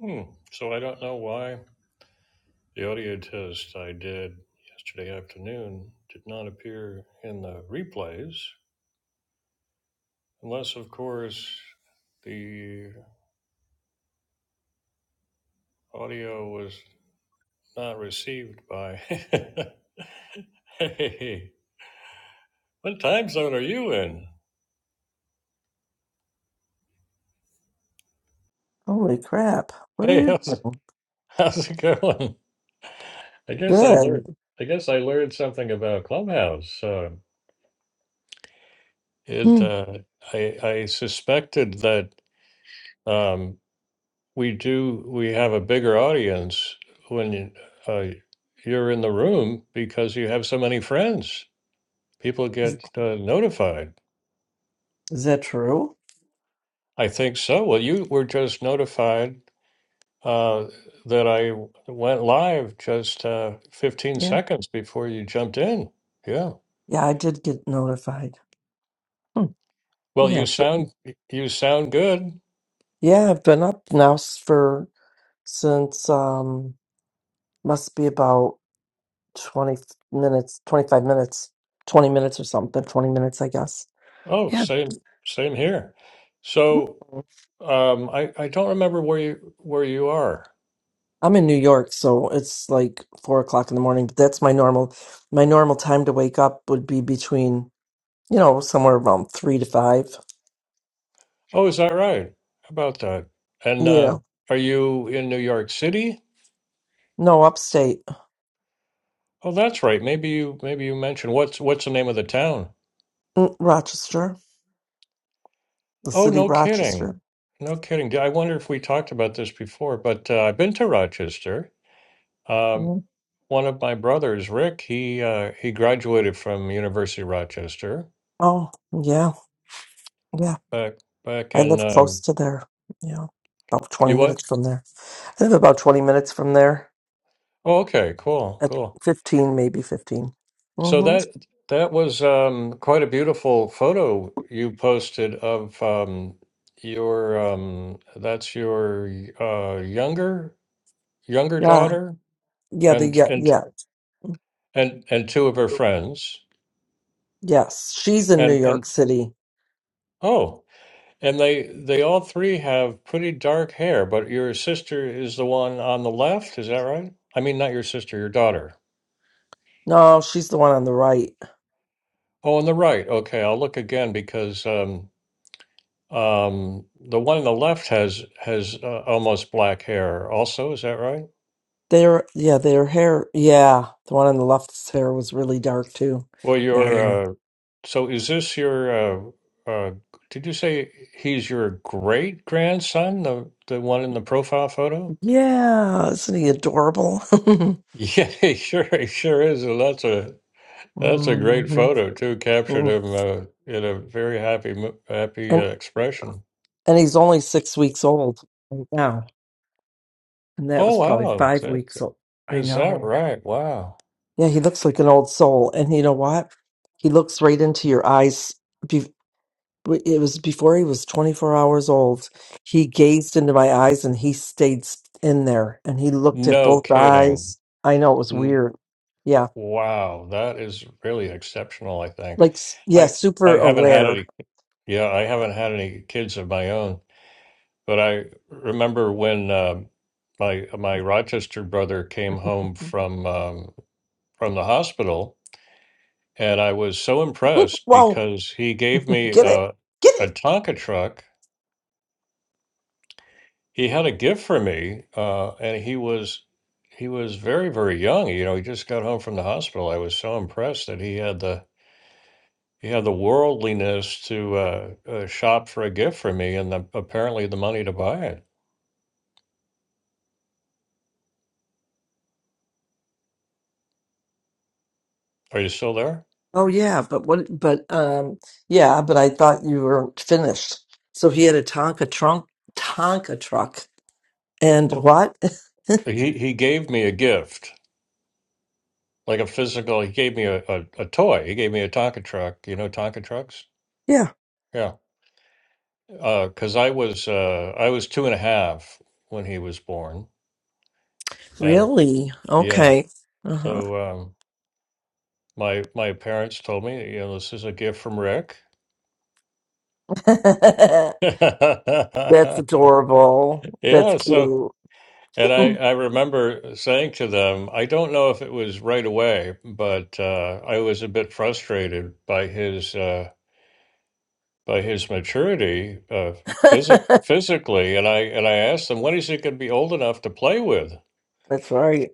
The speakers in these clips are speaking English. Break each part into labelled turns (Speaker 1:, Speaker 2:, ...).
Speaker 1: Hmm. So I don't know why the audio test I did yesterday afternoon did not appear in the replays, unless, of course, the audio was not received by. hey, what time zone are you in?
Speaker 2: Holy crap. What are
Speaker 1: Hey,
Speaker 2: you
Speaker 1: how's it,
Speaker 2: doing?
Speaker 1: how's it going? I guess I learned.
Speaker 2: Good.
Speaker 1: I guess I learned something about Clubhouse. Uh, it.
Speaker 2: Hmm.
Speaker 1: Uh, I I suspected that. um, we do we have a bigger audience when you, uh, you're in the room because you have so many friends people
Speaker 2: Is
Speaker 1: get uh, notified
Speaker 2: is that true?
Speaker 1: i think so well you were just notified uh, that I went live just uh, 15
Speaker 2: Yeah.
Speaker 1: seconds before you jumped in yeah
Speaker 2: Yeah, I did get notified. Hmm.
Speaker 1: well you
Speaker 2: Yeah, but
Speaker 1: sound you sound good
Speaker 2: yeah, I've been up now s- for since um must be about 20 minutes, 25 minutes, 20 minutes or something, 20 minutes, I guess.
Speaker 1: oh
Speaker 2: Yeah.
Speaker 1: same same here so
Speaker 2: Mm.
Speaker 1: um, I, I don't remember where you where you are
Speaker 2: I'm in New York, so it's like four o'clock in the morning, but that's my normal my normal time to wake up would be between, you know, somewhere around three to five.
Speaker 1: Oh, is that right? How about that? And uh,
Speaker 2: Yeah.
Speaker 1: are you in New York City?
Speaker 2: No, upstate.
Speaker 1: Oh, that's right. Maybe you maybe you mentioned what's what's the name of the town?
Speaker 2: Mm, Rochester, the
Speaker 1: Oh,
Speaker 2: city
Speaker 1: no kidding.
Speaker 2: Rochester.
Speaker 1: No kidding. I wonder if we talked about this before, but uh, I've been to Rochester. Um,
Speaker 2: Mm.
Speaker 1: one of my brothers, Rick, he uh, he graduated from University of Rochester
Speaker 2: Oh, yeah, yeah.
Speaker 1: back back
Speaker 2: I
Speaker 1: in
Speaker 2: live close
Speaker 1: um,
Speaker 2: to there. Yeah, about 20
Speaker 1: you what?
Speaker 2: minutes from there. I live about 20 minutes from there,
Speaker 1: Oh, okay, cool,
Speaker 2: at
Speaker 1: cool.
Speaker 2: 15, maybe 15.
Speaker 1: So
Speaker 2: Mm-hmm.
Speaker 1: that that was um, quite a beautiful photo you posted of um, your um, that's your uh, younger younger
Speaker 2: Yeah,
Speaker 1: daughter
Speaker 2: yeah, the,
Speaker 1: and
Speaker 2: yeah,
Speaker 1: and
Speaker 2: yeah,
Speaker 1: and and two of her friends
Speaker 2: yes. She's in New
Speaker 1: and and
Speaker 2: York City.
Speaker 1: oh and they they all three have pretty dark hair, but your sister is the one on the left, is that right? I mean, not your sister, your daughter.
Speaker 2: No, she's the one on the right.
Speaker 1: Oh, on the right. Okay, I'll look again because um, Um, the one on the left has has uh, almost black hair also, is that right?
Speaker 2: Their, yeah, their hair. Yeah, the one on the left's hair was really dark too.
Speaker 1: Well,
Speaker 2: Yeah, I know.
Speaker 1: your uh so is this your uh uh did you say he's your great grandson, the the one in the profile photo?
Speaker 2: Yeah, isn't he adorable?
Speaker 1: Yeah, he sure he sure is. And that's a that's a great
Speaker 2: hmm
Speaker 1: photo too, captured him uh, in a very happy mo- happy uh,
Speaker 2: And
Speaker 1: expression.
Speaker 2: And he's only six weeks old right now. And that
Speaker 1: Oh
Speaker 2: was probably
Speaker 1: wow.
Speaker 2: five
Speaker 1: That's,
Speaker 2: weeks old. I
Speaker 1: is that
Speaker 2: know.
Speaker 1: right? Wow.
Speaker 2: Yeah, he looks like an old soul. And you know what? He looks right into your eyes. Be- It was before he was 24 hours old. He gazed into my eyes and he stayed s- in there and he looked at
Speaker 1: No
Speaker 2: both
Speaker 1: kidding.
Speaker 2: eyes. I know it was weird. Yeah.
Speaker 1: Wow, that is really exceptional, I think.
Speaker 2: Like, s- yeah,
Speaker 1: I I
Speaker 2: super
Speaker 1: haven't had
Speaker 2: aware.
Speaker 1: any yeah, I haven't had any kids of my own, but I remember when um my my Rochester brother came home from um from the hospital and I was so impressed
Speaker 2: Whoa,
Speaker 1: because he gave me
Speaker 2: get it.
Speaker 1: a
Speaker 2: Get it.
Speaker 1: a Tonka truck. He had a gift for me uh and he was he was very, very young. You know, he just got home from the hospital. I was so impressed that he had the Yeah, the worldliness to uh, uh, shop for a gift for me and the, apparently the money to buy it. Are you still there?
Speaker 2: Oh yeah, but what? But um, yeah, but I thought you were finished. So he had a Tonka trunk, Tonka truck, and
Speaker 1: Oh,
Speaker 2: what?
Speaker 1: he, he gave me a gift, like a physical, he gave me a, a, a toy. He gave me a Tonka truck. You know Tonka trucks?
Speaker 2: Yeah,
Speaker 1: Yeah. because I was uh, I was two and a half when he was born. And
Speaker 2: really?
Speaker 1: yeah,
Speaker 2: Okay. Uh
Speaker 1: so um, my my parents told me, you know, this is a gift from Rick.
Speaker 2: huh. That's adorable. That's
Speaker 1: Yeah, so
Speaker 2: cute.
Speaker 1: And I, I remember saying to them, I don't know if it was right away, but uh, I was a bit frustrated by his uh, by his maturity uh, physic physically, and I and I asked them, when is he going to be old enough to play with?
Speaker 2: That's right.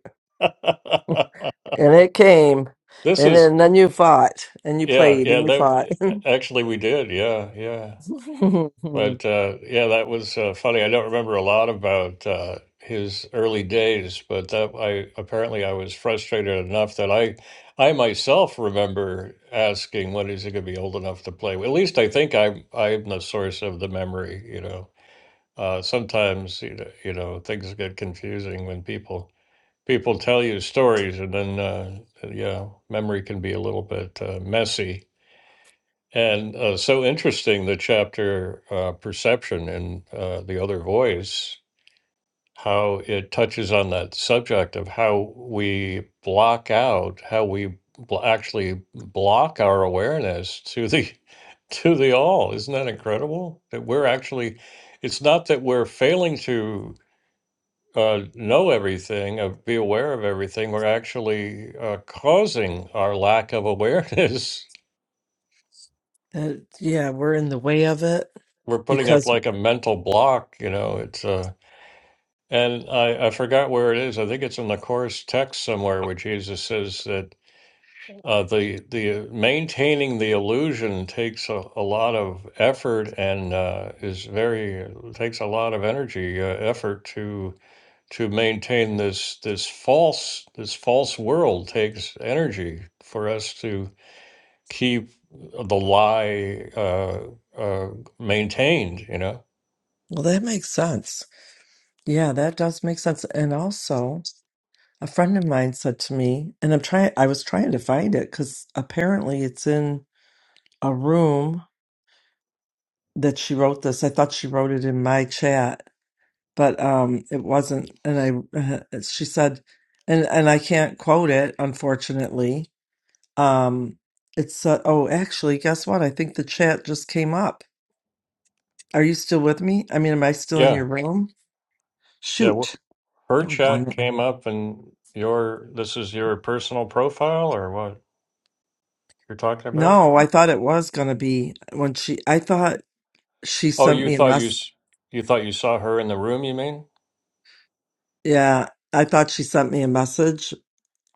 Speaker 2: And it came,
Speaker 1: this
Speaker 2: and
Speaker 1: is
Speaker 2: then then you fought, and you
Speaker 1: yeah
Speaker 2: played,
Speaker 1: yeah
Speaker 2: and you
Speaker 1: that
Speaker 2: fought.
Speaker 1: actually we did yeah yeah But uh, yeah, that was uh, funny. I don't remember a lot about uh, his early days, but that I apparently I was frustrated enough that I I myself remember asking, "When is he going to be old enough to play?" At least I think I'm I'm the source of the memory. You know, uh, sometimes you know, you know things get confusing when people people tell you stories, and then uh, yeah, memory can be a little bit uh, messy. And uh, so interesting the chapter uh, Perception and uh, the Other Voice, how it touches on that subject of how we block out, how we bl- actually block our awareness to the to the all. Isn't that incredible? That we're actually, it's not that we're failing to uh, know everything, uh, be aware of everything. We're actually uh, causing our lack of awareness
Speaker 2: That- yeah, we're in the way of it
Speaker 1: we're putting up
Speaker 2: because
Speaker 1: like a mental block, you know. It's uh and I, I forgot where it is. I think it's in the course text somewhere where Jesus says that uh, the the uh, maintaining the illusion takes a, a lot of effort and uh, is very uh, takes a lot of energy uh, effort to to maintain this this false this false world takes energy for us to keep the lie uh, uh, maintained. You know,
Speaker 2: well, that makes sense. Yeah, that does make sense. And also, a friend of mine said to me, and I'm trying, I was trying to find it because apparently it's in a room that she wrote this. I thought she wrote it in my chat, but um, it wasn't. And I, she said, and and I can't quote it, unfortunately. Um, it's uh, oh, actually, guess what? I think the chat just came up. Are you still with me? I mean, am I still in
Speaker 1: yeah.
Speaker 2: your room?
Speaker 1: Yeah,
Speaker 2: Shoot,
Speaker 1: Her
Speaker 2: doggone
Speaker 1: chat
Speaker 2: it.
Speaker 1: came up and your this is your personal profile or what you're talking about?
Speaker 2: No, I thought it was gonna be when she. I thought she
Speaker 1: Oh,
Speaker 2: sent
Speaker 1: you
Speaker 2: me a
Speaker 1: thought you
Speaker 2: mess.
Speaker 1: s- you thought you saw her in the room, you mean?
Speaker 2: Yeah, I thought she sent me a message.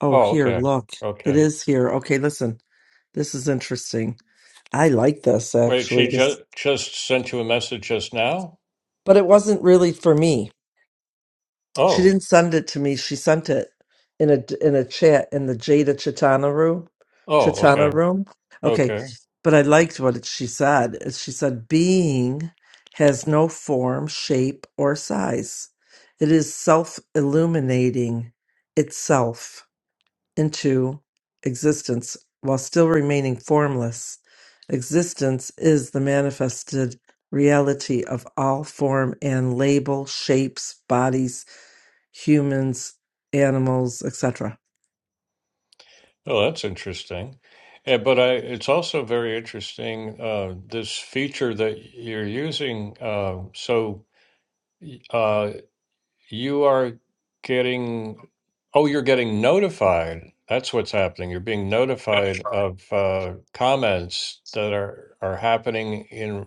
Speaker 2: Oh,
Speaker 1: Oh,
Speaker 2: here,
Speaker 1: okay.
Speaker 2: look, it
Speaker 1: Okay.
Speaker 2: is here. Okay, listen, this is interesting. I like this
Speaker 1: Wait, she
Speaker 2: actually. This,
Speaker 1: just just sent you a message just now?
Speaker 2: but it wasn't really for me. She
Speaker 1: Oh.
Speaker 2: didn't send it to me. She sent it in a in a chat in the Jada Chitana room.
Speaker 1: Oh,
Speaker 2: Chitana
Speaker 1: okay.
Speaker 2: room. Okay,
Speaker 1: Okay.
Speaker 2: but I liked what she said. Is She said, "Being has no form, shape, or size. It is self illuminating itself into existence while still remaining formless. Existence is the manifested." Reality of all form and label, shapes, bodies, humans, animals, etc.
Speaker 1: Oh, that's interesting. Yeah, but I it's also very interesting uh this feature that you're using uh so uh You are getting, oh, you're getting notified. That's what's happening. You're being notified of uh, comments that are are happening in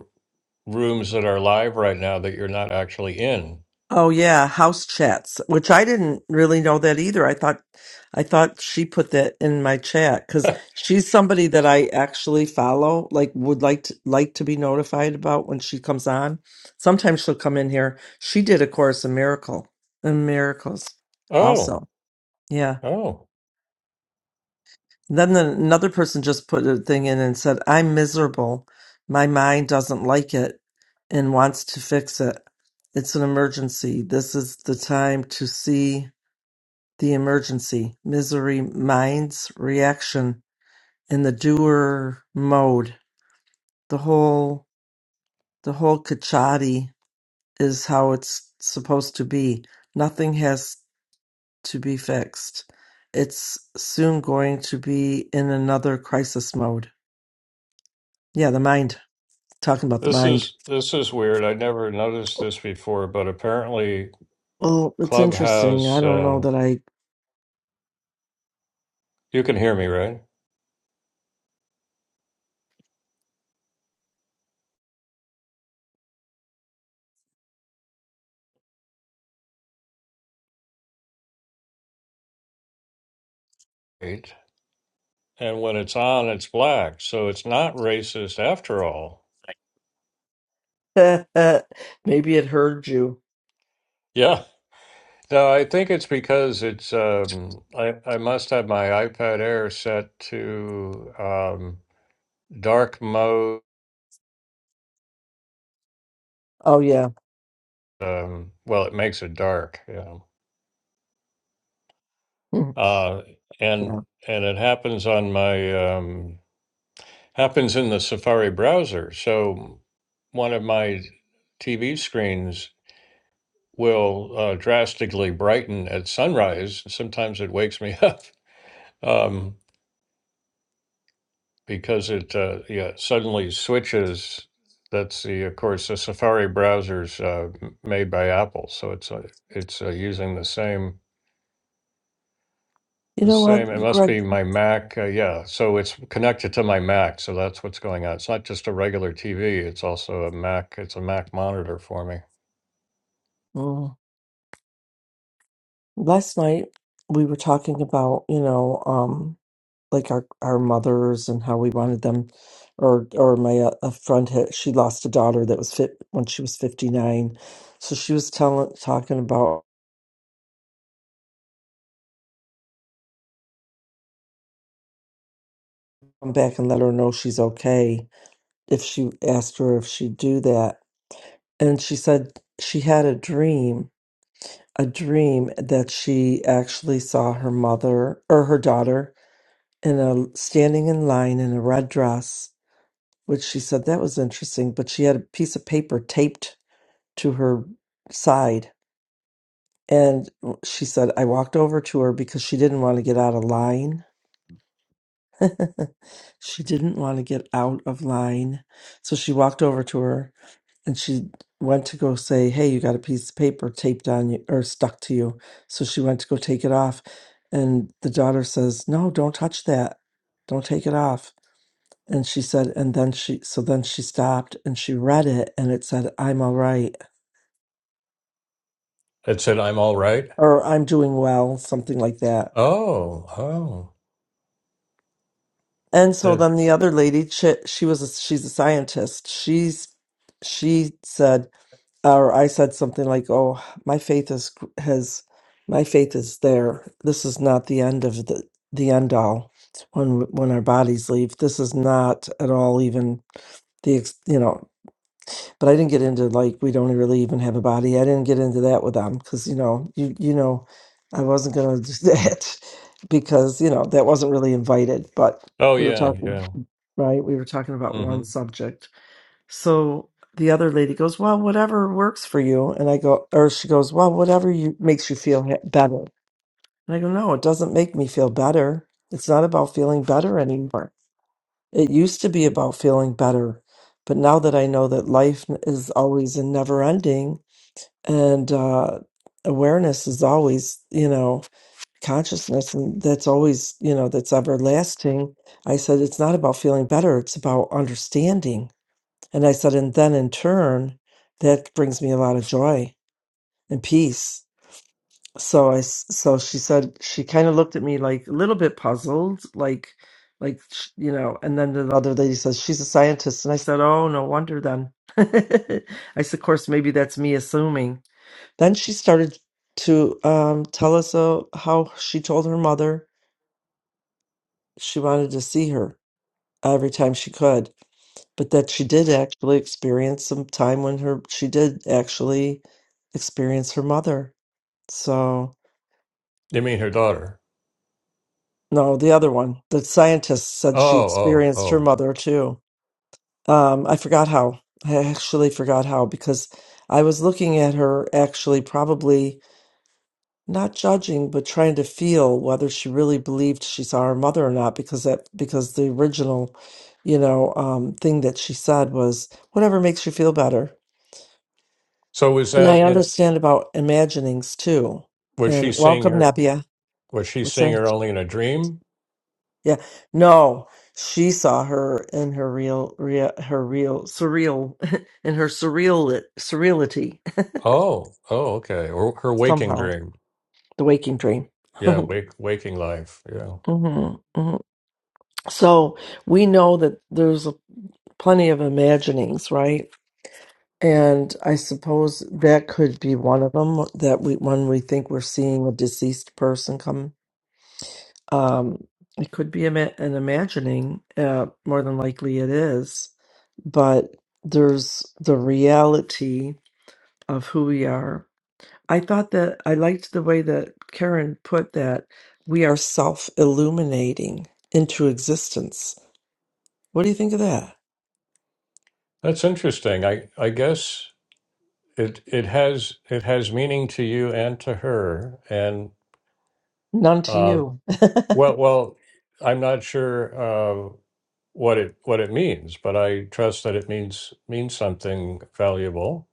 Speaker 1: rooms that are live right now that you're not actually in.
Speaker 2: Oh yeah, house chats, which I didn't really know that either. I thought I thought she put that in my chat cuz she's somebody that I actually follow, like would like to, like to be notified about when she comes on. Sometimes she'll come in here. She did a course in miracle in miracles
Speaker 1: Oh,
Speaker 2: also. Yeah.
Speaker 1: oh.
Speaker 2: Then the, another person just put a thing in and said, "I'm miserable. My mind doesn't like it and wants to fix it. It's an emergency. This is the time to see The emergency, misery-minds reaction, and the doer mode, the whole the whole kachati is how it's supposed to be. Nothing has to be fixed. It's soon going to be in another crisis mode. Yeah, the mind. Talking about the
Speaker 1: This
Speaker 2: mind.
Speaker 1: is this is weird. I never noticed this before, but apparently
Speaker 2: Well, it's interesting. I
Speaker 1: Clubhouse,
Speaker 2: don't know
Speaker 1: uh,
Speaker 2: that I.
Speaker 1: you can hear me, right? Right. And when it's on, it's black. So it's not racist after all.
Speaker 2: Maybe it heard you.
Speaker 1: Yeah. No, I think it's because it's, um, I, I must have my iPad Air set to um, dark mode.
Speaker 2: Oh yeah,
Speaker 1: Um, well, it makes it dark. Yeah. Uh,
Speaker 2: yeah.
Speaker 1: and and it happens on my um, happens in the Safari browser. So one of my TV screens will uh, drastically brighten at sunrise. Sometimes it wakes me up um, because it uh, yeah suddenly switches. That's the of course the Safari browser's uh, m- made by Apple, so it's uh, it's uh, using the same
Speaker 2: You
Speaker 1: The
Speaker 2: know
Speaker 1: Same, it
Speaker 2: what,
Speaker 1: must
Speaker 2: Greg?
Speaker 1: be my Mac. Uh, yeah, so it's connected to my Mac, so that's what's going on. It's not just a regular TV, it's also a Mac. It's a Mac monitor for me.
Speaker 2: Mm. Last night we were talking about, you know, um, like our our mothers and how we wanted them, or or my uh, a friend had she lost a daughter that was fit when she was 59, so she was telling talking about come back and let her know she's okay if she asked her if she'd do that, and she said she had a dream, a dream that she actually saw her mother or her daughter in a standing in line in a red dress which she said that was interesting. But she had a piece of paper taped to her side. And she said, I walked over to her because she didn't want to get out of line. she didn't want to get out of line. So she walked over to her and she went to go say, Hey, you got a piece of paper taped on you or stuck to you. So she went to go take it off. And the daughter says, No, don't touch that. Don't take it off. And she said, and then she, so then she stopped and she read it and it said, I'm all right,
Speaker 1: It said, I'm all right.
Speaker 2: or I'm doing well, something like that.
Speaker 1: Oh, oh.
Speaker 2: And so
Speaker 1: That,
Speaker 2: then the other lady, she, she was, a, she's a scientist. She's, she said, or I said something like, oh, my faith is, has, my faith is there. This is not the end of the, the end all when, when our bodies leave. This is not at all even the, ex- you know, but I didn't get into like we don't really even have a body. I didn't get into that with them because you know you you know I wasn't gonna do that because you know that wasn't really invited. But
Speaker 1: Oh
Speaker 2: we were
Speaker 1: yeah,
Speaker 2: talking
Speaker 1: yeah.
Speaker 2: right. We were talking about one
Speaker 1: hmm
Speaker 2: subject. So the other lady goes, "Well, whatever works for you," and I go, or she goes, "Well, whatever you makes you feel ha- better." And I go, "No, it doesn't make me feel better. It's not about feeling better anymore." It used to be about feeling better, but now that I know that life is always and never ending, and uh, awareness is always, you know, consciousness, and that's always, you know, that's everlasting. I said, it's not about feeling better, it's about understanding. And I said, and then in turn, that brings me a lot of joy and peace. So I, s- so she said she kind of looked at me like a little bit puzzled, like, like sh- you know. And then the other lady says she's a scientist, and I said, oh, no wonder then. I said, of course, maybe that's me assuming. Then she started to um, tell us uh, how she told her mother she wanted to see her every time she could, but that she did actually experience some time when her she did actually experience her mother. So.
Speaker 1: you mean her daughter?
Speaker 2: No, the other one. The scientist said
Speaker 1: Oh,
Speaker 2: she
Speaker 1: oh,
Speaker 2: experienced her
Speaker 1: oh.
Speaker 2: mother too. Um, I forgot how. I actually forgot how because I was looking at her actually probably not judging, but trying to feel whether she really believed she saw her mother or not because that because the original, you know, um, thing that she said was whatever makes you feel better.
Speaker 1: So was
Speaker 2: And
Speaker 1: that
Speaker 2: I
Speaker 1: in,
Speaker 2: understand about imaginings too.
Speaker 1: was she
Speaker 2: And
Speaker 1: seeing
Speaker 2: welcome,
Speaker 1: her,
Speaker 2: Nebia.
Speaker 1: was she
Speaker 2: What's
Speaker 1: seeing
Speaker 2: that?
Speaker 1: her only in a dream?
Speaker 2: Yeah. No, she saw her in her real, real her real surreal in her surreal surreality
Speaker 1: Oh, oh, okay. Or her waking
Speaker 2: somehow.
Speaker 1: dream.
Speaker 2: The waking dream.
Speaker 1: Yeah,
Speaker 2: hmm
Speaker 1: wake, waking life. Yeah.
Speaker 2: hmm So we know that there's a, plenty of imaginings, right? And I suppose that could be one of them that we when we think we're seeing a deceased person come Um, it could be ima- an imagining, uh, more than likely it is, but there's the reality of who we are. I thought that I liked the way that Karen put that we are self illuminating into existence. What do you think of that?
Speaker 1: That's interesting. I, I guess. it it has it has meaning to you and to her and
Speaker 2: None to
Speaker 1: uh
Speaker 2: you.
Speaker 1: well well i'm not sure uh what it what it means but i trust that it means means something valuable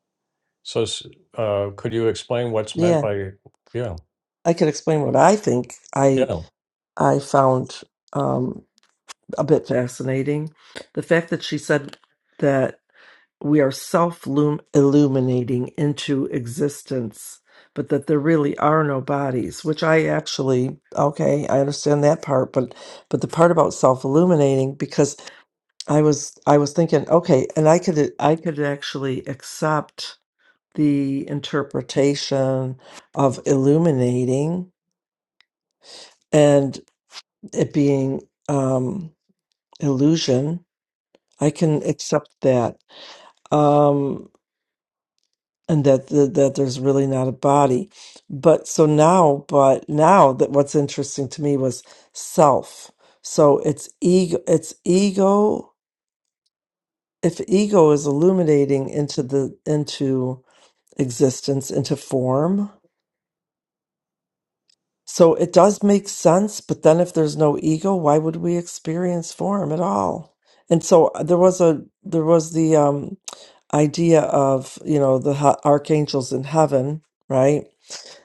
Speaker 1: so s- uh could you explain what's meant
Speaker 2: yeah,
Speaker 1: by yeah
Speaker 2: I could explain what I think I
Speaker 1: yeah
Speaker 2: I found. um, a bit fascinating. The fact that she said that we are self illuminating into existence, but that there really are no bodies, which I actually, okay, I understand that part, but, but the part about self illuminating, because I was, I was thinking, okay, and I could, I could actually accept the interpretation of illuminating and it being, um, illusion I can accept that, um, and that, that that there's really not a body. But so now, but now that what's interesting to me was self. So it's ego. It's ego. If ego is illuminating into the into existence, into form, so it does make sense. But then, if there's no ego, why would we experience form at all? And so uh, there was a there was the um idea of you know the ha- archangels in heaven right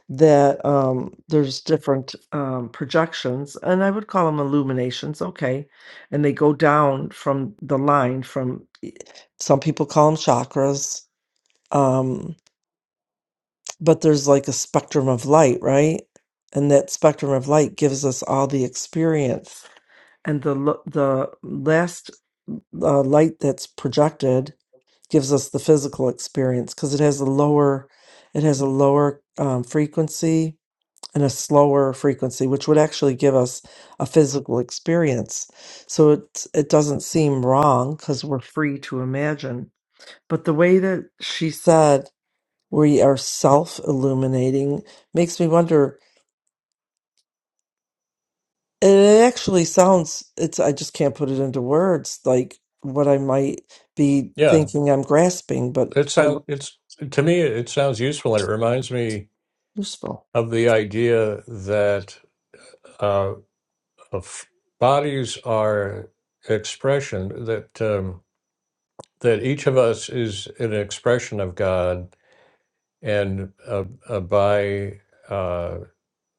Speaker 2: that um there's different um projections and i would call them illuminations okay and they go down from the line from e- some people call them chakras um but there's like a spectrum of light right and that spectrum of light gives us all the experience and the l- the last uh, light that's projected gives us the physical experience because it has a lower it has a lower um, frequency and a slower frequency which would actually give us a physical experience so it it doesn't seem wrong because we're free to imagine but the way that she said we are self illuminating makes me wonder and it actually sounds it's i just can't put it into words like what i might be
Speaker 1: yeah
Speaker 2: thinking i'm grasping but
Speaker 1: it
Speaker 2: i'm
Speaker 1: sounds it's to me it sounds useful and it reminds me
Speaker 2: useful
Speaker 1: of the idea that uh of bodies are expression that Um, that each of us is an expression of God, and uh, uh, by uh,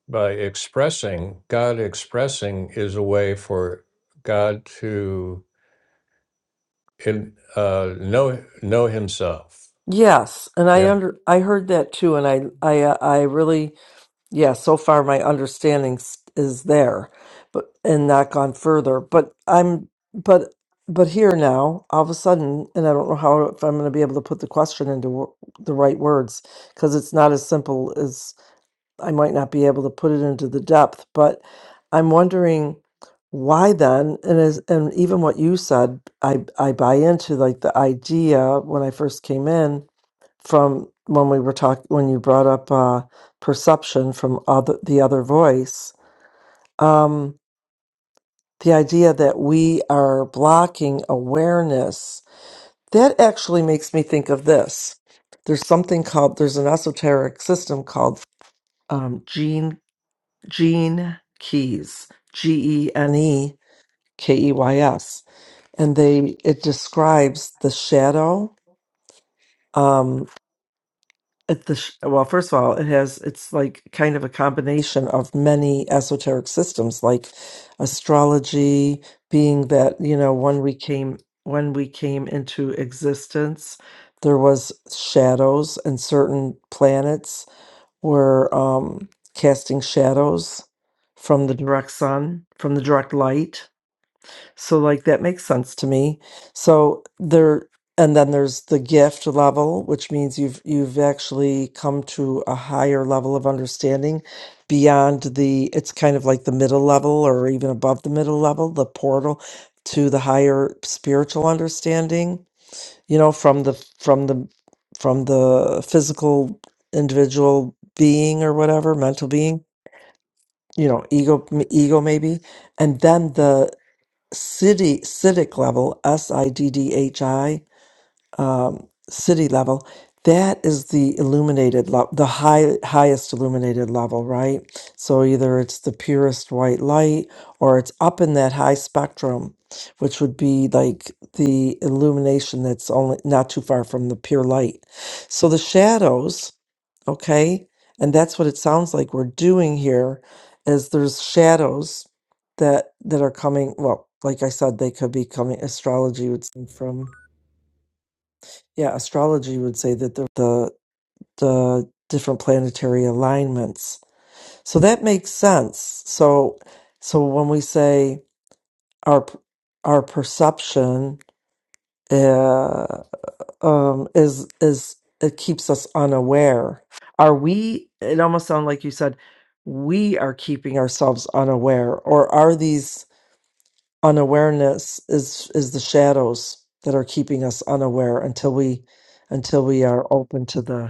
Speaker 1: by expressing God, expressing is a way for God to in, uh, know know Himself.
Speaker 2: Yes, and I
Speaker 1: Yeah.
Speaker 2: under I heard that too, and I I uh, I really yeah. So far, my understanding s- is there, but and not gone further. But I'm but but here now, all of a sudden, and I don't know how if I'm going to be able to put the question into w- the right words because it's not as simple as I might not be able to put it into the depth. But I'm wondering why then, and as and even what you said, I I buy into like the idea when I first came in from when we were talking when you brought up uh, perception from other the other voice um, the idea that we are blocking awareness that actually makes me think of this there's something called there's an esoteric system called um, gene gene keys g-e-n-e k-e-y-s and they it describes the shadow um, at the sh- well first of all it has it's like kind of a combination of many esoteric systems like astrology being that you know when we came when we came into existence there was shadows and certain planets were um casting shadows from the direct sun from the direct light so like that makes sense to me. So there and then there's the gift level, which means you've you've actually come to a higher level of understanding beyond the it's kind of like the middle level or even above the middle level, the portal to the higher spiritual understanding, you know, from the from the from the physical individual being or whatever, mental being, you know, ego ego maybe. And then the city citic level, S I D D H I, um, city level, that is the illuminated level, the high, highest illuminated level, right? So either it's the purest white light or it's up in that high spectrum, which would be like the illumination that's only not too far from the pure light. So the shadows, okay, and that's what it sounds like we're doing here is there's shadows that that are coming, well, like I said, they could be coming astrology would seem from yeah, astrology would say that the the, the different planetary alignments. So that makes sense. So so when we say our our perception uh, um, is is it keeps us unaware. Are we? It almost sounds like you said we are keeping ourselves unaware, or are these unawareness is is the shadows that are keeping us unaware until we until we are open to the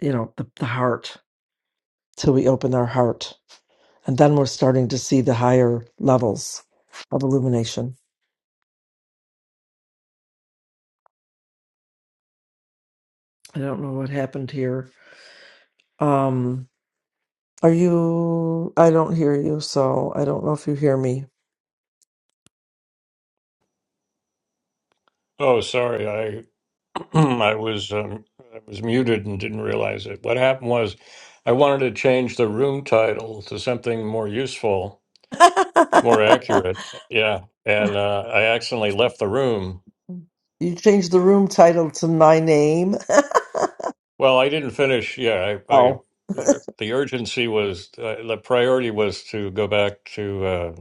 Speaker 2: you know, the, the heart till we open our heart. And then we're starting to see the higher levels of illumination. I don't know what happened here. Um, are you? I don't hear you, so I don't know if you hear me.
Speaker 1: Oh, sorry, I I was um, I was muted and didn't realize it. What happened was, I wanted to change the room title to something more useful, more accurate. Yeah, and uh, I accidentally left the room
Speaker 2: you changed the room title to my name.
Speaker 1: Well, I didn't finish. Yeah, I, I
Speaker 2: oh,
Speaker 1: the the urgency was uh, the priority was to go back to uh,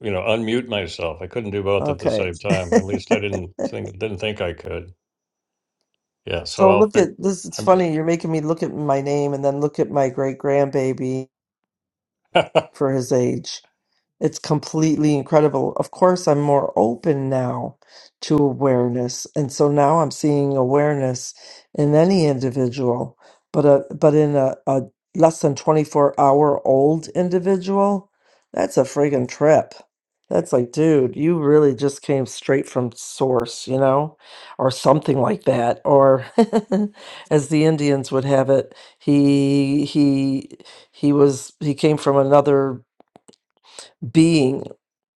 Speaker 1: you know unmute myself. I couldn't do both at the
Speaker 2: okay.
Speaker 1: same time. At least I didn't think didn't think I could. Yeah, so
Speaker 2: so
Speaker 1: I'll
Speaker 2: look at
Speaker 1: fig.
Speaker 2: this. It's
Speaker 1: I'm good.
Speaker 2: funny. You're making me look at my name and then look at my great grandbaby for his age. It's completely incredible. Of course, I'm more open now to awareness, and so now I'm seeing awareness in any individual, but a but in a, a less than 24 hour old individual, that's a friggin' trip. That's like, dude, you really just came straight from source, you know, or something like that. Or as the Indians would have it, he he he was he came from another being,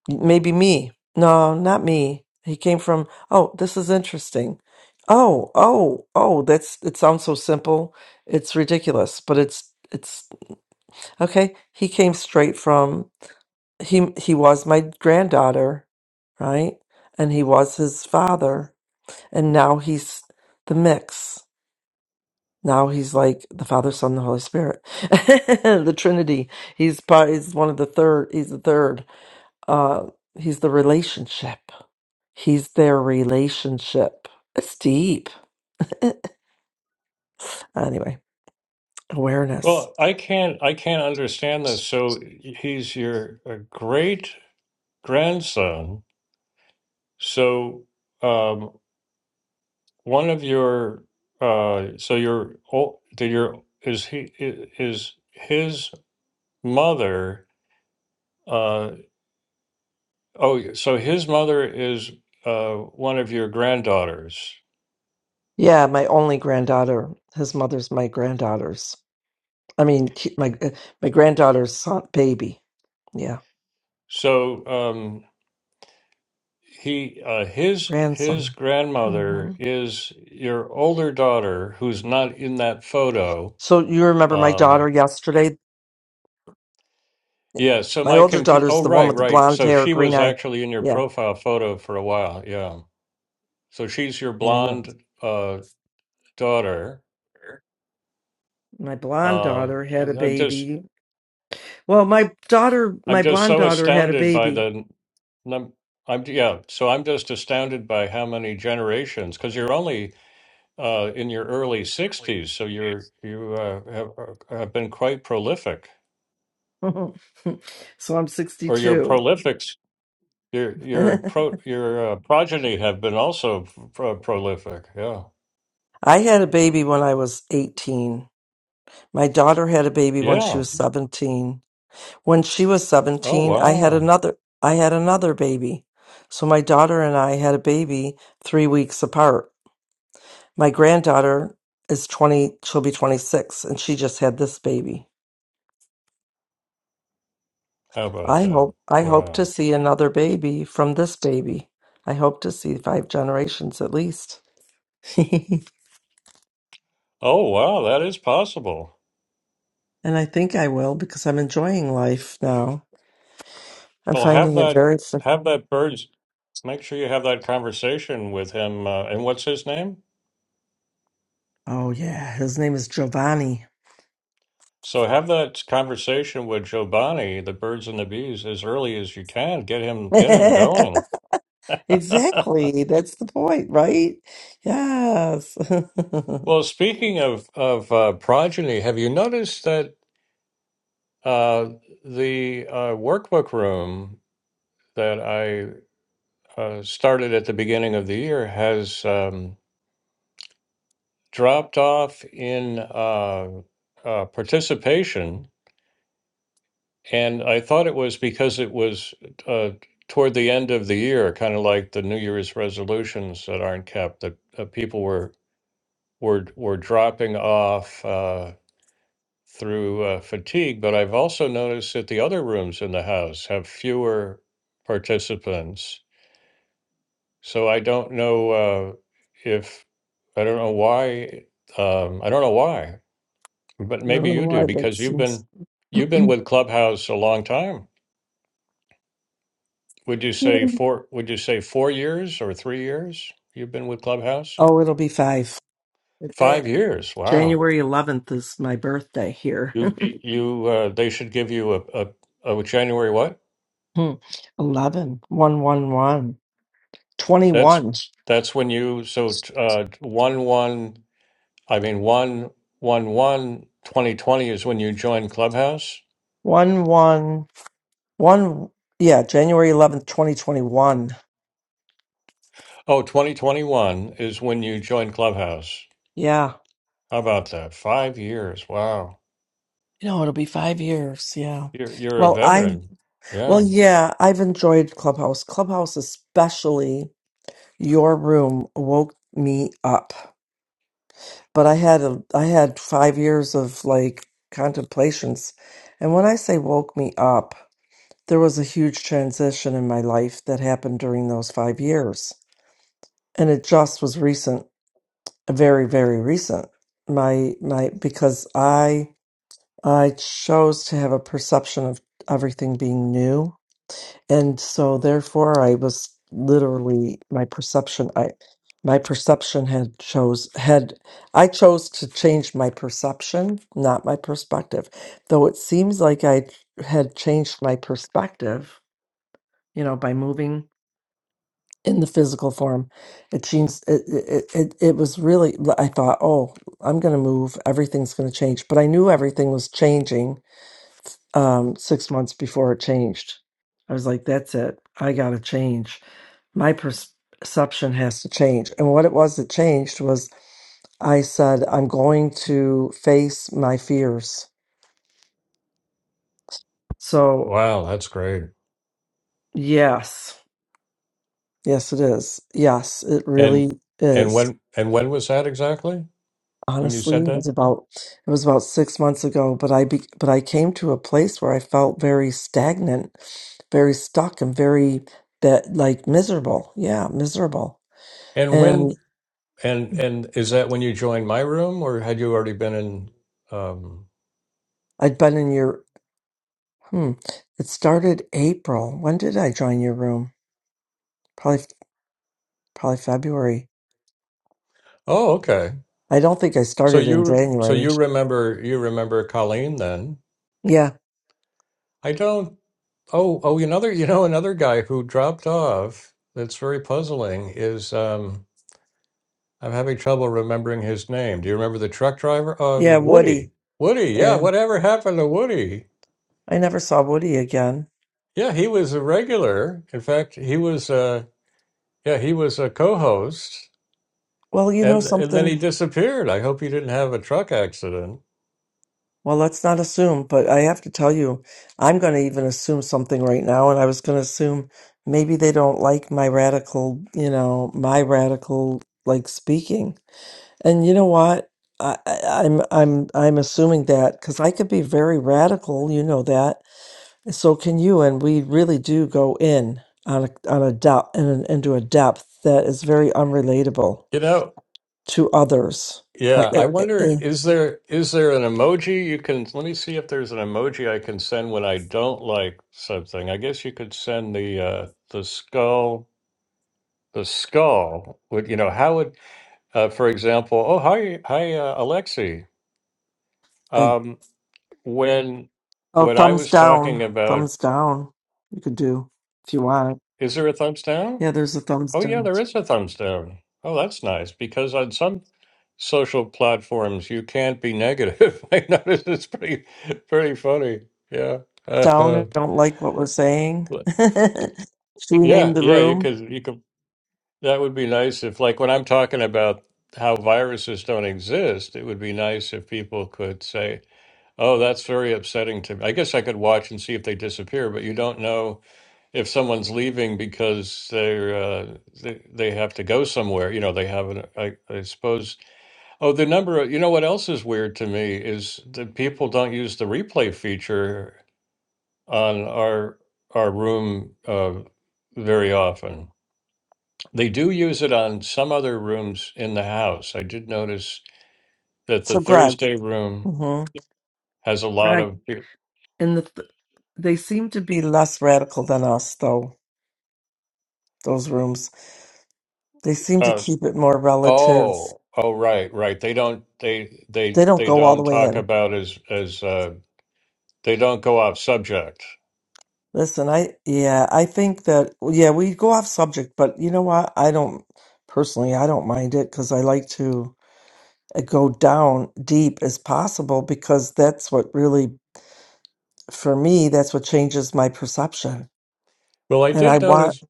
Speaker 2: maybe me. No, not me. He came from, oh, this is interesting. Oh, oh, oh, that's it sounds so simple. It's ridiculous, but it's it's okay. He came straight from he he was my granddaughter, right? And he was his father, and now he's the mix. Now he's like the Father, Son, and the Holy Spirit, the Trinity. He's part. He's one of the third. He's the third. Uh, he's the relationship. He's their relationship. It's deep. anyway, awareness.
Speaker 1: well, I can't I can't understand this. So he's your uh, great grandson. So um, one of your uh, so your oh, did your is he i- is his. mother, uh, oh, so his mother is uh, one of your granddaughters.
Speaker 2: Yeah, my only granddaughter. His mother's my granddaughter's. I mean, ki- my my granddaughter's son, baby. Yeah,
Speaker 1: So um, he, uh, his his
Speaker 2: grandson. hmm
Speaker 1: grandmother is your older daughter, who's not in that photo.
Speaker 2: So you remember my daughter
Speaker 1: Um,
Speaker 2: yesterday?
Speaker 1: yeah. So
Speaker 2: My
Speaker 1: my
Speaker 2: older
Speaker 1: confu- Oh,
Speaker 2: daughter's the one
Speaker 1: right,
Speaker 2: with the
Speaker 1: right.
Speaker 2: blonde
Speaker 1: So
Speaker 2: hair,
Speaker 1: she
Speaker 2: green
Speaker 1: was
Speaker 2: eye.
Speaker 1: actually in your
Speaker 2: Yeah,
Speaker 1: profile photo for a while. Yeah. So she's your
Speaker 2: yeah, yeah.
Speaker 1: blonde uh, daughter.
Speaker 2: my blonde
Speaker 1: Uh,
Speaker 2: daughter had a
Speaker 1: I'm just
Speaker 2: baby. Well, my daughter,
Speaker 1: I'm
Speaker 2: my
Speaker 1: just
Speaker 2: blonde
Speaker 1: so
Speaker 2: daughter had a
Speaker 1: astounded by
Speaker 2: baby.
Speaker 1: the num I'm yeah, so I'm just astounded by how many generations because you're only uh, in your early 60s, so you're you uh, have, uh, have been quite prolific,
Speaker 2: so I'm
Speaker 1: or your
Speaker 2: 62.
Speaker 1: prolifics your your
Speaker 2: I
Speaker 1: pro your uh, progeny have been also pro- prolific. Yeah,
Speaker 2: had a baby when I was 18. My daughter had a baby when she
Speaker 1: yeah.
Speaker 2: was 17. When she was
Speaker 1: Oh
Speaker 2: 17, I had
Speaker 1: wow,
Speaker 2: another I had another baby. So my daughter and I had a baby 3 weeks apart. My granddaughter is 20, she'll be 26 and she just had this baby.
Speaker 1: how about
Speaker 2: I
Speaker 1: that?
Speaker 2: hope I hope to
Speaker 1: Wow.
Speaker 2: see another baby from this baby. I hope to see five generations at least. and
Speaker 1: Oh wow, that is possible.
Speaker 2: I think I will because I'm enjoying life now. I'm
Speaker 1: Well, have
Speaker 2: finding it
Speaker 1: that
Speaker 2: very fu-
Speaker 1: have that bird's make sure you have that conversation with him. Uh, and what's his name?
Speaker 2: Oh yeah, his name is Giovanni.
Speaker 1: So have that conversation with Giovanni, the birds and the bees, as early as you can. Get him, get him going.
Speaker 2: exactly. That's the point, right? Yes. I
Speaker 1: Well, speaking of of uh, progeny, have you noticed that uh, the uh, workbook room that I uh, started at the beginning of the year has um, dropped off in uh, uh, participation? And I thought it was because it was uh, toward the end of the year, kind of like the New Year's resolutions that aren't kept, that uh, people were were were dropping off uh, through uh, fatigue. But I've also noticed that the other rooms in the house have fewer participants. So I don't know uh, if I don't know why. Um, I don't know why, but
Speaker 2: don't
Speaker 1: maybe
Speaker 2: know
Speaker 1: you do
Speaker 2: why that
Speaker 1: because you've
Speaker 2: seems
Speaker 1: been you've been with Clubhouse a long time. Would you
Speaker 2: Yeah.
Speaker 1: say four, would you say four years or three years you've been with Clubhouse?
Speaker 2: Oh, it'll be five. But
Speaker 1: Five
Speaker 2: that-
Speaker 1: years. Wow.
Speaker 2: January 11th is my birthday here.
Speaker 1: You, you, uh, they should give you a, a, a January what?
Speaker 2: Hmm. 11, 1, 1, 1,
Speaker 1: That's,
Speaker 2: 21,
Speaker 1: that's when you, so, t- uh, one, one, I mean, one, one, one, 2020 is when you joined Clubhouse.
Speaker 2: 1, 1, 1, yeah, January 11th, 2021.
Speaker 1: Oh, 2021 is when you joined Clubhouse.
Speaker 2: Yeah.
Speaker 1: How about that? Five years. Wow.
Speaker 2: You know, it'll be five years. Yeah.
Speaker 1: You're, you're a
Speaker 2: Well, I,
Speaker 1: veteran.
Speaker 2: well,
Speaker 1: Yeah.
Speaker 2: yeah, I've enjoyed Clubhouse. Clubhouse, especially your room, woke me up. But I had a, I had five years of like contemplations. And when I say woke me up, there was a huge transition in my life that happened during those five years and it just was recent, very very recent. My my because I I chose to have a perception of everything being new, and so therefore I was literally my perception I my perception had chose had I chose to change my perception, not my perspective. Though it seems like I had changed my perspective, you know, by moving in the physical form. It seems it it it, it was really I thought, oh, I'm going to move. Everything's going to change. But I knew everything was changing um, six months before it changed. I was like, that's it. I got to change. My pers- perception has to change. And what it was that changed was I said, I'm going to face my fears. So
Speaker 1: Wow. That's great.
Speaker 2: yes, yes, it is. Yes, it
Speaker 1: And
Speaker 2: really
Speaker 1: and
Speaker 2: is.
Speaker 1: when and when was that exactly? When you
Speaker 2: honestly
Speaker 1: said
Speaker 2: it
Speaker 1: that?
Speaker 2: was about it was about six months ago but i be, but i came to a place where i felt very stagnant very stuck and very that like miserable yeah miserable
Speaker 1: And when
Speaker 2: and
Speaker 1: and and is that when you joined my room or had you already been in um
Speaker 2: i'd been in your hmm it started april when did i join your room probably probably february
Speaker 1: Oh, okay.
Speaker 2: i don't think i
Speaker 1: So
Speaker 2: started in
Speaker 1: you so
Speaker 2: january
Speaker 1: you remember you remember Colleen then?
Speaker 2: yeah
Speaker 1: I don't Oh, oh, another you know another guy who dropped off that's very puzzling is um I'm having trouble remembering his name. Do you remember the truck driver?
Speaker 2: yeah
Speaker 1: Um Woody.
Speaker 2: woody
Speaker 1: Woody, yeah,
Speaker 2: yeah
Speaker 1: whatever happened to Woody?
Speaker 2: i never saw woody again
Speaker 1: Yeah, he was a regular. In fact, he was uh yeah, he was a co-host
Speaker 2: well you know
Speaker 1: and and then
Speaker 2: something
Speaker 1: he disappeared. I hope he didn't have a truck accident.
Speaker 2: Well, let's not assume, but I have to tell you, I'm going to even assume something right now. And I was going to assume maybe they don't like my radical, you know, my radical like speaking. And you know what? I, I, I'm I'm I'm assuming that because I could be very radical, you know that. So can you, and we really do go in on a on a depth and into a depth that is very unrelatable
Speaker 1: You know,
Speaker 2: to others. I,
Speaker 1: yeah, I wonder
Speaker 2: I,
Speaker 1: is there is there an emoji you can let me see if there's an emoji I can send when I don't like something. I guess you could send the uh the skull the skull would you know how would uh for example, oh hi hi uh, Alexi.
Speaker 2: I,
Speaker 1: Um when
Speaker 2: Oh,
Speaker 1: when I
Speaker 2: thumbs
Speaker 1: was talking
Speaker 2: down.
Speaker 1: about
Speaker 2: Thumbs down. You could do if you want.
Speaker 1: is there a thumbs down?
Speaker 2: Yeah, there's a thumbs
Speaker 1: Oh yeah,
Speaker 2: down.
Speaker 1: there is a thumbs down. Oh, that's nice because on some social platforms you can't be negative. I noticed it's pretty pretty funny. Yeah.
Speaker 2: Down. I don't like what we're saying. Should we name
Speaker 1: yeah,
Speaker 2: the
Speaker 1: yeah, you
Speaker 2: room?
Speaker 1: could you could that would be nice if, like, when I'm talking about how viruses don't exist, it would be nice if people could say, "Oh, that's very upsetting to me." I guess I could watch and see if they disappear, but you don't know if someone's leaving because they're uh, they they have to go somewhere. You know, they have an I, I suppose. Oh, the number. Of, you know what else is weird to me is that people don't use the replay feature on our our room uh, very often. They do use it on some other rooms in the house. I did notice that the
Speaker 2: So, Greg.
Speaker 1: Thursday room
Speaker 2: hmm
Speaker 1: has a lot
Speaker 2: Greg.
Speaker 1: of
Speaker 2: And the th- they seem to be less radical than us, though, those rooms. They seem to
Speaker 1: uh,
Speaker 2: keep it more relative.
Speaker 1: oh oh right right they don't they they
Speaker 2: They don't
Speaker 1: they
Speaker 2: go all the
Speaker 1: don't
Speaker 2: way
Speaker 1: talk
Speaker 2: in.
Speaker 1: about as as uh, they don't go off subject.
Speaker 2: Listen, I yeah, I think that yeah, we go off subject, but you know what? I don't personally, I don't mind it because I like to uh, go down deep as possible because that's what really for me, that's what changes my perception.
Speaker 1: Well, I
Speaker 2: And I
Speaker 1: did
Speaker 2: want
Speaker 1: notice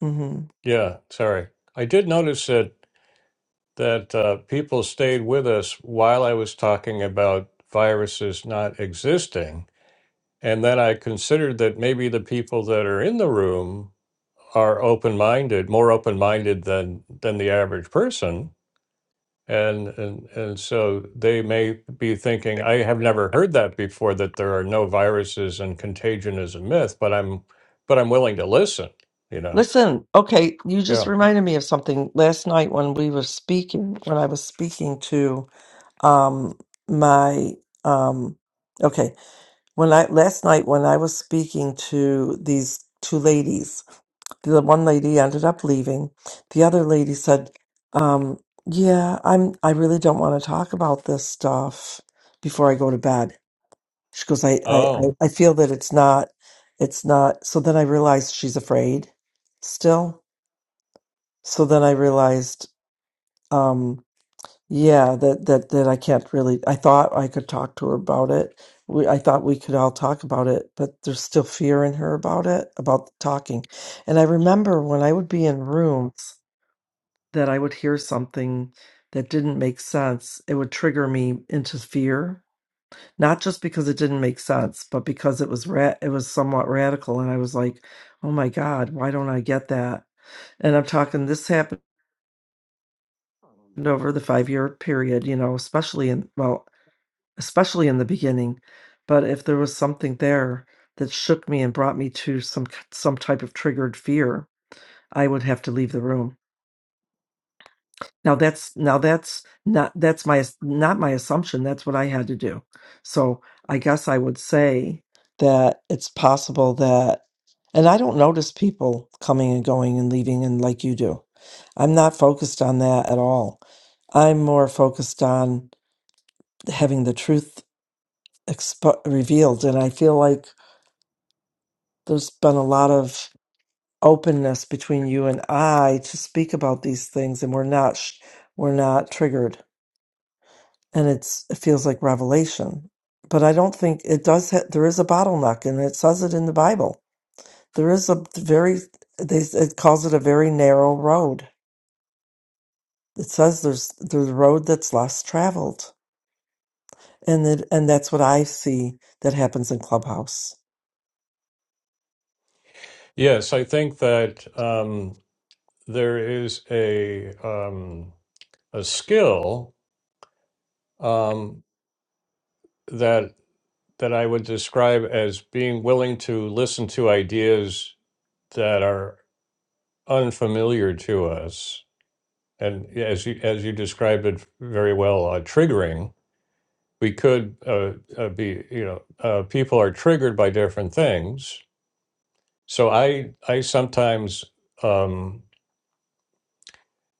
Speaker 2: hmm
Speaker 1: yeah sorry I did notice that that uh, people stayed with us while I was talking about viruses not existing, and then I considered that maybe the people that are in the room are open-minded, more open-minded than than the average person, and and and so they may be thinking, I have never heard that before that there are no viruses and contagion is a myth, but I'm but I'm willing to listen, you know.
Speaker 2: Listen, okay, you just
Speaker 1: Yeah.
Speaker 2: reminded me of something last night when we were speaking, when I was speaking to um my um okay, when I last night when I was speaking to these two ladies the one lady ended up leaving. The other lady said, um, "Yeah, I'm. I really don't want to talk about this stuff before I go to bed." She goes, "I, I, I
Speaker 1: Oh.
Speaker 2: I feel that it's not, it's not." So then I realized she's afraid still. So then I realized, um, yeah, that that that I can't really. I thought I could talk to her about it. We, I thought we could all talk about it, but there's still fear in her about it, about talking. And I remember when I would be in rooms that I would hear something that didn't make sense, it would trigger me into fear. Not just because it didn't make sense, but because it was ra- it was somewhat radical, and I was like, "Oh my God, why don't I get that?" And I'm talking this happened over the five year period, you know, especially in well, especially in the beginning. But if there was something there that shook me and brought me to some some type of triggered fear, I would have to leave the room. Now that's now that's not that's my not my assumption. That's what I had to do. So I guess I would say that it's possible that, and I don't notice people coming and going and leaving and like you do. I'm not focused on that at all. I'm more focused on having the truth expo- revealed, and I feel like there's been a lot of openness between you and I to speak about these things, and we're not sh- we're not triggered and it's it feels like revelation but i don't think it does ha- there is a bottleneck and it says it in the bible there is a very they it calls it a very narrow road it says there's there's a road that's less traveled and it, and that's what i see that happens in clubhouse
Speaker 1: Yes, I think that um, there is a um, a skill um, that that I would describe as being willing to listen to ideas that are unfamiliar to us, and as you as you described it very well, uh, triggering. We could uh, uh, be, you know, uh, people are triggered by different things. So I I sometimes um,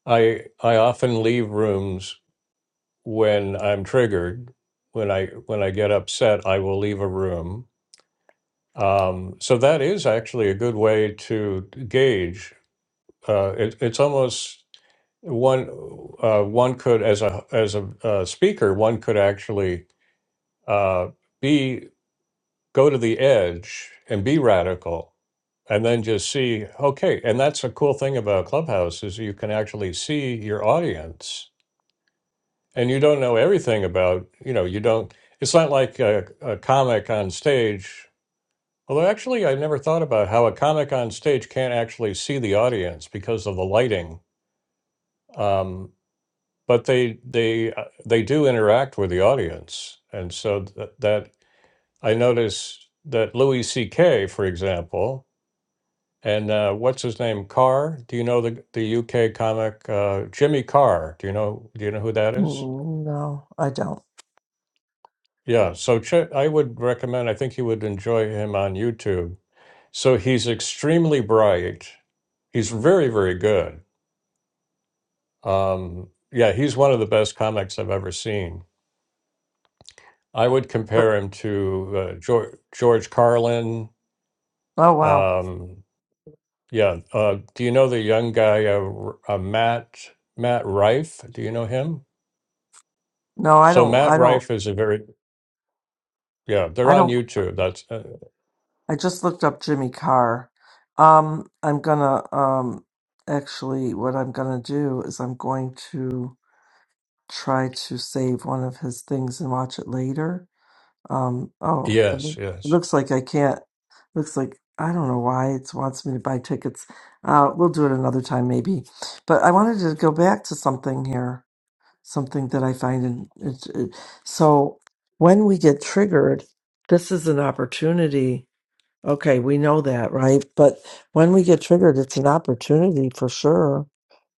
Speaker 1: I I often leave rooms when I'm triggered, when I when I get upset, I will leave a room. Um, so that is actually a good way to gauge. Uh, it, it's almost one uh, one could as a as a uh, speaker, one could actually uh, be go to the edge and be radical, and then just see okay. And that's a cool thing about Clubhouse is you can actually see your audience and you don't know everything about you know you don't it's not like a, a comic on stage although actually i never thought about how a comic on stage can't actually see the audience because of the lighting um, but they they uh, they do interact with the audience and so th- that i notice that louis ck for example and uh, what's his name carr do you know the, the uk comic uh, jimmy carr do you know do you know who that is
Speaker 2: Mm, no i don't
Speaker 1: Yeah, so che I would recommend, I think you would enjoy him on YouTube. So he's extremely bright. He's very, very good. Um, yeah, he's one of the best comics I've ever seen. I would
Speaker 2: but
Speaker 1: compare him to uh, George, George Carlin.
Speaker 2: oh wow
Speaker 1: Um, yeah, uh, do you know the young guy, uh, R- uh, Matt Matt Rife? Do you know him?
Speaker 2: no i
Speaker 1: So
Speaker 2: don't
Speaker 1: Matt
Speaker 2: i don't
Speaker 1: Rife is a very, yeah, they're
Speaker 2: i
Speaker 1: on
Speaker 2: don't
Speaker 1: YouTube. That's uh,
Speaker 2: i just looked up jimmy carr um i'm gonna um actually what i'm gonna do is i'm going to try to save one of his things and watch it later. Um, oh, it
Speaker 1: yes,
Speaker 2: loo- it
Speaker 1: yes.
Speaker 2: looks like I can't. Looks like I don't know why it wants me to buy tickets. Uh, we'll do it another time maybe. But I wanted to go back to something here, something that I find in. It, it, so when we get triggered, this is an opportunity. Okay, we know that, right? But when we get triggered, it's an opportunity for sure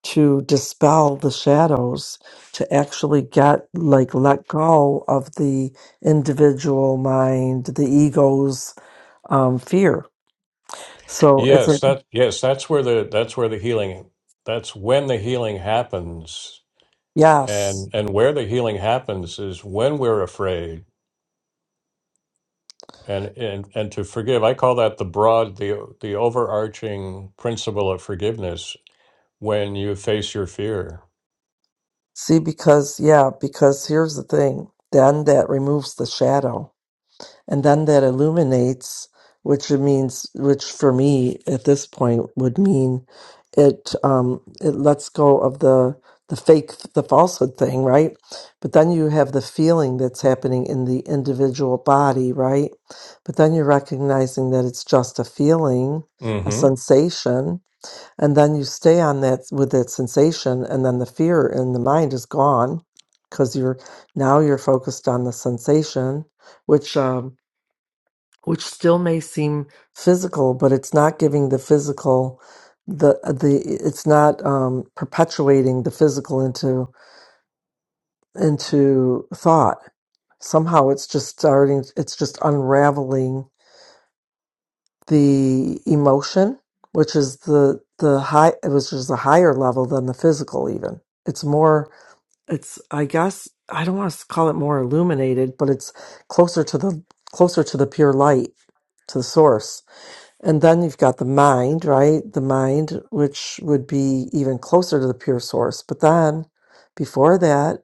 Speaker 2: to dispel the shadows to actually get like let go of the individual mind the ego's um, fear so it's a
Speaker 1: Yes, that yes, that's where the that's where the healing that's when the healing happens.
Speaker 2: yes
Speaker 1: And and where the healing happens is when we're afraid and and and to forgive. I call that the broad the the overarching principle of forgiveness when you face your fear.
Speaker 2: see because yeah because here's the thing then that removes the shadow and then that illuminates which it means which for me at this point would mean it um it lets go of the the fake the falsehood thing right but then you have the feeling that's happening in the individual body right but then you're recognizing that it's just a feeling a
Speaker 1: Mhm.
Speaker 2: sensation and then you stay on that with that sensation and then the fear in the mind is gone because you're now you're focused on the sensation which um, which still may seem physical, but it's not giving the physical the the it's not um, perpetuating the physical into into thought. Somehow, it's just starting. It's just unraveling the emotion, which is the the high, It was just a higher level than the physical. Even it's more. It's I guess I don't want to call it more illuminated, but it's closer to the closer to the pure light to the source And then you've got the mind, right? The mind, which would be even closer to the pure source. But then before that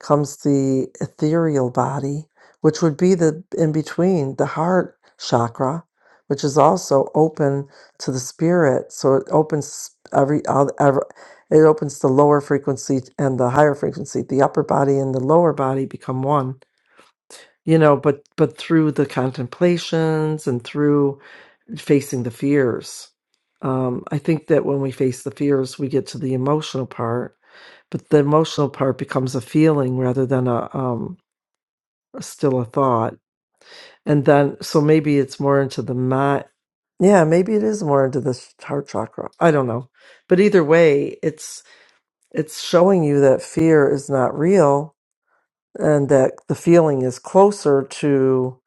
Speaker 2: comes the ethereal body, which would be the in between, the heart chakra, which is also open to the spirit. So it opens every, all, ever, it opens the lower frequency and the higher frequency. The upper body and the lower body become one, you know, but, but through the contemplations and through facing the fears. Um, I think that when we face the fears, we get to the emotional part, but the emotional part becomes a feeling rather than a um, still a thought. And then, so maybe it's more into the mat. Yeah, maybe it is more into this heart chakra. I don't know, but either way, it's it's showing you that fear is not real, and that the feeling is closer to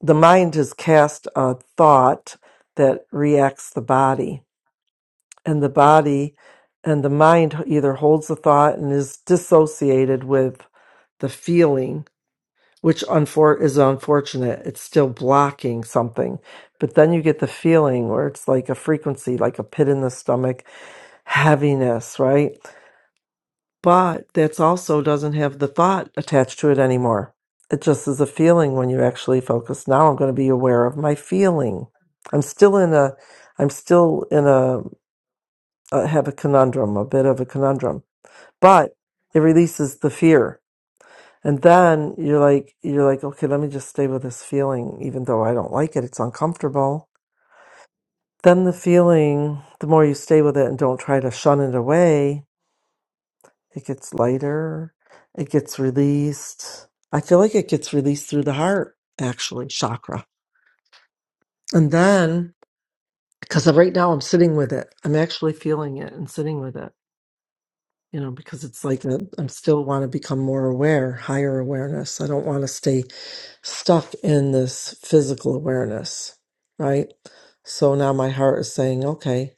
Speaker 2: the mind has cast a thought that reacts the body and the body and the mind either holds the thought and is dissociated with the feeling which unfor- is unfortunate it's still blocking something but then you get the feeling where it's like a frequency like a pit in the stomach heaviness right but that's also doesn't have the thought attached to it anymore it just is a feeling when you actually focus now i'm going to be aware of my feeling i'm still in a i'm still in a uh, have a conundrum, a bit of a conundrum, but it releases the fear. And then you're like, you're like, okay, let me just stay with this feeling, even though I don't like it, it's uncomfortable. Then the feeling, the more you stay with it and don't try to shun it away, it gets lighter, it gets released. I feel like it gets released through the heart, actually, chakra. And then, because right now I'm sitting with it, I'm actually feeling it and sitting with it you know, because it's like a, I still want to become more aware, higher awareness. I don't want to stay stuck in this physical awareness, right? So now my heart is saying, okay,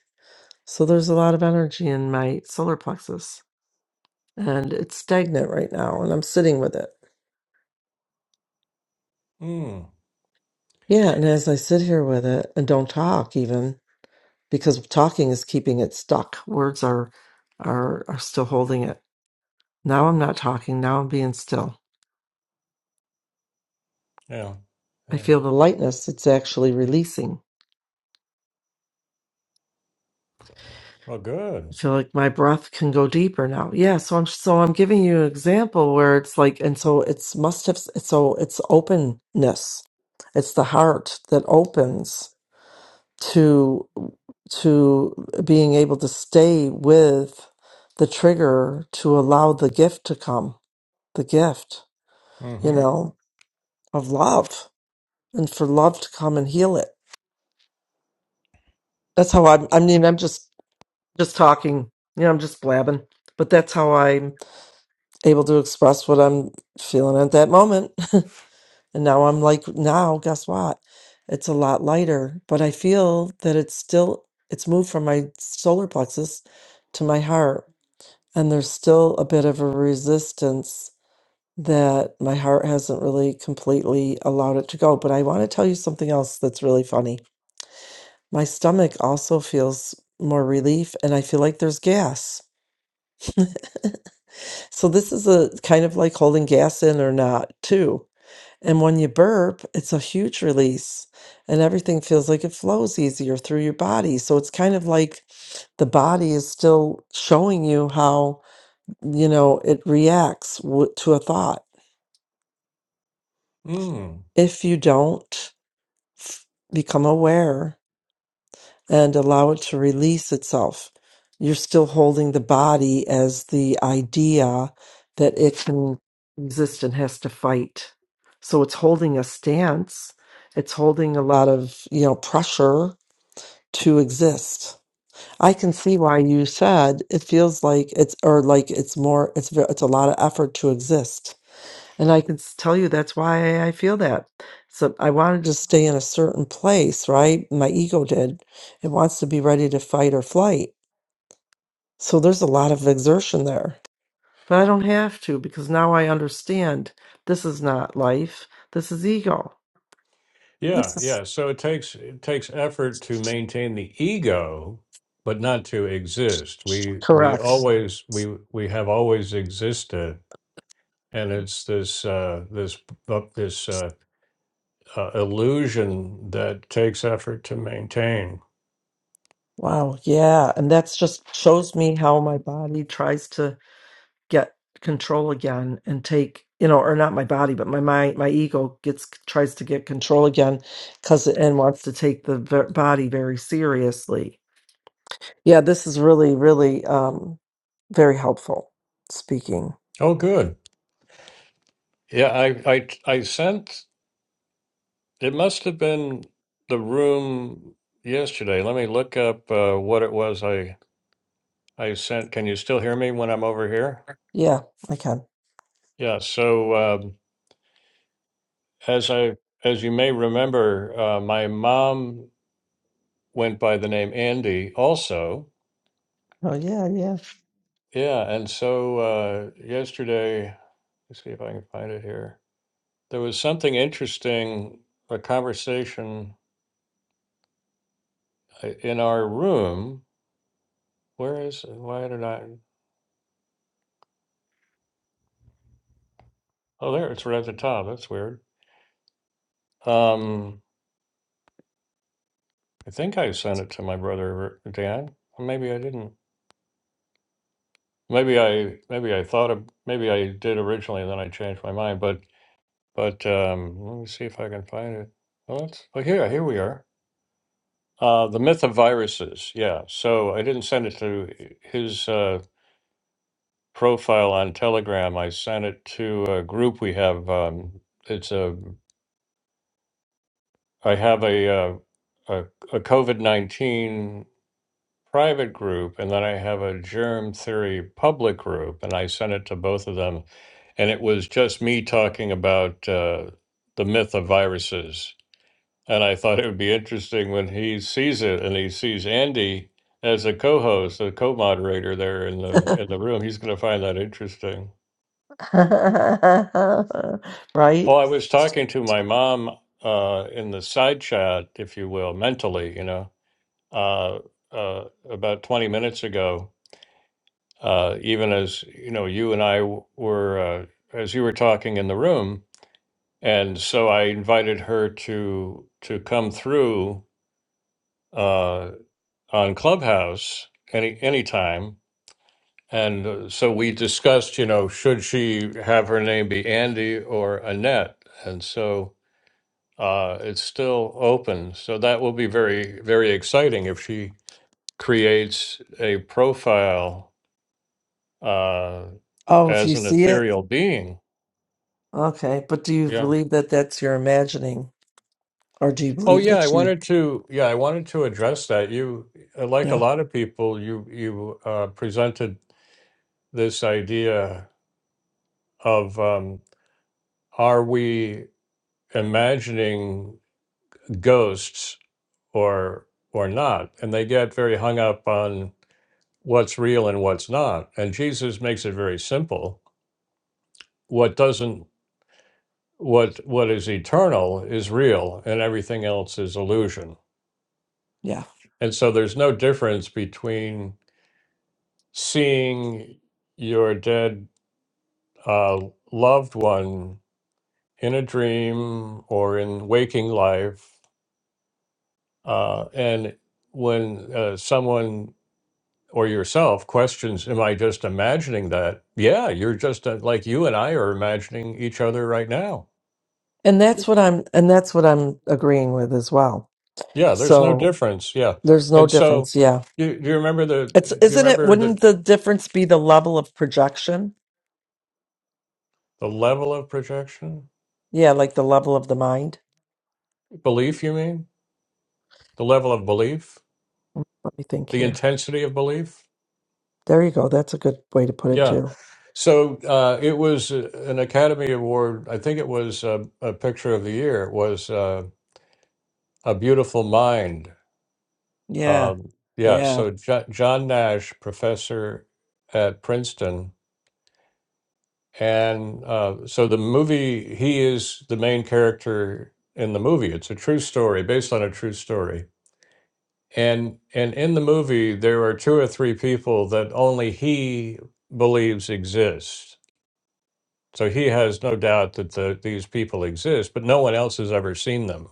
Speaker 2: so there's a lot of energy in my solar plexus and it's stagnant right now and I'm sitting with it.
Speaker 1: Mm.
Speaker 2: Yeah. And as I sit here with it and don't talk even because talking is keeping it stuck. Words are, are, are still holding it. Now I'm not talking. Now I'm being still
Speaker 1: Yeah.
Speaker 2: I
Speaker 1: Yeah.
Speaker 2: feel the lightness. It's actually releasing.
Speaker 1: Well, good.
Speaker 2: I feel like my breath can go deeper now. Yeah. So I'm so I'm giving you an example where it's like, and so it's must have. So it's openness. It's the heart that opens to to being able to stay with the trigger to allow the gift to come. The gift, you know, of love and for love to come and heal it. That's how I'm. I mean, I'm just just talking. You know, I'm just blabbing. But that's how I'm able to express what I'm feeling at that moment. And now I'm like, now guess what? It's a lot lighter, but I feel that it's still it's moved from my solar plexus to my heart. And there's still a bit of a resistance that my heart hasn't really completely allowed it to go. But I want to tell you something else that's really funny. My stomach also feels more relief and I feel like there's gas. So this is a kind of like holding gas in or not too. And when you burp, it's a huge release and everything feels like it flows easier through your body. So it's kind of like the body is still showing you how, you know, it reacts w- to a thought.
Speaker 1: Mhm.
Speaker 2: If you don't f- become aware and allow it to release itself. You're still holding the body as the idea that it can exist and has to fight. So it's holding a stance, it's holding a lot of, you know, pressure to exist. I can see why you said it feels like it's or like it's more it's ve- it's a lot of effort to exist and I can s- tell you that's why I feel that. So I wanted to stay in a certain place, right? My ego did. It wants to be ready to fight or flight. So there's a lot of exertion there. But I don't have to because now I understand this is not life. This is ego.
Speaker 1: Yeah,
Speaker 2: This is
Speaker 1: yeah. So it takes it takes effort to maintain the ego, but not to exist. We we
Speaker 2: correct.
Speaker 1: always we we have always existed, and it's this uh, this uh, this uh, uh, illusion that takes effort to maintain.
Speaker 2: Wow. Yeah. And that's just shows me how my body tries to get control again and take you know or not my body but my mind my ego gets tries to get control again because it and wants to take the ver- body very seriously yeah this is really really um very helpful speaking
Speaker 1: Oh, good. Yeah, I I I sent. It must have been the room yesterday. Let me look up uh, what it was I I sent. Can you still hear me when I'm over here?
Speaker 2: yeah i can
Speaker 1: Yeah. So. Um, as I as you may remember, uh, my mom went by the name Andy also.
Speaker 2: oh yeah yeah
Speaker 1: Yeah, and so uh, yesterday, let's see if I can find it here. There was something interesting, a conversation uh, in our room. Where is it? why did I? Oh, there it's right at the top. That's weird. Um, I think I sent it to my brother Dan. Or Maybe I didn't. Maybe I maybe I thought of maybe I did originally, and then I changed my mind. But But um, let me see if I can find it. Well, that's, oh, here, here we are. Uh, the myth of viruses. Yeah. So I didn't send it to his uh, profile on Telegram. I sent it to a group we have. Um, it's a. I have a uh, a, a COVID nineteen private group, and then I have a germ theory public group, and I sent it to both of them, and it was just me talking about uh, the myth of viruses And I thought it would be interesting when he sees it and he sees Andy as a co-host, a co-moderator there in the in the room. He's going to find that interesting. Oh,
Speaker 2: right
Speaker 1: I was talking to my mom uh, in the side chat, if you will, mentally, you know, uh, uh, about 20 minutes ago. Uh, even as you know, you and I w- were uh, as you were talking in the room, and so I invited her to to come through uh. on Clubhouse any anytime. And uh, so we discussed, you know, should she have her name be Andy or Annette? And so uh, it's still open. So that will be very, very exciting if she creates a profile uh,
Speaker 2: oh if
Speaker 1: as
Speaker 2: you
Speaker 1: an
Speaker 2: see it
Speaker 1: ethereal being.
Speaker 2: okay but do you
Speaker 1: Yeah.
Speaker 2: believe that that's your imagining or do you
Speaker 1: Oh
Speaker 2: believe
Speaker 1: yeah, I
Speaker 2: that you
Speaker 1: wanted to yeah, I wanted to address that. You uh, like a
Speaker 2: yeah
Speaker 1: lot of people, you you uh, presented this idea of. um, are we imagining ghosts or or not and they get very hung up on what's real and what's not and jesus makes it very simple what doesn't what what is eternal is real and everything else is illusion
Speaker 2: yeah
Speaker 1: and so there's no difference between seeing your dead uh, loved one in a dream or in waking life uh, and when uh, someone or yourself questions am i just imagining that yeah you're just uh, like you and i are imagining each other right now
Speaker 2: And that's what I'm and that's what I'm agreeing with as well.
Speaker 1: yeah there's no
Speaker 2: So
Speaker 1: difference yeah
Speaker 2: there's no
Speaker 1: and so
Speaker 2: difference, yeah.
Speaker 1: you, do you remember the
Speaker 2: It's
Speaker 1: do you
Speaker 2: isn't it
Speaker 1: remember the
Speaker 2: wouldn't the difference be the level of projection?
Speaker 1: the level of projection
Speaker 2: Yeah, like the level of the mind.
Speaker 1: belief you mean the level of belief
Speaker 2: Let me think
Speaker 1: the
Speaker 2: here.
Speaker 1: intensity of belief
Speaker 2: There you go. That's a good way to put it
Speaker 1: yeah
Speaker 2: too.
Speaker 1: so uh, it was uh, an academy award i think it was uh, a picture of the year it was uh, a beautiful mind
Speaker 2: Yeah.
Speaker 1: Um, yeah,
Speaker 2: Yeah.
Speaker 1: so Jo- John Nash, professor at Princeton, and uh, so the movie he is the main character in the movie. It's a true story based on a true story, and and in the movie there are two or three people that only he believes exist. So he has no doubt that the, these people exist, but no one else has ever seen them.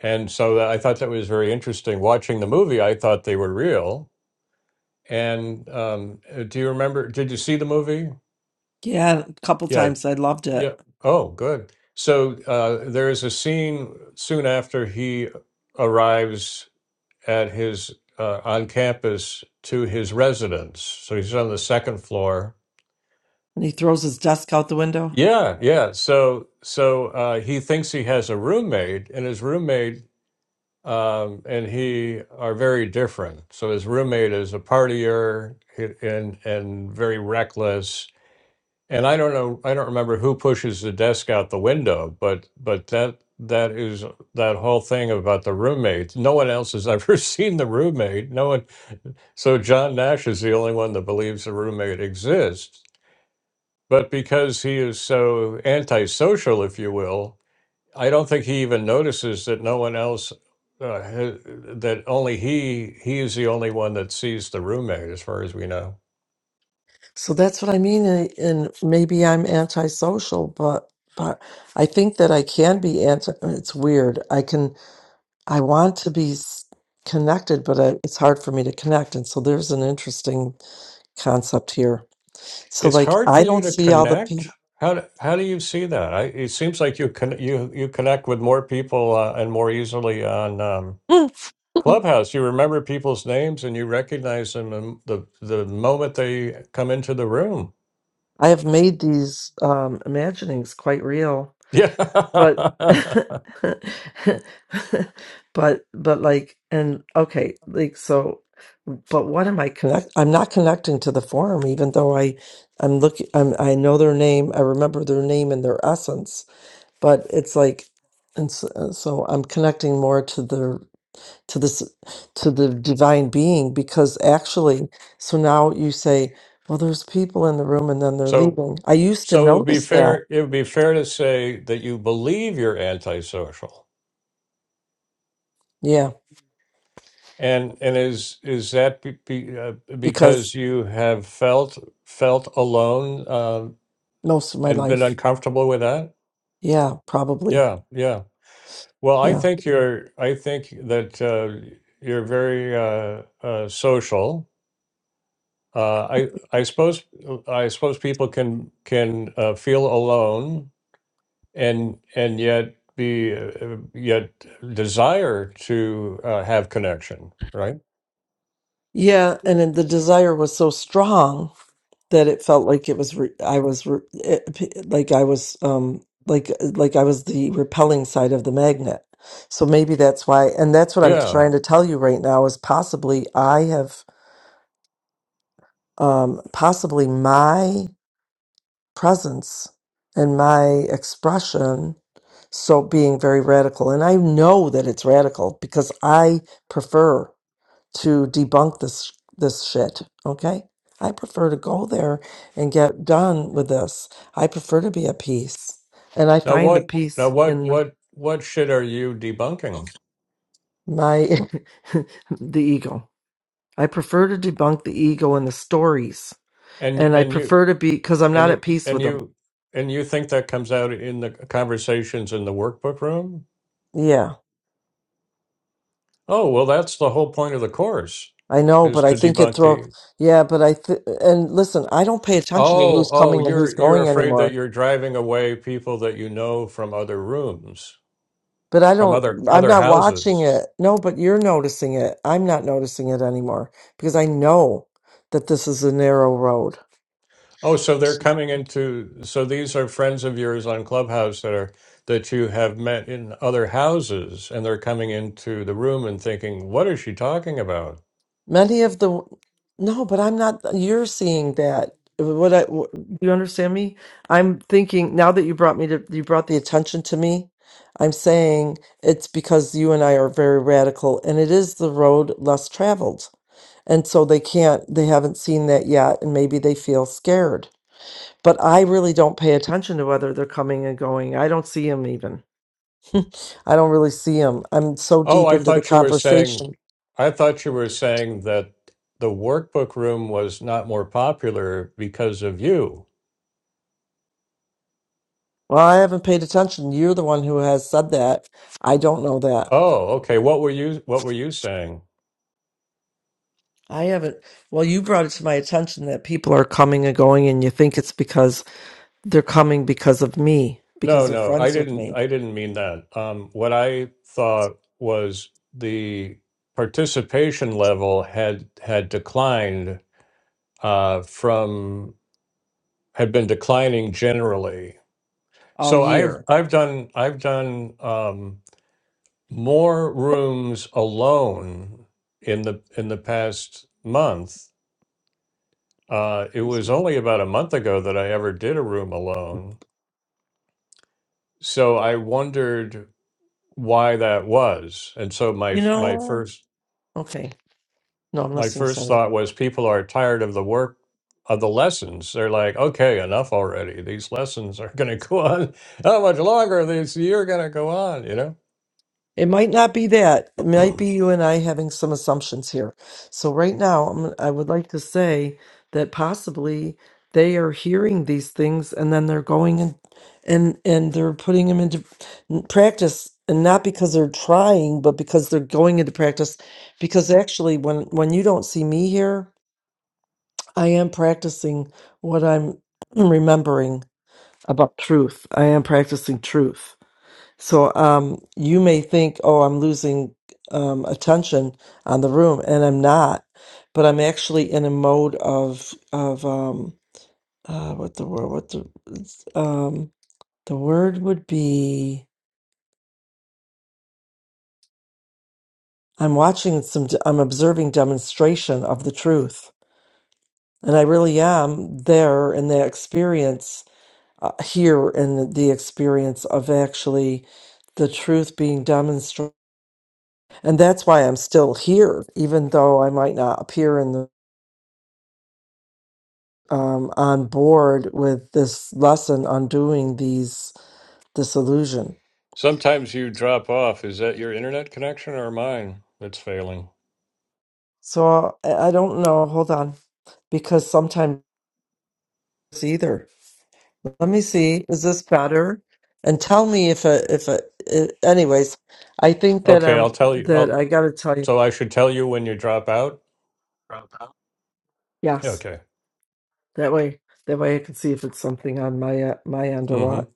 Speaker 1: And so that, I thought that was very interesting. Watching the movie, I thought they were real, And um, uh, do you remember? Did you see the movie?
Speaker 2: Yeah, a couple
Speaker 1: Yeah,
Speaker 2: times I loved it.
Speaker 1: yeah. Oh, good. So uh, there is a scene soon after he arrives at his uh, on campus to his residence. So he's on the second floor.
Speaker 2: And he throws his desk out the window.
Speaker 1: Yeah, yeah. So so uh, he thinks he has a roommate, and his roommate um, and he are very different. So his roommate is a partier he- and and very reckless And I don't know, I don't remember who pushes the desk out the window, but but that that is that whole thing about the roommates. No one else has ever seen the roommate. No one. So John Nash is the only one that believes the roommate exists. But because he is so antisocial, if you will, I don't think he even notices that no one else. Uh, ha- that only he he is the only one that sees the roommate, as far as we know.
Speaker 2: So that's what I mean and and maybe I'm antisocial, but but I think that I can be anti it's weird. I can I want to be s- connected, but I, it's hard for me to connect. And so there's an interesting concept here. So,
Speaker 1: It's
Speaker 2: like,
Speaker 1: hard for
Speaker 2: I
Speaker 1: you
Speaker 2: don't
Speaker 1: to
Speaker 2: see all the
Speaker 1: connect.
Speaker 2: people.
Speaker 1: How do, how do you see that? I, it seems like you con, you you connect with more people uh, and more easily on um, Clubhouse. You remember people's names and you recognize them in the the moment they come into the room.
Speaker 2: I have made these um, imaginings quite real,
Speaker 1: Yeah.
Speaker 2: but, but, but like, and okay, like, so, but what am I connect? I'm not connecting to the form, even though I, I'm looking. I'm, I know their name. I remember their name and their essence but it's like and so, uh, so i'm connecting more to the to this to the divine being because actually so now you say well there's people in the room and then they're
Speaker 1: so
Speaker 2: leaving i used to
Speaker 1: so it would be
Speaker 2: notice that
Speaker 1: fair it would be fair to say that you believe you're antisocial.
Speaker 2: yeah
Speaker 1: And and is is that be, be, uh, because
Speaker 2: because
Speaker 1: you have felt felt alone uh,
Speaker 2: most of my
Speaker 1: and been
Speaker 2: life
Speaker 1: uncomfortable with that?
Speaker 2: yeah probably
Speaker 1: Yeah, yeah. Well, I
Speaker 2: yeah
Speaker 1: think you're. I think that uh, you're very uh, uh, social. Uh, I I suppose I suppose people can can uh, feel alone and and yet be uh, yet desire to uh, have connection, right?
Speaker 2: yeah and then the desire was so strong that it felt like it was re- I was re- it, like I was um like like I was the repelling side of the magnet. So maybe that's why and that's what I'm
Speaker 1: Yeah.
Speaker 2: trying to tell you right now is possibly I have um possibly my presence and my expression so being very radical and I know that it's radical because I prefer to debunk this this shit. Okay, I prefer to go there and get done with this. I prefer to be at peace, and I
Speaker 1: Now
Speaker 2: find the
Speaker 1: what? Now
Speaker 2: peace
Speaker 1: what?
Speaker 2: in the
Speaker 1: What? What shit are you debunking?
Speaker 2: my the ego. I prefer to debunk the ego and the stories,
Speaker 1: And
Speaker 2: and I
Speaker 1: and you
Speaker 2: prefer to be because I'm
Speaker 1: And
Speaker 2: not
Speaker 1: you
Speaker 2: at peace
Speaker 1: and
Speaker 2: with them.
Speaker 1: you and you think that comes out in the conversations in the workbook room?
Speaker 2: Yeah,
Speaker 1: Oh, well that's the whole point of the course
Speaker 2: I know,
Speaker 1: is
Speaker 2: but I
Speaker 1: to
Speaker 2: think it
Speaker 1: debunk
Speaker 2: throw.
Speaker 1: the
Speaker 2: Yeah, but I th- and listen, I don't pay attention to
Speaker 1: Oh,
Speaker 2: who's
Speaker 1: oh,
Speaker 2: coming and who's
Speaker 1: you're you're
Speaker 2: going
Speaker 1: afraid that
Speaker 2: anymore.
Speaker 1: you're driving away people that you know from other rooms,
Speaker 2: But I
Speaker 1: from other
Speaker 2: don't, I'm
Speaker 1: other
Speaker 2: not watching
Speaker 1: houses.
Speaker 2: it. No, but you're noticing it. I'm not noticing it anymore because I know that this is a narrow road.
Speaker 1: Oh, so they're coming into so these are friends of yours on Clubhouse that are that you have met in other houses and they're coming into the room and thinking, "What is she talking about?"
Speaker 2: Many of the, no, but I'm not, you're seeing that. What I, wh- do you understand me? I'm thinking now that you brought me to, you brought the attention to me. I'm saying it's because you and I are very radical and it is the road less traveled. And so they can't, they haven't seen that yet. And maybe they feel scared but I really don't pay attention to whether they're coming and going. I don't see them even. I don't really see them. I'm so
Speaker 1: Oh,
Speaker 2: deep
Speaker 1: I
Speaker 2: into the
Speaker 1: thought you were saying,
Speaker 2: conversation.
Speaker 1: I thought you were saying that the workbook room was not more popular because of you.
Speaker 2: Well, I haven't paid attention. You're the one who has said that. I don't know that.
Speaker 1: Oh, okay. What were you, what were you saying?
Speaker 2: I haven't. Well, you brought it to my attention that people are coming and going, and you think it's because they're coming because of me,
Speaker 1: No,
Speaker 2: because they're
Speaker 1: no, I
Speaker 2: friends with
Speaker 1: didn't,
Speaker 2: me
Speaker 1: I didn't mean that. Um, what I thought was the participation level had, had declined, uh, from, had been declining generally.
Speaker 2: all
Speaker 1: So I've,
Speaker 2: year.
Speaker 1: I've done, I've done, um, more rooms alone in the in the past month. Uh, it was only about a month ago that I ever did a room alone, so I wondered why that was. And so my
Speaker 2: You
Speaker 1: my
Speaker 2: know?
Speaker 1: first
Speaker 2: Okay. No, I'm
Speaker 1: my
Speaker 2: listening.
Speaker 1: first
Speaker 2: Sorry.
Speaker 1: thought was people are tired of the work of the lessons. They're like, okay, enough already. These lessons are going to go on. How much longer This these? You're going to go on, you know.
Speaker 2: It might not be that. It might be you and I having some assumptions here. So right now, I'm, I would like to say that possibly they are hearing these things and then they're going and and and they're putting them into practice, and not because they're trying, but because they're going into practice. Because actually, when when you don't see me here, I am practicing what I'm remembering about truth. I am practicing truth so um, you may think, oh, I'm losing um, attention on the room, and I'm not, but I'm actually in a mode of of um, uh, what the word what the it's, um, the word would be. I'm watching some. I'm observing demonstration of the truth, and I really am there in that experience uh, here in the experience of actually the truth being demonstrated. and that's why I'm still here, even though I might not appear in the um, on board with this lesson on doing these disillusion.
Speaker 1: Sometimes you drop off. Is that your internet connection or mine that's failing?
Speaker 2: So I, I don't know. Hold on, because sometimes either. Let me see. Is this better? And tell me if it, if it, it, anyways, I think that
Speaker 1: Okay, I'll
Speaker 2: um
Speaker 1: tell you.
Speaker 2: that
Speaker 1: I'll,
Speaker 2: I got to tell
Speaker 1: so
Speaker 2: you.
Speaker 1: I should tell you when you drop out.
Speaker 2: Yes,
Speaker 1: Okay.
Speaker 2: that way that way I can see if it's something on my uh, my end or
Speaker 1: Mm-hmm.
Speaker 2: what.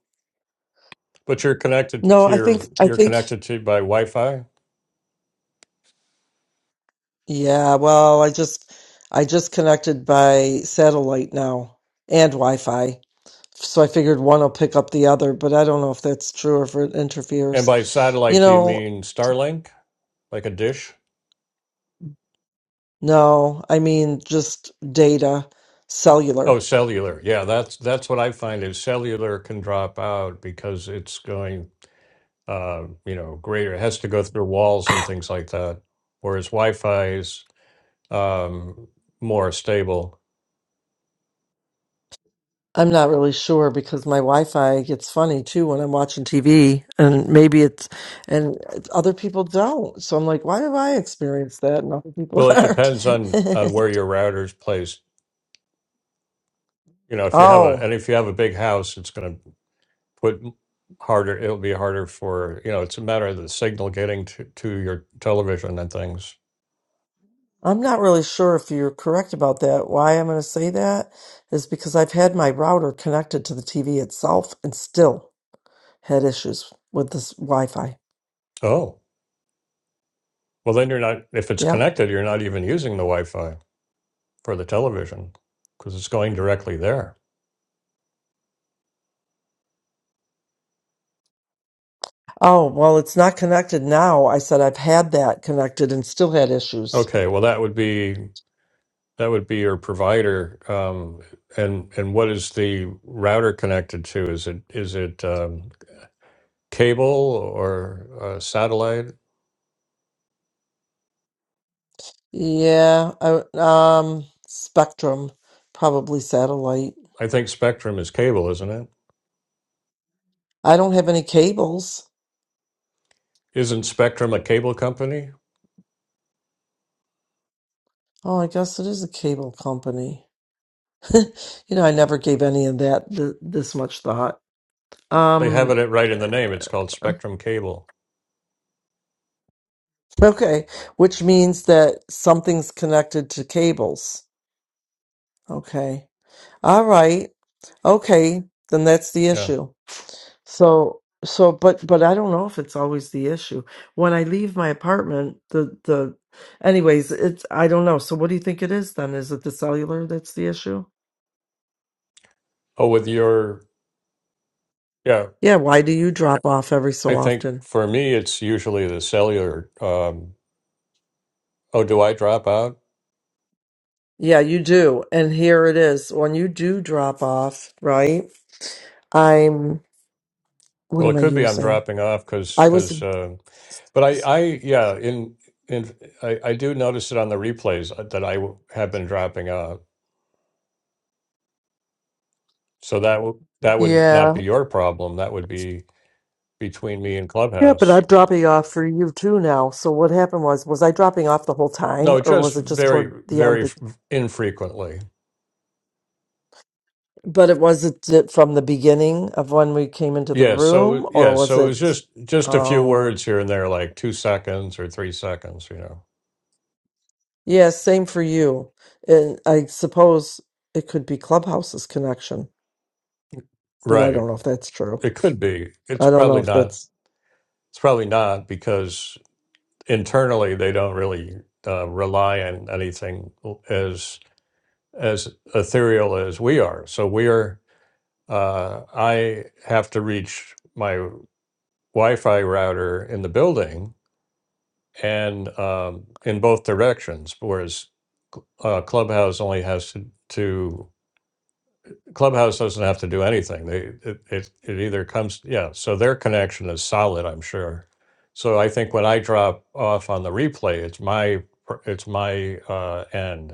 Speaker 1: But you're connected
Speaker 2: No,
Speaker 1: to
Speaker 2: I
Speaker 1: your
Speaker 2: think I
Speaker 1: you're
Speaker 2: think
Speaker 1: connected to by Wi-Fi
Speaker 2: Yeah, well, I just I just connected by satellite now and Wi-Fi. So I figured one will pick up the other, but I don't know if that's true or if it
Speaker 1: and
Speaker 2: interferes.
Speaker 1: by
Speaker 2: You
Speaker 1: satellite. Do you
Speaker 2: know,
Speaker 1: mean Starlink, like a dish?
Speaker 2: no, I mean just data,
Speaker 1: Oh,
Speaker 2: cellular.
Speaker 1: cellular. Yeah, that's that's what I find is cellular can drop out because it's going, uh, you know, greater. It has to go through walls and things like that. Whereas Wi-Fi is um, more stable.
Speaker 2: I'm not really sure because my Wi-Fi gets funny too when I'm watching TV, and maybe it's and other people don't. So I'm like, why have I experienced that and other people
Speaker 1: Well, it depends on
Speaker 2: aren't?
Speaker 1: on where your router's placed. you know if you have a
Speaker 2: oh.
Speaker 1: and if you have a big house it's going to put harder it'll be harder for you know it's a matter of the signal getting to, to your television and things
Speaker 2: I'm not really sure if you're correct about that. Why I'm going to say that is because I've had my router connected to the TV itself and still had issues with this Wi-Fi.
Speaker 1: oh well then you're not if it's
Speaker 2: Yep.
Speaker 1: connected you're not even using the wi-fi for the television because it's going directly there
Speaker 2: Oh, well, it's not connected now. I said I've had that connected and still had issues.
Speaker 1: okay well that would be that would be your provider um, and and what is the router connected to is it is it um, cable or uh, satellite
Speaker 2: Yeah, I, um, Spectrum, probably satellite.
Speaker 1: i think spectrum is cable isn't it
Speaker 2: I don't have any cables.
Speaker 1: Isn't Spectrum a cable company?
Speaker 2: Oh, I guess it is a cable company. you know, I never gave any of that th- this much thought.
Speaker 1: They have
Speaker 2: Um,
Speaker 1: it right in the name. It's called Spectrum Cable.
Speaker 2: Okay, which means that something's connected to cables. Okay. All right. Okay, then that's the
Speaker 1: Yeah.
Speaker 2: issue. So so but but I don't know if it's always the issue. When I leave my apartment, the the anyways, it's I don't know. So what do you think it is then? Is it the cellular that's the issue?
Speaker 1: Oh, with your, yeah.
Speaker 2: Yeah, why do you drop off every
Speaker 1: I
Speaker 2: so
Speaker 1: think
Speaker 2: often?
Speaker 1: for me, it's usually the cellular. Um, oh, do I drop out?
Speaker 2: Yeah, you do. And here it is. When you do drop off, right? I'm what
Speaker 1: Well, it
Speaker 2: am I
Speaker 1: could be I'm
Speaker 2: using?
Speaker 1: dropping off because,
Speaker 2: I was
Speaker 1: because, um but I, I, yeah, in, in, I, I do notice it on the replays uh, that I w- have been dropping out. So that, w- that would
Speaker 2: yeah.
Speaker 1: not be your problem. That would be between me and
Speaker 2: Yeah, but I'm
Speaker 1: Clubhouse.
Speaker 2: dropping off for you too now. So what happened was, was I dropping off the whole time,
Speaker 1: No,
Speaker 2: or
Speaker 1: just
Speaker 2: was it just
Speaker 1: very,
Speaker 2: toward the end?
Speaker 1: very
Speaker 2: Be-
Speaker 1: f- infrequently.
Speaker 2: But it wasn't it from the beginning of when we came into the
Speaker 1: Yeah, so
Speaker 2: room, or
Speaker 1: yeah,
Speaker 2: was
Speaker 1: so it's
Speaker 2: it?
Speaker 1: just just a few
Speaker 2: Oh,
Speaker 1: words here and there, like two seconds or three seconds, you know.
Speaker 2: yeah, same for you. And I suppose it could be Clubhouse's connection, but I
Speaker 1: Right.
Speaker 2: don't know if that's true.
Speaker 1: It could be. It's
Speaker 2: I don't know
Speaker 1: probably
Speaker 2: if
Speaker 1: not.
Speaker 2: that's.
Speaker 1: It's probably not because internally they don't really uh, rely on anything as as ethereal as we are. So we are. Uh, I have to reach my Wi-Fi router in the building and um, in both directions, whereas uh, Clubhouse only has to, to Clubhouse doesn't have to do anything. They it, it it either comes yeah. So their connection is solid, I'm sure. So I think when I drop off on the replay, it's my per- it's my uh, end.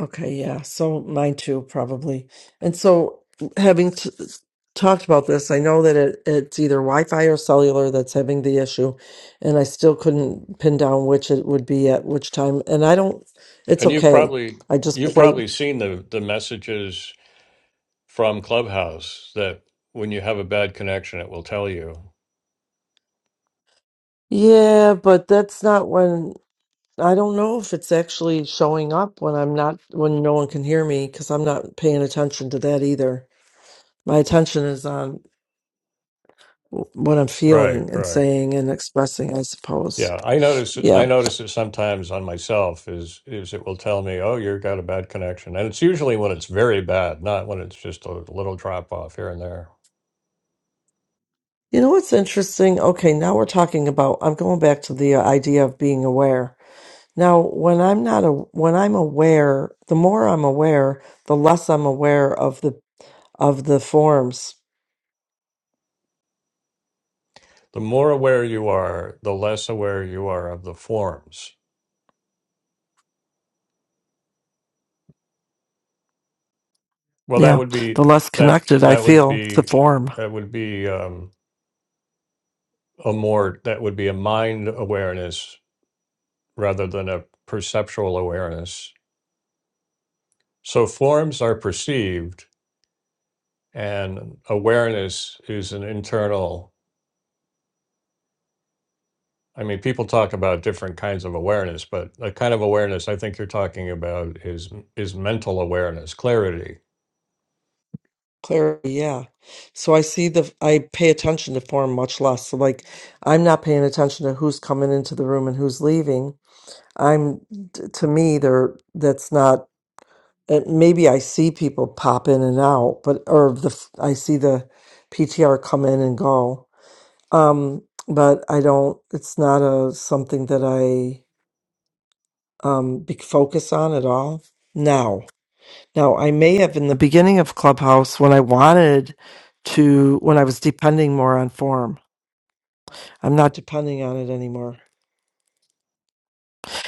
Speaker 2: Okay, yeah. So mine too, probably. And so, having t talked about this, I know that it, it's either Wi-Fi or cellular that's having the issue, and I still couldn't pin down which it would be at which time. And I don't, it's
Speaker 1: And you've
Speaker 2: okay.
Speaker 1: probably
Speaker 2: I just
Speaker 1: you've
Speaker 2: played
Speaker 1: probably seen the the messages from Clubhouse that when you have a bad connection, it will tell you.
Speaker 2: Yeah, but that's not when I don't know if it's actually showing up when I'm not when no one can hear me because I'm not paying attention to that either. My attention is on w- what I'm
Speaker 1: Right,
Speaker 2: feeling and
Speaker 1: right.
Speaker 2: saying and expressing, I suppose.
Speaker 1: Yeah, I notice I
Speaker 2: Yeah.
Speaker 1: notice it sometimes on myself is is it will tell me, "Oh, you've got a bad connection." And it's usually when it's very bad, not when it's just a little drop off here and there.
Speaker 2: You know what's interesting? Okay, now we're talking about I'm going back to the uh, idea of being aware. Now, when I'm not a, when I'm aware, the more I'm aware, the less I'm aware of the of the forms
Speaker 1: The more aware you are, the less aware you are of the forms. Well, that
Speaker 2: Yeah,
Speaker 1: would
Speaker 2: the
Speaker 1: be
Speaker 2: less
Speaker 1: that
Speaker 2: connected I
Speaker 1: that would
Speaker 2: feel to
Speaker 1: be
Speaker 2: form.
Speaker 1: that would be um, a more that would be a mind awareness rather than a perceptual awareness. So forms are perceived, and awareness is an internal. I mean, people talk about different kinds of awareness, but the kind of awareness I think you're talking about is is mental awareness, clarity.
Speaker 2: Clearly, yeah. So I see the I pay attention to form much less. So like I'm not paying attention to who's coming into the room and who's leaving. I'm t- to me there that's not uh, maybe I see people pop in and out, but or the f- I see the PTR come in and go. Um but I don't it's not a something that I um be, focus on at all now. Now, I may have in the beginning of Clubhouse when I wanted to, when I was depending more on form. I'm not depending on it anymore.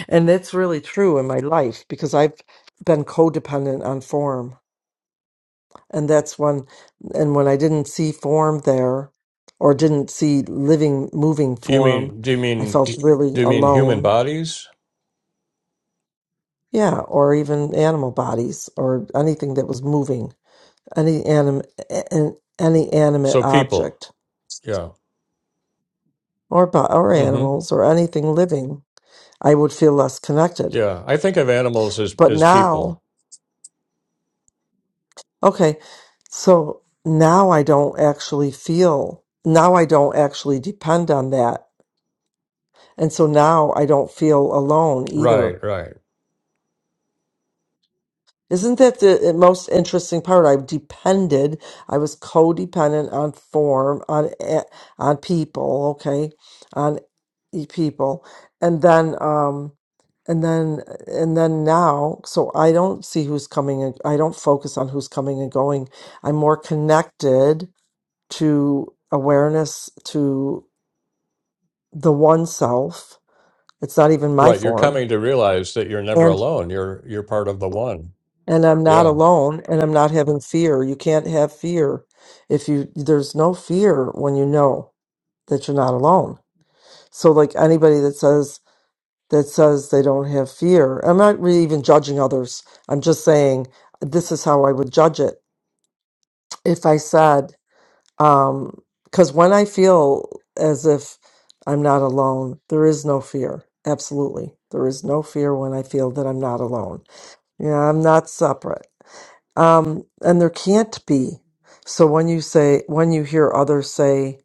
Speaker 2: And that's really true in my life because I've been codependent on form. And that's when, and when I didn't see form there or didn't see living, moving
Speaker 1: Do you
Speaker 2: form,
Speaker 1: mean do you
Speaker 2: I
Speaker 1: mean
Speaker 2: felt really
Speaker 1: do you mean human
Speaker 2: alone.
Speaker 1: bodies?
Speaker 2: Yeah. Or even animal bodies or anything that was moving, any anim, an, any animate
Speaker 1: So people,
Speaker 2: object.
Speaker 1: yeah,
Speaker 2: or bu- or
Speaker 1: hmm
Speaker 2: animals or anything living, I would feel less connected.
Speaker 1: yeah. I think of animals as
Speaker 2: But
Speaker 1: as
Speaker 2: now,
Speaker 1: people.
Speaker 2: okay, so now I don't actually feel now I don't actually depend on that, and so now I don't feel alone either.
Speaker 1: Right, right,
Speaker 2: Isn't that the most interesting part? I depended. I was codependent on form, on a- on people, okay, on. e- people and then um and then and then now so i don't see who's coming and i don't focus on who's coming and going i'm more connected to awareness to the one self it's not even my
Speaker 1: right. You're
Speaker 2: form
Speaker 1: coming to realize that you're never
Speaker 2: and
Speaker 1: alone. You're you're part of the one.
Speaker 2: and i'm not
Speaker 1: Yeah.
Speaker 2: alone and i'm not having fear you can't have fear if you there's no fear when you know that you're not alone so like anybody that says that says they don't have fear. I'm not really even judging others. I'm just saying this is how I would judge it. If I said, um, because when I feel as if I'm not alone, there is no fear. Absolutely. There is no fear when I feel that I'm not alone. Yeah, I'm not separate. Um, and there can't be. So when you say, when you hear others say,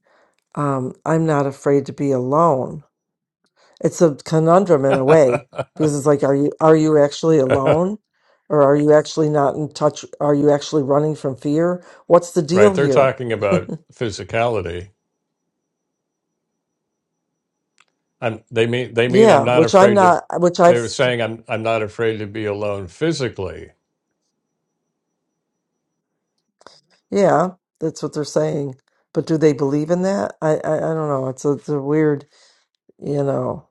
Speaker 2: um, I'm not afraid to be alone, it's a conundrum in a way because it's like are you are you actually alone or are you actually not in touch are you actually running from fear what's the
Speaker 1: Right.
Speaker 2: deal
Speaker 1: They're
Speaker 2: here
Speaker 1: talking about physicality. I'm, they mean they mean I'm
Speaker 2: yeah
Speaker 1: not
Speaker 2: which i'm
Speaker 1: afraid to.
Speaker 2: not which
Speaker 1: They
Speaker 2: i've
Speaker 1: were saying I'm I'm not afraid to be alone physically.
Speaker 2: yeah that's what they're saying but do they believe in that i i, I don't know it's a, it's a weird you know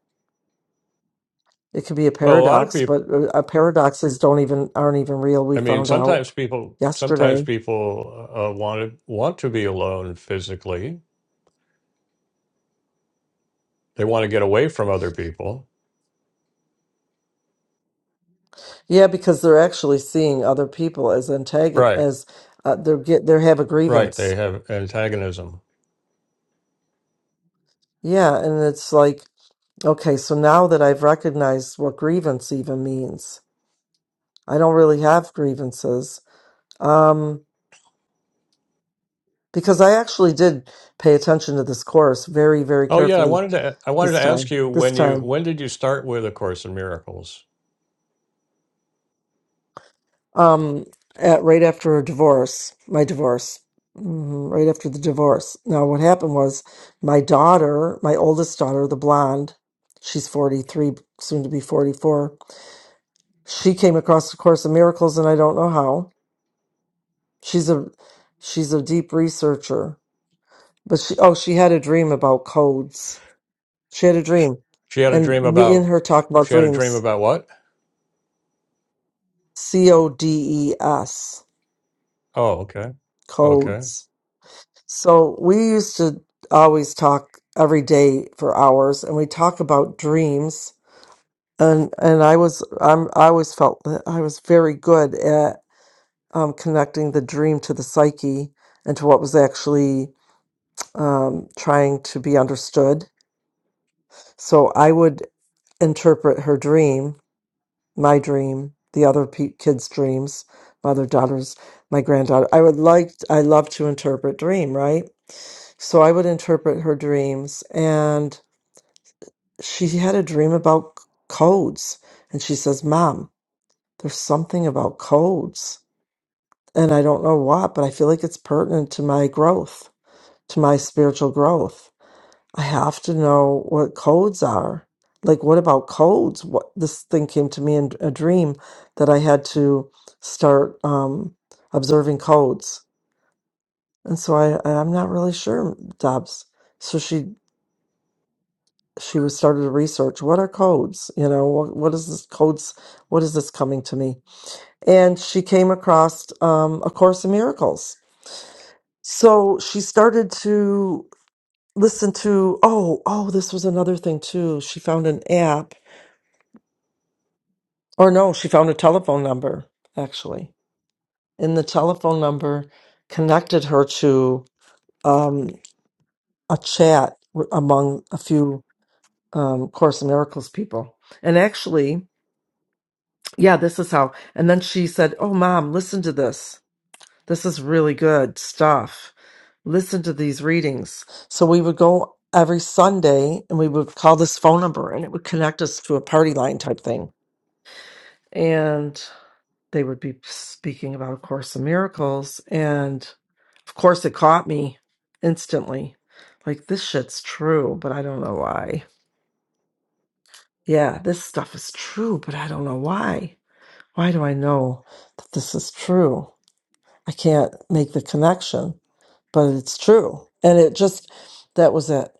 Speaker 2: it could be a
Speaker 1: Well, a lot of
Speaker 2: paradox
Speaker 1: people.
Speaker 2: but uh, uh, paradoxes don't even aren't even real we
Speaker 1: I mean,
Speaker 2: found out
Speaker 1: sometimes people sometimes
Speaker 2: yesterday
Speaker 1: people uh, want to want to be alone physically. They want to get away from other people.
Speaker 2: yeah because they're actually seeing other people as antagon
Speaker 1: Right.
Speaker 2: as uh, they're get they have a
Speaker 1: Right.
Speaker 2: grievance
Speaker 1: They have antagonism.
Speaker 2: Yeah, and it's like, okay, so now that I've recognized what grievance even means, I don't really have grievances. Um, because I actually did pay attention to this course very, very
Speaker 1: Oh yeah, I
Speaker 2: carefully
Speaker 1: wanted to I wanted to
Speaker 2: this
Speaker 1: ask
Speaker 2: time.
Speaker 1: you
Speaker 2: This
Speaker 1: when you
Speaker 2: time,
Speaker 1: when did you start with A Course in Miracles?
Speaker 2: um, at right after a divorce, my divorce, mhm, right after the divorce. Now, what happened was my daughter, my oldest daughter, the blonde, she's 43, soon to be 44. She came across the Course of Miracles, and I don't know how She's a she's a deep researcher, but she oh she had a dream about codes. She had a dream,
Speaker 1: She had a
Speaker 2: and
Speaker 1: dream
Speaker 2: me
Speaker 1: about
Speaker 2: and her talked about
Speaker 1: she had a dream
Speaker 2: dreams.
Speaker 1: about what?
Speaker 2: C O D E S
Speaker 1: Oh, okay. Okay.
Speaker 2: codes. So we used to always talk every day for hours, and we talk about dreams. And and I was I'm I always felt that I was very good at um, connecting the dream to the psyche and to what was actually um, trying to be understood So I would interpret her dream, my dream, the other pe- kids' dreams, mother, daughters, my granddaughter. I would like, I love to interpret dream, right? So I would interpret her dreams. And she had a dream about c- codes. And she says, Mom, there's something about codes. And I don't know what, but I feel like it's pertinent to my growth, to my spiritual growth. I have to know what codes are. Like, what about codes? What this thing came to me in a dream that I had to start um, observing codes, and so I I'm not really sure, Dobbs. So she she was started to research what are codes. You know, what what is this codes? What is this coming to me? And she came across um, a Course in Miracles. So she started to listen to oh oh this was another thing too. She found an app Or no, she found a telephone number, actually. And the telephone number connected her to um, a chat w- among a few um, Course in Miracles people. And actually, yeah, this is how. And then she said, Oh, mom, listen to this. This is really good stuff. Listen to these readings. So we would go every Sunday and we would call this phone number and it would connect us to a party line type thing and they would be speaking about A Course in Miracles. And of course, it caught me instantly. Like, this shit's true, but I don't know why. Yeah, this stuff is true, but I don't know why. Why do I know that this is true? I can't make the connection, but it's true. And it just, that was it.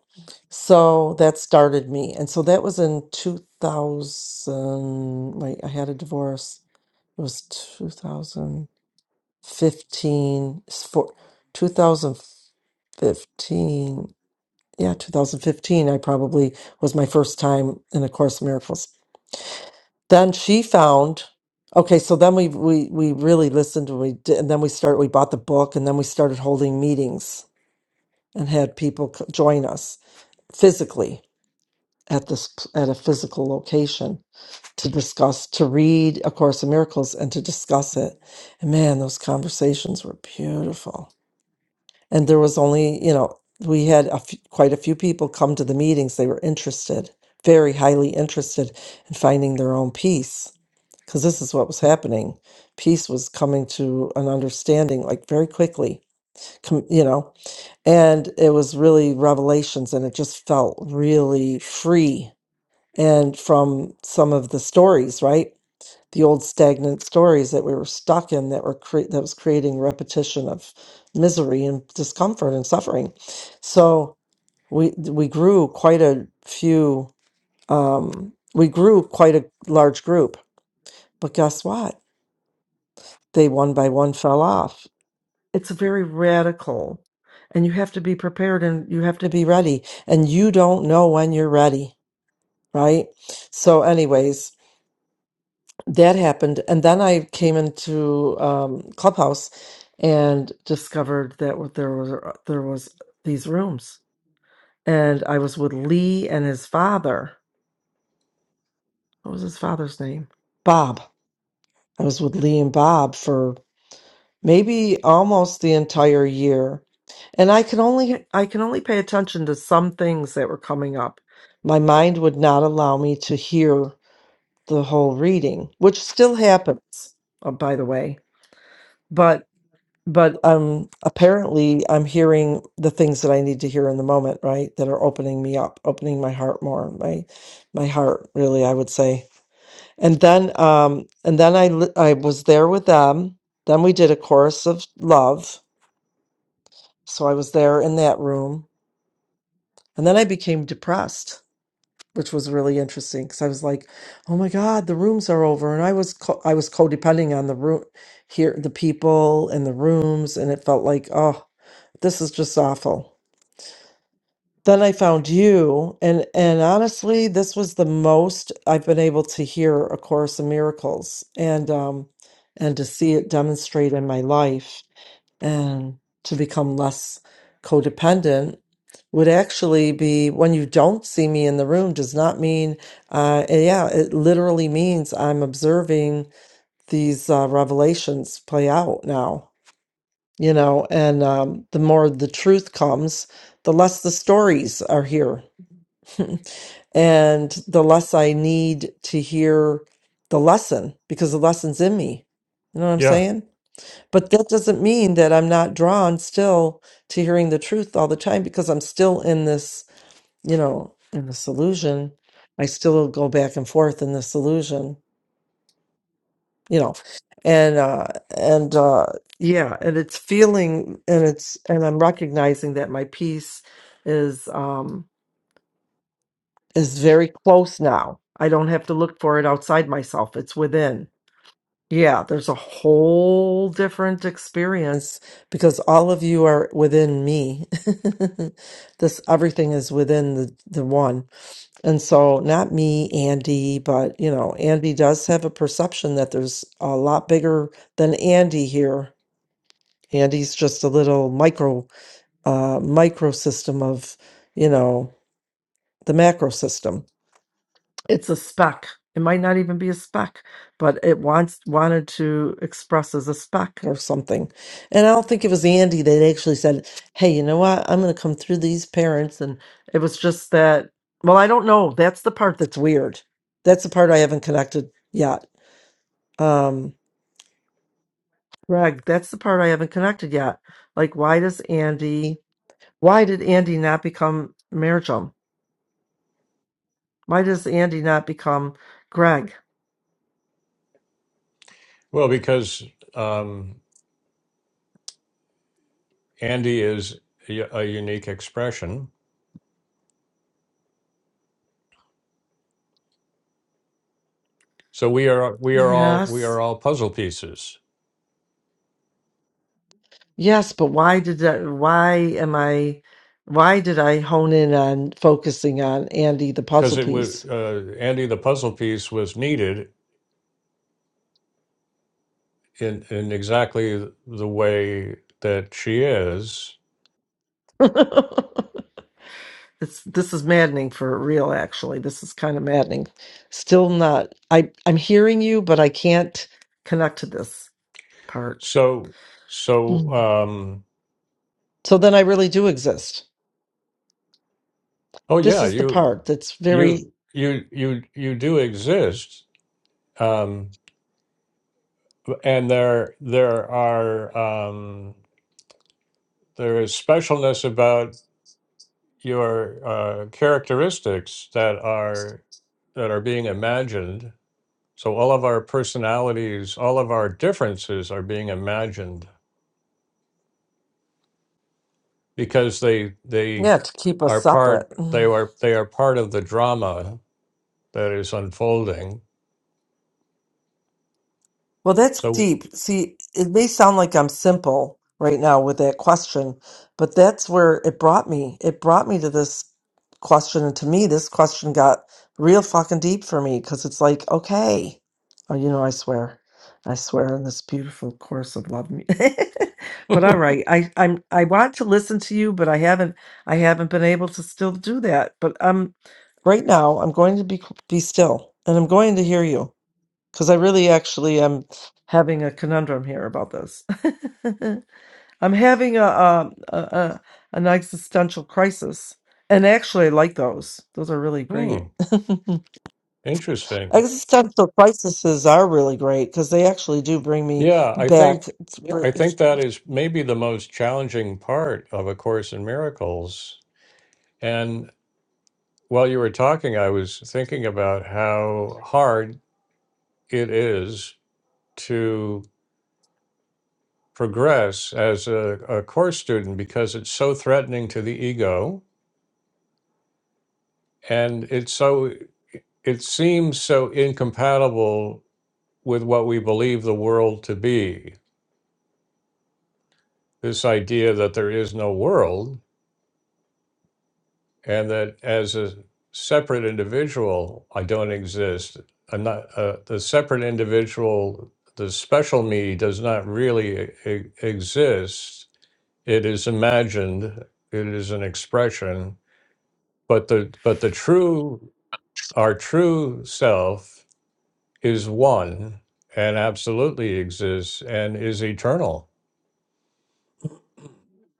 Speaker 2: So that started me. And so that was in 2000. Wait, I had a divorce. It was 2000. 15 for 2015 yeah 2015 i probably was my first time in a course in miracles then she found okay so then we we we really listened and we did and then we started we bought the book and then we started holding meetings and had people c- join us physically at this p- at a physical location to discuss to read a course in miracles and to discuss it and man those conversations were beautiful And there was only, you know, we had a few, quite a few people come to the meetings. They were interested, very highly interested in finding their own peace, because this is what was happening. Peace was coming to an understanding like very quickly, com- you know, and it was really revelations and it just felt really free. And from some of the stories, right? the old stagnant stories that we were stuck in that were cre- that was creating repetition of misery and discomfort and suffering. So we we grew quite a few um, we grew quite a large group, but guess what? They one by one fell off. It's very radical, and you have to be prepared and you have to be ready, and you don't know when you're ready, right? So, anyways, that happened and then i came into um, clubhouse and discovered that w- there was uh, there was these rooms and i was with lee and his father what was his father's name bob i was with lee and bob for maybe almost the entire year and i can only i can only pay attention to some things that were coming up my mind would not allow me to hear the whole reading which still happens uh, by the way but. But um, apparently, I'm hearing the things that I need to hear in the moment, right? That are opening me up, opening my heart more, my my heart, really, I would say. And then, um, and then I li- I was there with them. Then we did a chorus of love, so I was there in that room. And then I became depressed, which was really interesting because I was like, "Oh my God, the rooms are over," and I was co- I was codependent on the room, here, the people and the rooms, and it felt like, oh, this is just awful Then I found you, and and honestly, this was the most I've been able to hear A Course in Miracles and um and to see it demonstrate in my life and to become less codependent would actually be when you don't see me in the room does not mean uh eh, yeah, it literally means I'm observing these uh revelations play out now, you know, and um the more the truth comes, the less the stories are here and the less I need to hear the lesson because the lesson's in me. You know what I'm
Speaker 1: Yeah.
Speaker 2: saying? But that doesn't mean that I'm not drawn still to hearing the truth all the time because I'm still in this, you know, in this illusion. I still go back and forth in this illusion, you know. And uh and uh yeah, and it's feeling and it's and I'm recognizing that my peace is um, is very close now. I don't have to look for it outside myself. It's within. Yeah, there's a whole different experience because all of you are within me. this everything is within the, the one. And so not me, Andy, but you know, Andy does have a perception that there's a lot bigger than Andy here. Andy's just a little micro uh microsystem of, you know, the macro system it's a spec. It might not even be a spec, but it wants wanted to express as a spec or something. And I don't think it was Andy that actually said, "Hey, you know what? I'm going to come through these parents." And it was just that. Well, I don't know. That's the part that's weird. That's the part I haven't connected yet. Um, Greg, that's the part I haven't connected yet. Like, why does Andy? Why did Andy not become Marjum? Why does Andy not become Greg?
Speaker 1: Well, because um, Andy is a a unique expression, so we are we are all we
Speaker 2: Yes.
Speaker 1: are all puzzle pieces.
Speaker 2: Yes, but why did that, why am I, why did I hone in on focusing on Andy, the
Speaker 1: Because
Speaker 2: puzzle
Speaker 1: it would
Speaker 2: piece?
Speaker 1: uh, Andy, the puzzle piece was needed in in exactly the way that she is.
Speaker 2: It's, this is maddening for real, actually. This is kind of maddening. Still not, I, I'm hearing you, but I can't connect to this part.
Speaker 1: So
Speaker 2: Hmm.
Speaker 1: so um,
Speaker 2: So then I really do exist.
Speaker 1: oh
Speaker 2: This
Speaker 1: yeah,
Speaker 2: is the
Speaker 1: you
Speaker 2: part that's very,
Speaker 1: you you you you do exist, um, and there there are um, there is specialness about your uh, characteristics that are that are being imagined. So all of our personalities, all of our differences are being imagined because they they
Speaker 2: yeah, to keep us
Speaker 1: are
Speaker 2: separate.
Speaker 1: part they are they are part of the drama that is unfolding.
Speaker 2: Well, that's
Speaker 1: So
Speaker 2: deep. See, it may sound like I'm simple right now with that question, but that's where it brought me. It brought me to this question. And to me, this question got real fucking deep for me because it's like, okay. Oh, you know, I swear. I swear in this beautiful course of love. mu- but all right, I I'm I want to listen to you, but I haven't I haven't been able to still do that. But um, right now, I'm going to be be still, and I'm going to hear you. Because I really actually am having a conundrum here about this. I'm having a, um, a, a an existential crisis, and actually, I like those. Those are really
Speaker 1: hmm,
Speaker 2: great.
Speaker 1: interesting.
Speaker 2: existential crises are really great because they actually do bring me
Speaker 1: Yeah, I
Speaker 2: back.
Speaker 1: think
Speaker 2: It's Yeah.
Speaker 1: I think that is maybe the most challenging part of A Course in Miracles. While you were talking, I was thinking about how hard it is to progress as a, a course student because it's so threatening to the ego and it's so it seems so incompatible with what we believe the world to be. This idea that there is no world and that as a separate individual, I don't exist. I'm not uh, the separate individual. The special me does not really e- e, exist. It is imagined. It is an expression. But the but the true our true self is one and absolutely exists and is eternal.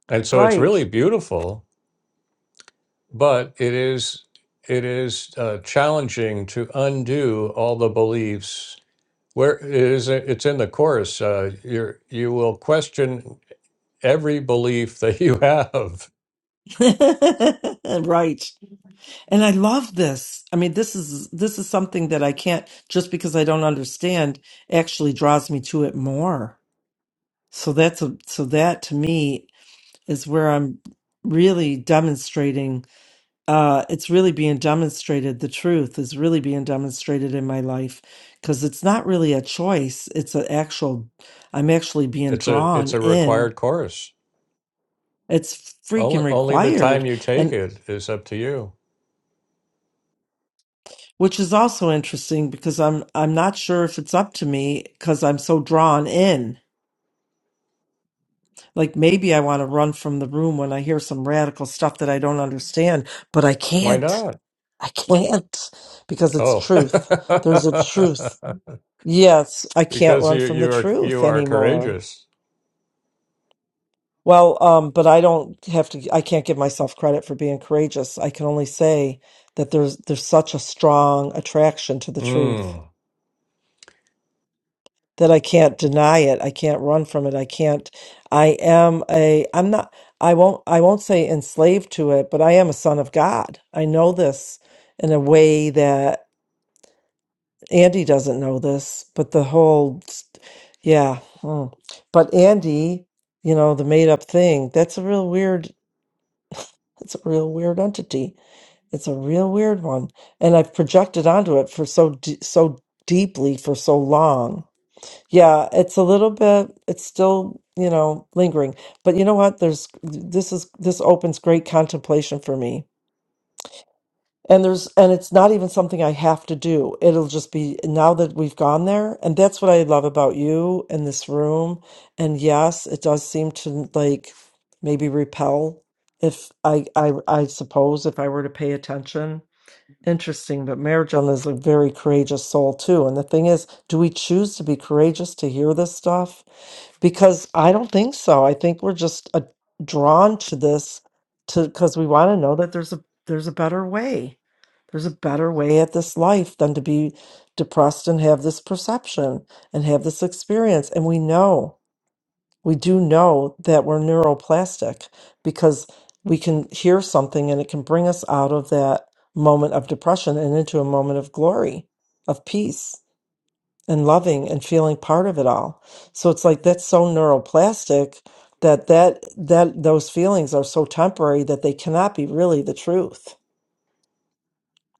Speaker 1: And so it's
Speaker 2: Right,
Speaker 1: really beautiful but it is it is uh, challenging to undo all the beliefs where it is it's in the course uh, you you will question every belief that you have
Speaker 2: right. And I love this. I mean, this is this is something that I can't just because I don't understand actually draws me to it more. So that's a, so that to me is where I'm really demonstrating. Uh, it's really being demonstrated. The truth is really being demonstrated in my life because it's not really a choice. It's an actual. I'm actually being
Speaker 1: it's a
Speaker 2: drawn
Speaker 1: it's a required
Speaker 2: in.
Speaker 1: course
Speaker 2: It's
Speaker 1: only
Speaker 2: freaking
Speaker 1: only the time
Speaker 2: required,
Speaker 1: you take
Speaker 2: and
Speaker 1: it is up to you
Speaker 2: which is also interesting because I'm I'm not sure if it's up to me because I'm so drawn in. Like maybe I want to run from the room when I hear some radical stuff that I don't understand, but I
Speaker 1: why
Speaker 2: can't
Speaker 1: not
Speaker 2: I can't because it's
Speaker 1: oh
Speaker 2: truth. There's a truth. Yes, I can't
Speaker 1: because
Speaker 2: run
Speaker 1: you
Speaker 2: from
Speaker 1: you
Speaker 2: the
Speaker 1: are you
Speaker 2: truth
Speaker 1: are
Speaker 2: anymore.
Speaker 1: courageous
Speaker 2: Well, um, but I don't have to, I can't give myself credit for being courageous. I can only say that there's there's such a strong attraction to the truth
Speaker 1: mm.
Speaker 2: that I can't deny it. I can't run from it. I can't, I am a, I'm not, I won't, I won't say enslaved to it, but I am a son of God. I know this in a way that. Andy doesn't know this, but the whole, yeah. mm. But Andy, you know, the made up thing, that's a real weird, That's a real weird entity. It's a real weird one. And I've projected onto it for so, d so deeply for so long. Yeah, it's a little bit, it's still, you know, lingering. But you know what? There's, this is, this opens great contemplation for me and there's and it's not even something i have to do it'll just be now that we've gone there and that's what i love about you and this room and yes it does seem to like maybe repel if i i i suppose if i were to pay attention Interesting, but Marijan is a very courageous soul too. And the thing is, do we choose to be courageous to hear this stuff? Because I don't think so. I think we're just uh, drawn to this to because we want to know that there's a there's a better way. There's a better way at this life than to be depressed and have this perception and have this experience. And we know we do know that we're neuroplastic because we can hear something and it can bring us out of that moment of depression and into a moment of glory, of peace and loving and feeling part of it all. So it's like that's so neuroplastic that that that those feelings are so temporary that they cannot be really the truth.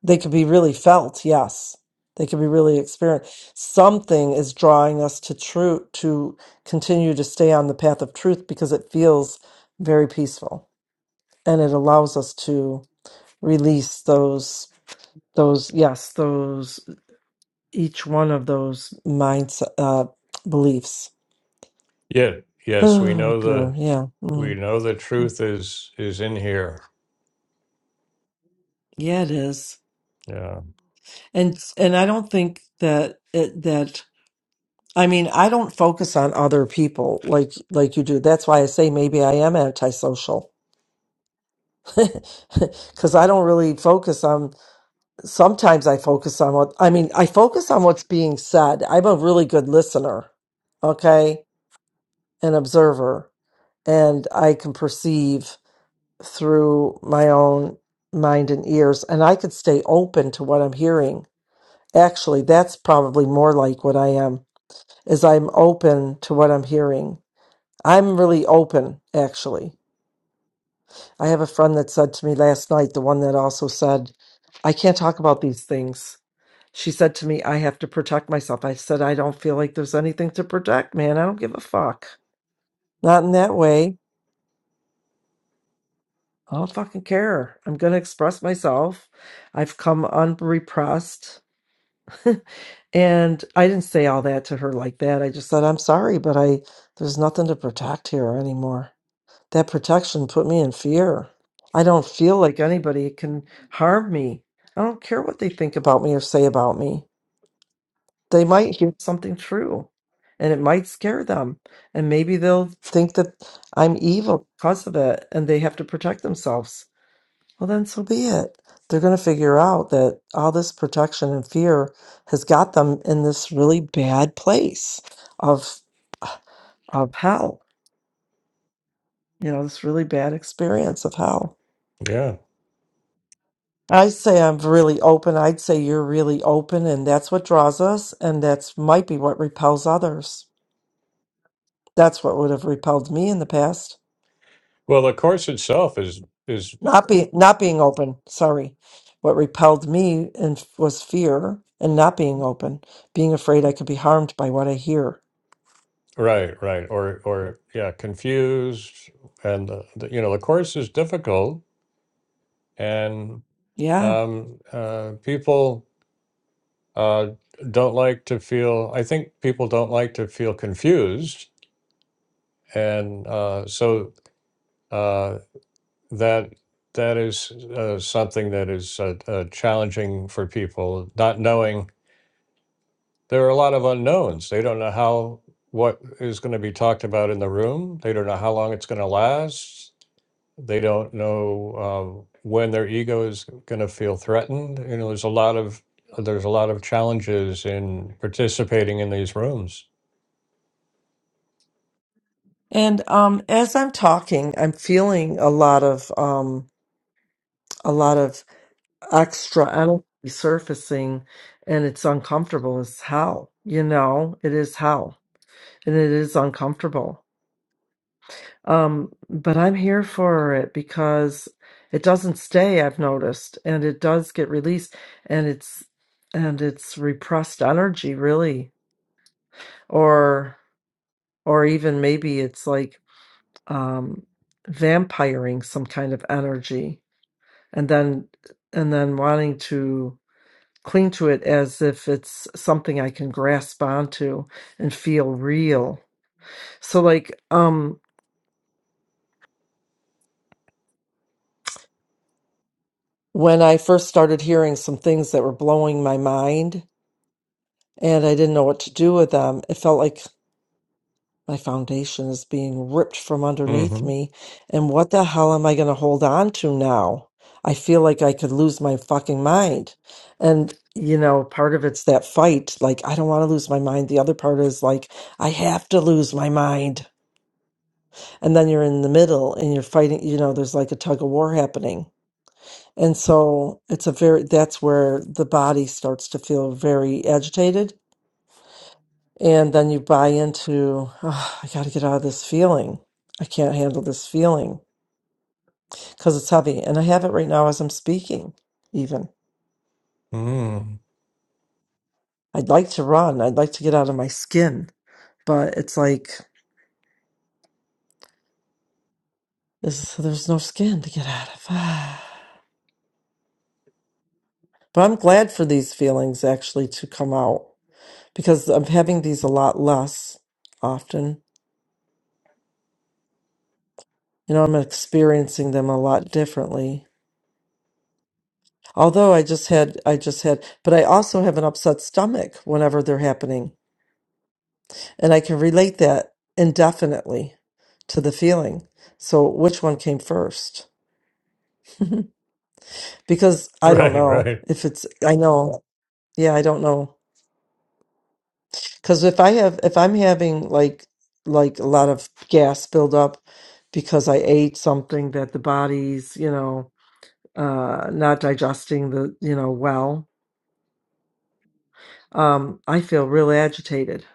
Speaker 2: They could be really felt, yes. They could be really experienced. Something is drawing us to truth, to continue to stay on the path of truth because it feels very peaceful and it allows us to release those those yes those each one of those mindset uh, beliefs.
Speaker 1: yeah yes we
Speaker 2: Oh
Speaker 1: know
Speaker 2: dear,
Speaker 1: the
Speaker 2: yeah,
Speaker 1: we
Speaker 2: mm.
Speaker 1: know the truth is is in here
Speaker 2: yeah, it is.
Speaker 1: Yeah.
Speaker 2: And and I don't think that it that I mean, I don't focus on other people like like you do. That's why I say maybe I am antisocial. Cuz I don't really focus on sometimes I focus on what I mean, I focus on what's being said. I'm a really good listener, okay? An observer, and I can perceive through my own mind and ears and I could stay open to what I'm hearing. Actually, that's probably more like what I am is I'm open to what I'm hearing I'm really open, actually. I have a friend that said to me last night, the one that also said, I can't talk about these things. She said to me, I have to protect myself. I said, I don't feel like there's anything to protect, man. I don't give a fuck. Not in that way. I don't fucking care. I'm going to express myself. I've come unrepressed. and I didn't say all that to her like that. I just said, I'm sorry, but I, there's nothing to protect here anymore. that protection put me in fear. I don't feel like anybody can harm me. I don't care what they think about me or say about me. They might hear something true and it might scare them. And maybe they'll think that I'm evil because of it and they have to protect themselves. Well, then so be it. They're going to figure out that all this protection and fear has got them in this really bad place of, of hell, you know, this really bad experience of hell.
Speaker 1: Yeah.
Speaker 2: I say I'm really open. I'd say you're really open, and that's what draws us, and that's might be what repels others. That's what would have repelled me in the past.
Speaker 1: Well, the course itself is is
Speaker 2: Not be not being open. Sorry, what repelled me and was fear and not being open, being afraid I could be harmed by what I hear.
Speaker 1: right, right, or or yeah, confused, and uh, the, you know the course is difficult, and
Speaker 2: Yeah,
Speaker 1: um, uh, people uh, don't like to feel. I think people don't like to feel confused, and uh, so uh, that that is uh, something that is uh, uh, challenging for people, not knowing there are a lot of unknowns. They don't know how what is going to be talked about in the room. They don't know how long it's going to last. They don't know uh, when their ego is going to feel threatened. You know, there's a lot of there's a lot of challenges in participating in these rooms.
Speaker 2: and um, as I'm talking, I'm feeling a lot of um, a lot of extra energy surfacing, and it's uncomfortable as hell. You know, it is hell and it is uncomfortable. Um, but I'm here for it because it doesn't stay, I've noticed, and it does get released and it's and it's repressed energy really. Or or even maybe it's like um vampiring some kind of energy and then and then wanting to cling to it as if it's something I can grasp onto and feel real. So like um when I first started hearing some things that were blowing my mind and I didn't know what to do with them, it felt like my foundation is being ripped from underneath
Speaker 1: hmm
Speaker 2: me. And what the hell am I going to hold on to now? I feel like I could lose my fucking mind. And, you know, part of it's that fight. Like, I don't want to lose my mind. The other part is like, I have to lose my mind. And then you're in the middle and you're fighting, you know, there's like a tug of war happening And so it's a very, that's where the body starts to feel very agitated. And then you buy into, oh, I got to get out of this feeling. I can't handle this feeling because it's heavy. And I have it right now as I'm speaking, even.
Speaker 1: mm
Speaker 2: I'd like to run. I'd like to get out of my skin, but it's like, this, there's no skin to get out of. but I'm glad for these feelings actually to come out because I'm having these a lot less often you know i'm experiencing them a lot differently although i just had i just had but i also have an upset stomach whenever they're happening and i can relate that indefinitely to the feeling so which one came first because i don't
Speaker 1: Right,
Speaker 2: know
Speaker 1: right.
Speaker 2: if it's i know yeah i don't know because if i have if i'm having like like a lot of gas build up because i ate something that the body's you know uh not digesting the you know well um, I feel real agitated.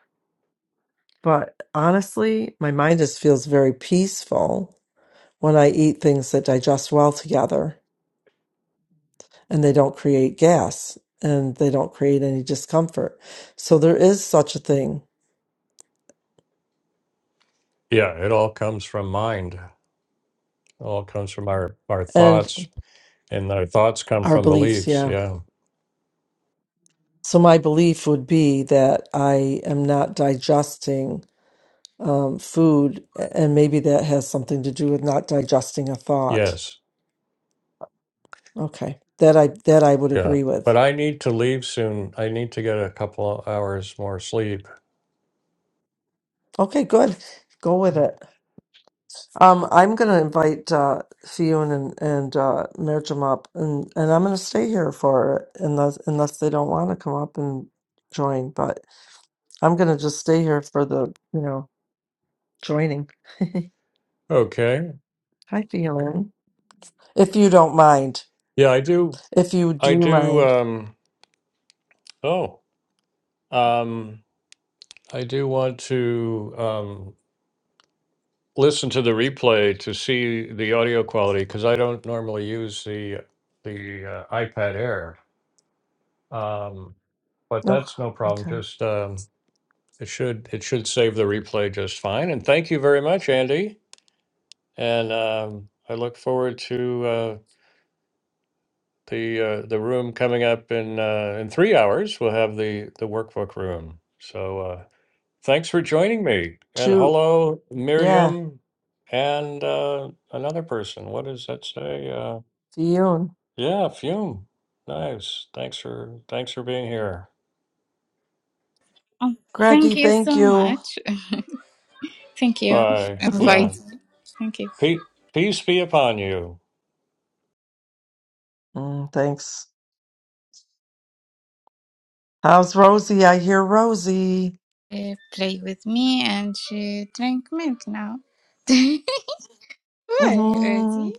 Speaker 2: But honestly, my mind just feels very peaceful when I eat things that digest well together and they don't create gas and they don't create any discomfort. So there is such a thing.
Speaker 1: Yeah, it all comes from mind. It all comes from our our
Speaker 2: And
Speaker 1: thoughts, and our thoughts come
Speaker 2: our
Speaker 1: from
Speaker 2: beliefs,
Speaker 1: beliefs.
Speaker 2: yeah.
Speaker 1: Yeah.
Speaker 2: So my belief would be that I am not digesting um, food, and maybe that has something to do with not digesting a thought.
Speaker 1: Yes.
Speaker 2: Okay, that I that I would
Speaker 1: Yeah.
Speaker 2: agree with.
Speaker 1: But I need to leave soon. I need to get a couple of hours more sleep.
Speaker 2: Okay, good. Go with
Speaker 1: Mm.
Speaker 2: it. Um, I'm going to invite uh, Fionn and and uh, Merjam up, and, and I'm going to stay here for it unless unless they don't want to come up and join. But I'm going to just stay here for the you know joining.
Speaker 1: Okay.
Speaker 2: Hi, Fionn, if you don't mind.
Speaker 1: Yeah, I do.
Speaker 2: If you do
Speaker 1: I do.
Speaker 2: mind,
Speaker 1: Um, oh, um, I do want to um, listen to the replay to see the audio quality because I don't normally use the the uh, iPad Air. Um, but
Speaker 2: oh,
Speaker 1: that's no problem.
Speaker 2: okay.
Speaker 1: Just um, it should it should save the replay just fine. And thank you very much, Andy. And um, I look forward to. uh, the uh, the room coming up in uh, in three hours. We'll have the the workbook room. So uh, thanks for joining me, and
Speaker 2: Shoot,
Speaker 1: hello,
Speaker 2: yeah,
Speaker 1: Miriam, and uh, another person. What does that say? Uh,
Speaker 2: Fionn,
Speaker 1: yeah, Fume. Nice. Thanks for thanks for being here.
Speaker 3: Oh, thank
Speaker 2: Greggy,
Speaker 3: you so
Speaker 2: thank you.
Speaker 3: much. Thank you for
Speaker 1: Bye. Yeah.
Speaker 3: inviting. Thank you.
Speaker 1: Pe- peace be upon you.
Speaker 2: Mm, thanks. How's Rosie? I hear Rosie.
Speaker 3: Uh, play with me and she drank milk now. Why,
Speaker 2: hmm
Speaker 3: Rosie?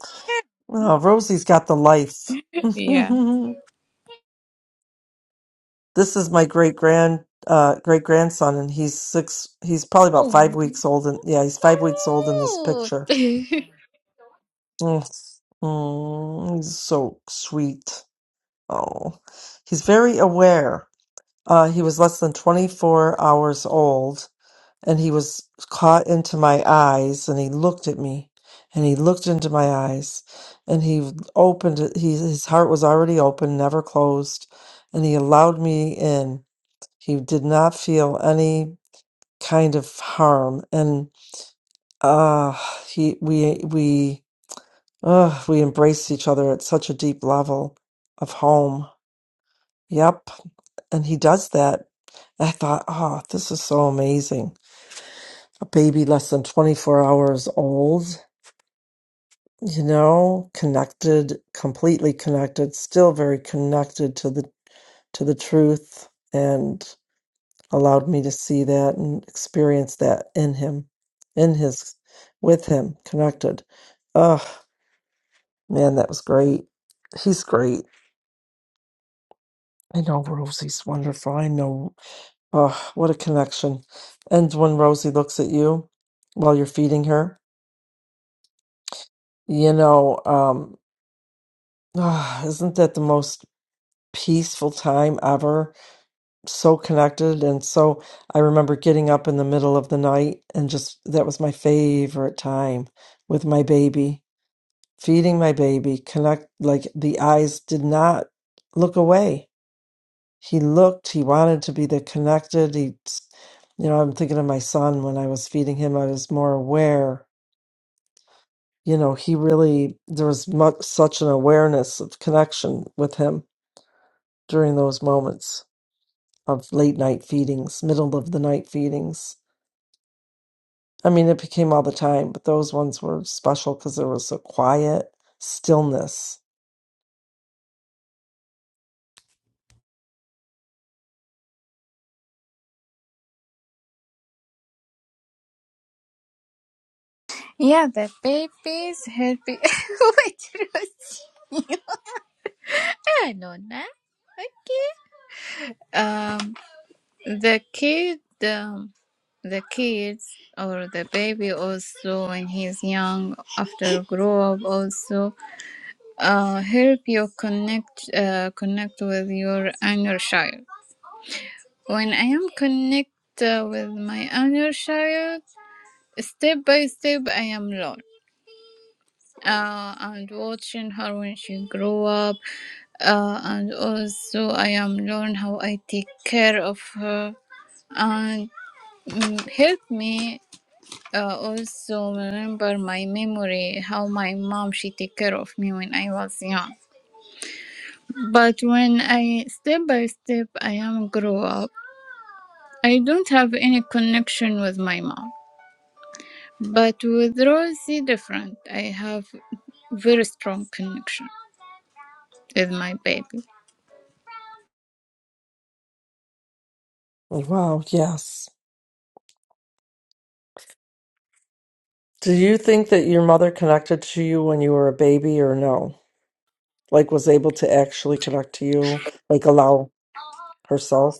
Speaker 2: Oh, Rosie's got the life.
Speaker 3: Yeah.
Speaker 2: this is my great grand uh, great grandson, and he's six. He's probably about five weeks old, and yeah, he's five weeks old in this
Speaker 3: No.
Speaker 2: picture. Mm. Mm, he's so sweet. Oh, he's very aware. Uh, he was less than twenty four hours old and he was caught into my eyes and he looked at me and he looked into my eyes and he opened it he, his heart was already open never closed and he allowed me in he did not feel any kind of harm and uh he we we uh we embraced each other at such a deep level of home yep and he does that I thought, oh, this is so amazing. A baby less than 24 hours old. you know connected completely connected still very connected to the to the truth and allowed me to see that and experience that in him in his with him connected oh man that was great he's great i know rosie's wonderful i know oh what a connection and when rosie looks at you while you're feeding her you know um ah, isn't that the most peaceful time ever so connected and so I remember getting up in the middle of the night and just that was my favorite time with my baby, feeding my baby, connect like the eyes did not look away. He looked, he wanted to be the connected. He you know, I'm thinking of my son when I was feeding him, I was more aware. You know, he really there was much such an awareness of connection with him during those moments of late night feedings, middle of the night feedings. I mean, it became all the time, but those ones were special because there was a quiet stillness.
Speaker 3: yeah, the baby's happy. Wait, Rosie. Ah, Nonna. Um, the kid, um, the kids or the baby also when he's young after grow up also uh, help you connect uh, connect with your inner child. When I am connect uh, with my inner child, step by step, I am learn. Uh, and watching her when she grow up, uh, and also I am learn how I take care of her and mm, help me uh, also remember my memory how my mom she take care of me when I was young But when I step by step I am grow up, I don't have any connection with my mom. But with Rosie different. I have very strong connection with my baby.
Speaker 2: Like, wow, yes. Do you think that your mother connected to you when you were a baby or no? Like, was able to actually connect to you, like, allow herself?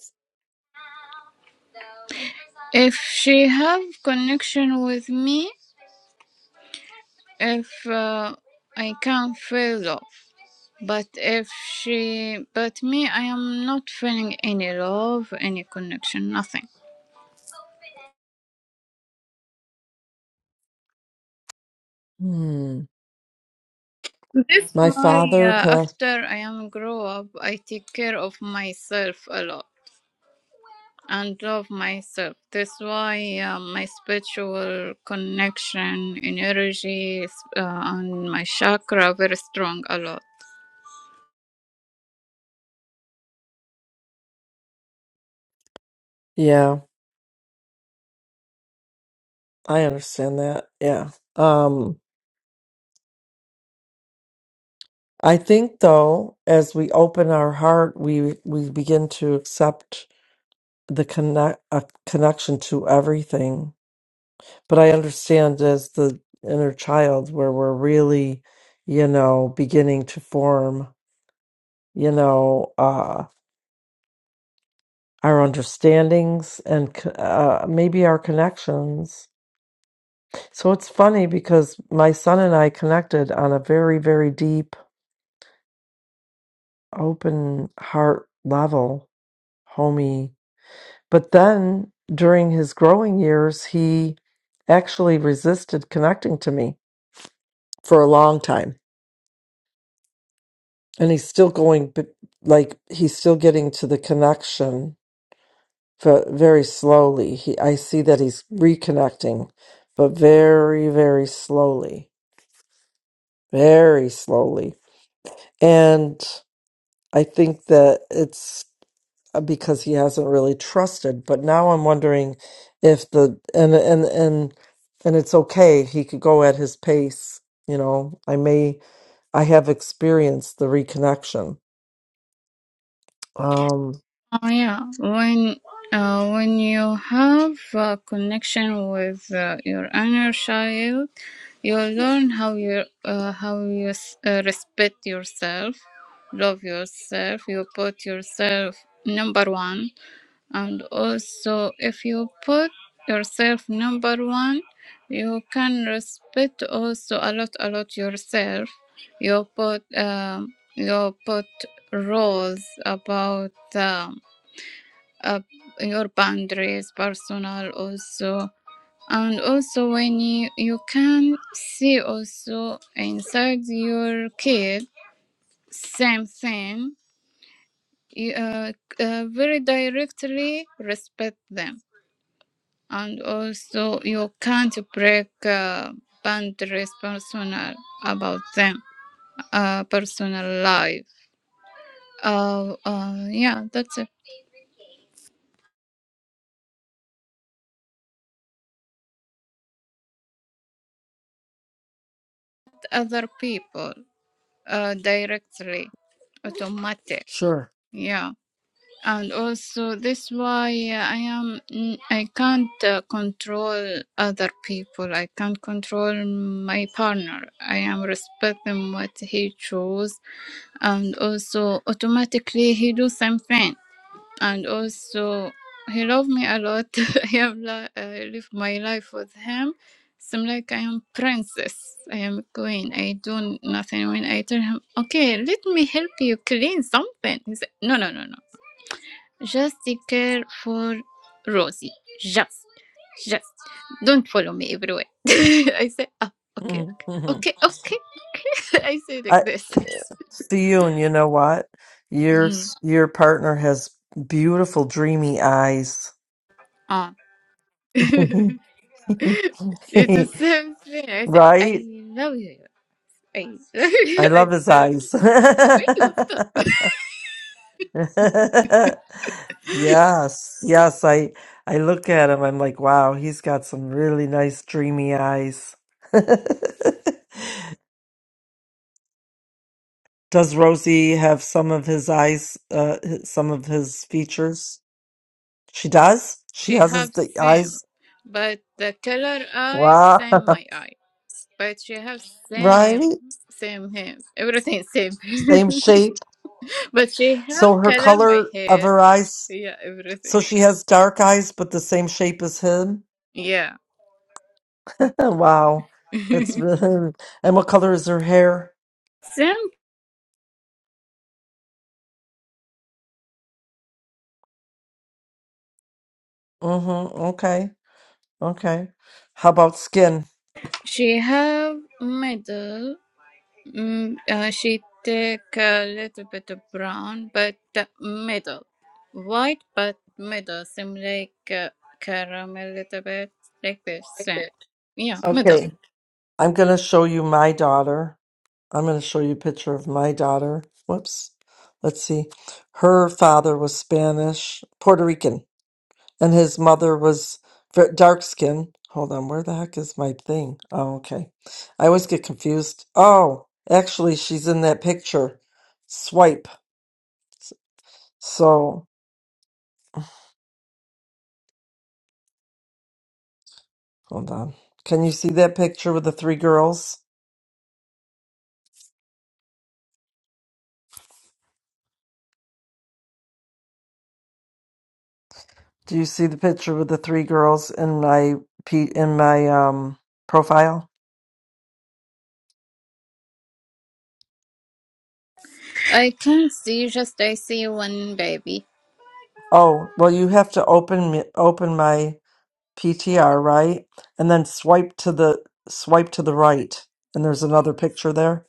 Speaker 3: If she have connection with me, if uh, I can feel love. But if she, but me, I am not feeling any love, any connection, nothing.
Speaker 2: Hmm.
Speaker 3: That's
Speaker 2: My
Speaker 3: why
Speaker 2: father
Speaker 3: uh,
Speaker 2: passed.
Speaker 3: after I am grow up, I take care of myself a lot and love myself. That's why uh, my spiritual connection, energy, s- uh, and my chakra very strong a lot.
Speaker 2: Yeah, I understand that. Yeah. Um, I think though, as we open our heart, we we begin to accept the connect a connection to everything But I understand as the inner child where we're really, you know, beginning to form, you know, uh, our understandings and c- uh, maybe our connections. So it's funny because my son and I connected on a very, very deep, open heart level, homey. But then during his growing years, he actually resisted connecting to me for a long time and he's still going but like he's still getting to the connection but very slowly he i see that he's reconnecting but very very slowly very slowly and i think that it's uh, because he hasn't really trusted but now i'm wondering if the and and and and it's okay he could go at his pace you know i may i have experienced the reconnection Um,
Speaker 3: Oh yeah, when uh, when you have a connection with uh, your inner child, you learn how you uh, how you s- uh, respect yourself, love yourself. You put yourself number one, and also if you put yourself number one, you can respect also a lot a lot yourself. You put um, you put rules about. Um, uh, your boundaries personal also and also when you, you can see also inside your kid same thing you, uh, uh, very directly respect them and also you can't break uh, boundaries personal about them uh, personal life uh, uh, yeah that's it. other people uh, directly automatic
Speaker 2: Sure.
Speaker 3: Yeah, and also this why I am n- I can't uh, control other people. I can't control my partner. I am respect them what he chose, and also automatically he do something. And also he love me a lot. I have li- I live my life with him. So I'm like I am princess. I am queen. I do nothing. When I tell him, okay, let me help you clean something. He said, no, no, no, no. Just take care for Rosie. Just, just don't follow me everywhere. I say, oh, okay, okay,
Speaker 2: Mm-hmm.
Speaker 3: okay, okay. I say like
Speaker 2: I
Speaker 3: this.
Speaker 2: see you, and you know what? Your
Speaker 3: Mm.
Speaker 2: s- your partner has beautiful, dreamy eyes.
Speaker 3: Ah. it's the same thing. I say, I
Speaker 2: right?
Speaker 3: love you. I
Speaker 2: I
Speaker 3: I
Speaker 2: love his
Speaker 3: love you.
Speaker 2: eyes.
Speaker 3: I love you. Stop.
Speaker 2: Yes, yes, I I look at him, I'm like, wow, he's got some really nice dreamy eyes. Does Rosie have some of his eyes, uh, h- some of his features? She does? She
Speaker 3: She
Speaker 2: has his
Speaker 3: have
Speaker 2: the
Speaker 3: same,
Speaker 2: eyes.
Speaker 3: but the color eye
Speaker 2: Wow.
Speaker 3: same my eye, but she have same
Speaker 2: Right?
Speaker 3: same him. Everything same.
Speaker 2: Same shape.
Speaker 3: But she
Speaker 2: So
Speaker 3: have
Speaker 2: her
Speaker 3: color my
Speaker 2: color of
Speaker 3: hair.
Speaker 2: her eyes,
Speaker 3: Yeah,
Speaker 2: so
Speaker 3: everything.
Speaker 2: she has dark eyes, but the same shape as him.
Speaker 3: Yeah.
Speaker 2: Wow. That's really, and what color is her hair?
Speaker 3: Then
Speaker 2: Mm-hmm. Okay. Okay. How about skin?
Speaker 3: she have middle. Mm, uh, she take a little bit of brown, but the middle. White, but middle. Seem like uh, caramel a little bit. Like this. Same. Yeah, middle.
Speaker 2: Okay. I'm going to show you my daughter. I'm going to show you a picture of my daughter. Whoops. Let's see. Her father was Spanish, Puerto Rican, and his mother was ver- dark skin. Hold on. Where the heck is my thing? Oh, okay. I always get confused. Oh, actually, she's in that picture. Swipe. So, hold on. Can you see that picture with the three girls? Do you see the picture with the three girls in my p in my um profile?
Speaker 3: I can't see, just I see one baby.
Speaker 2: Oh, well, you have to open me open my PTR, right? And then swipe to the swipe to the right. And there's another picture there.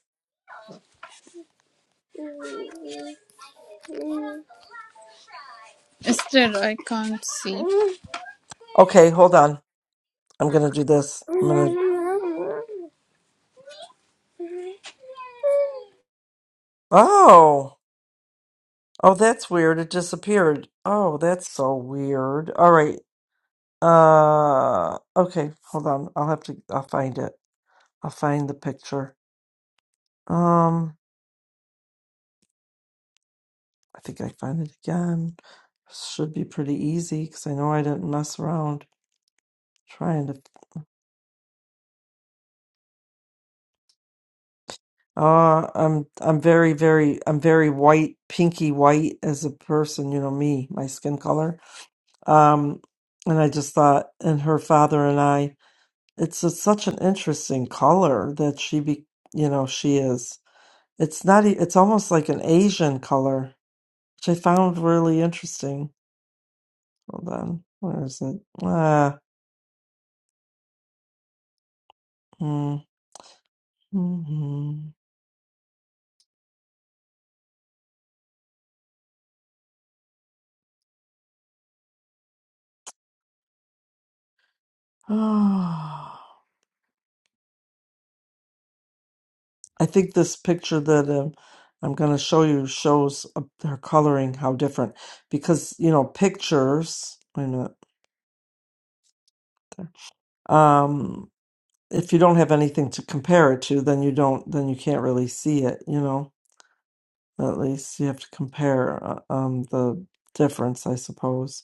Speaker 3: Still, I can't see.
Speaker 2: Okay, hold on. I'm gonna do this. I'm gonna. Oh, oh, that's weird. It disappeared. Oh, that's so weird. All right. Uh, okay, hold on. I'll have to. I'll find it. I'll find the picture. Um. I think I find it again. Should be pretty easy because I know I didn't mess around trying to. Uh, I'm I'm very very I'm very white, pinky white as a person. You know me, my skin color. Um, and I just thought, and her father and I, it's a, such an interesting color that she be. You know she is. It's not. e- It's almost like an Asian color, which I found really interesting. Hold on, where is it? Ah. mm, mhm. I think this picture that um, I'm going to show you shows uh, her coloring how different because you know pictures. Wait a minute. There. Um, if you don't have anything to compare it to, then you don't. Then you can't really see it. You know, at least you have to compare uh, um, the difference, I suppose.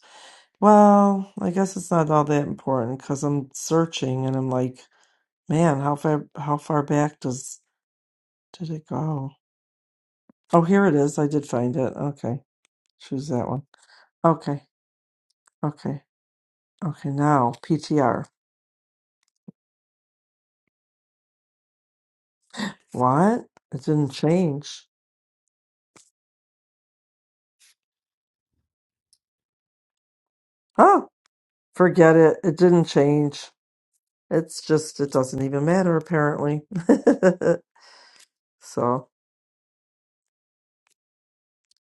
Speaker 2: Well, I guess it's not all that important because I'm searching and I'm like, man, how far how far back does did it go? Oh, here it is. I did find it. Okay. Choose that one. Okay. Okay. Okay. Now, PTR. What? It didn't change. Oh, forget it. It didn't change. It's just, it doesn't even matter, apparently. so,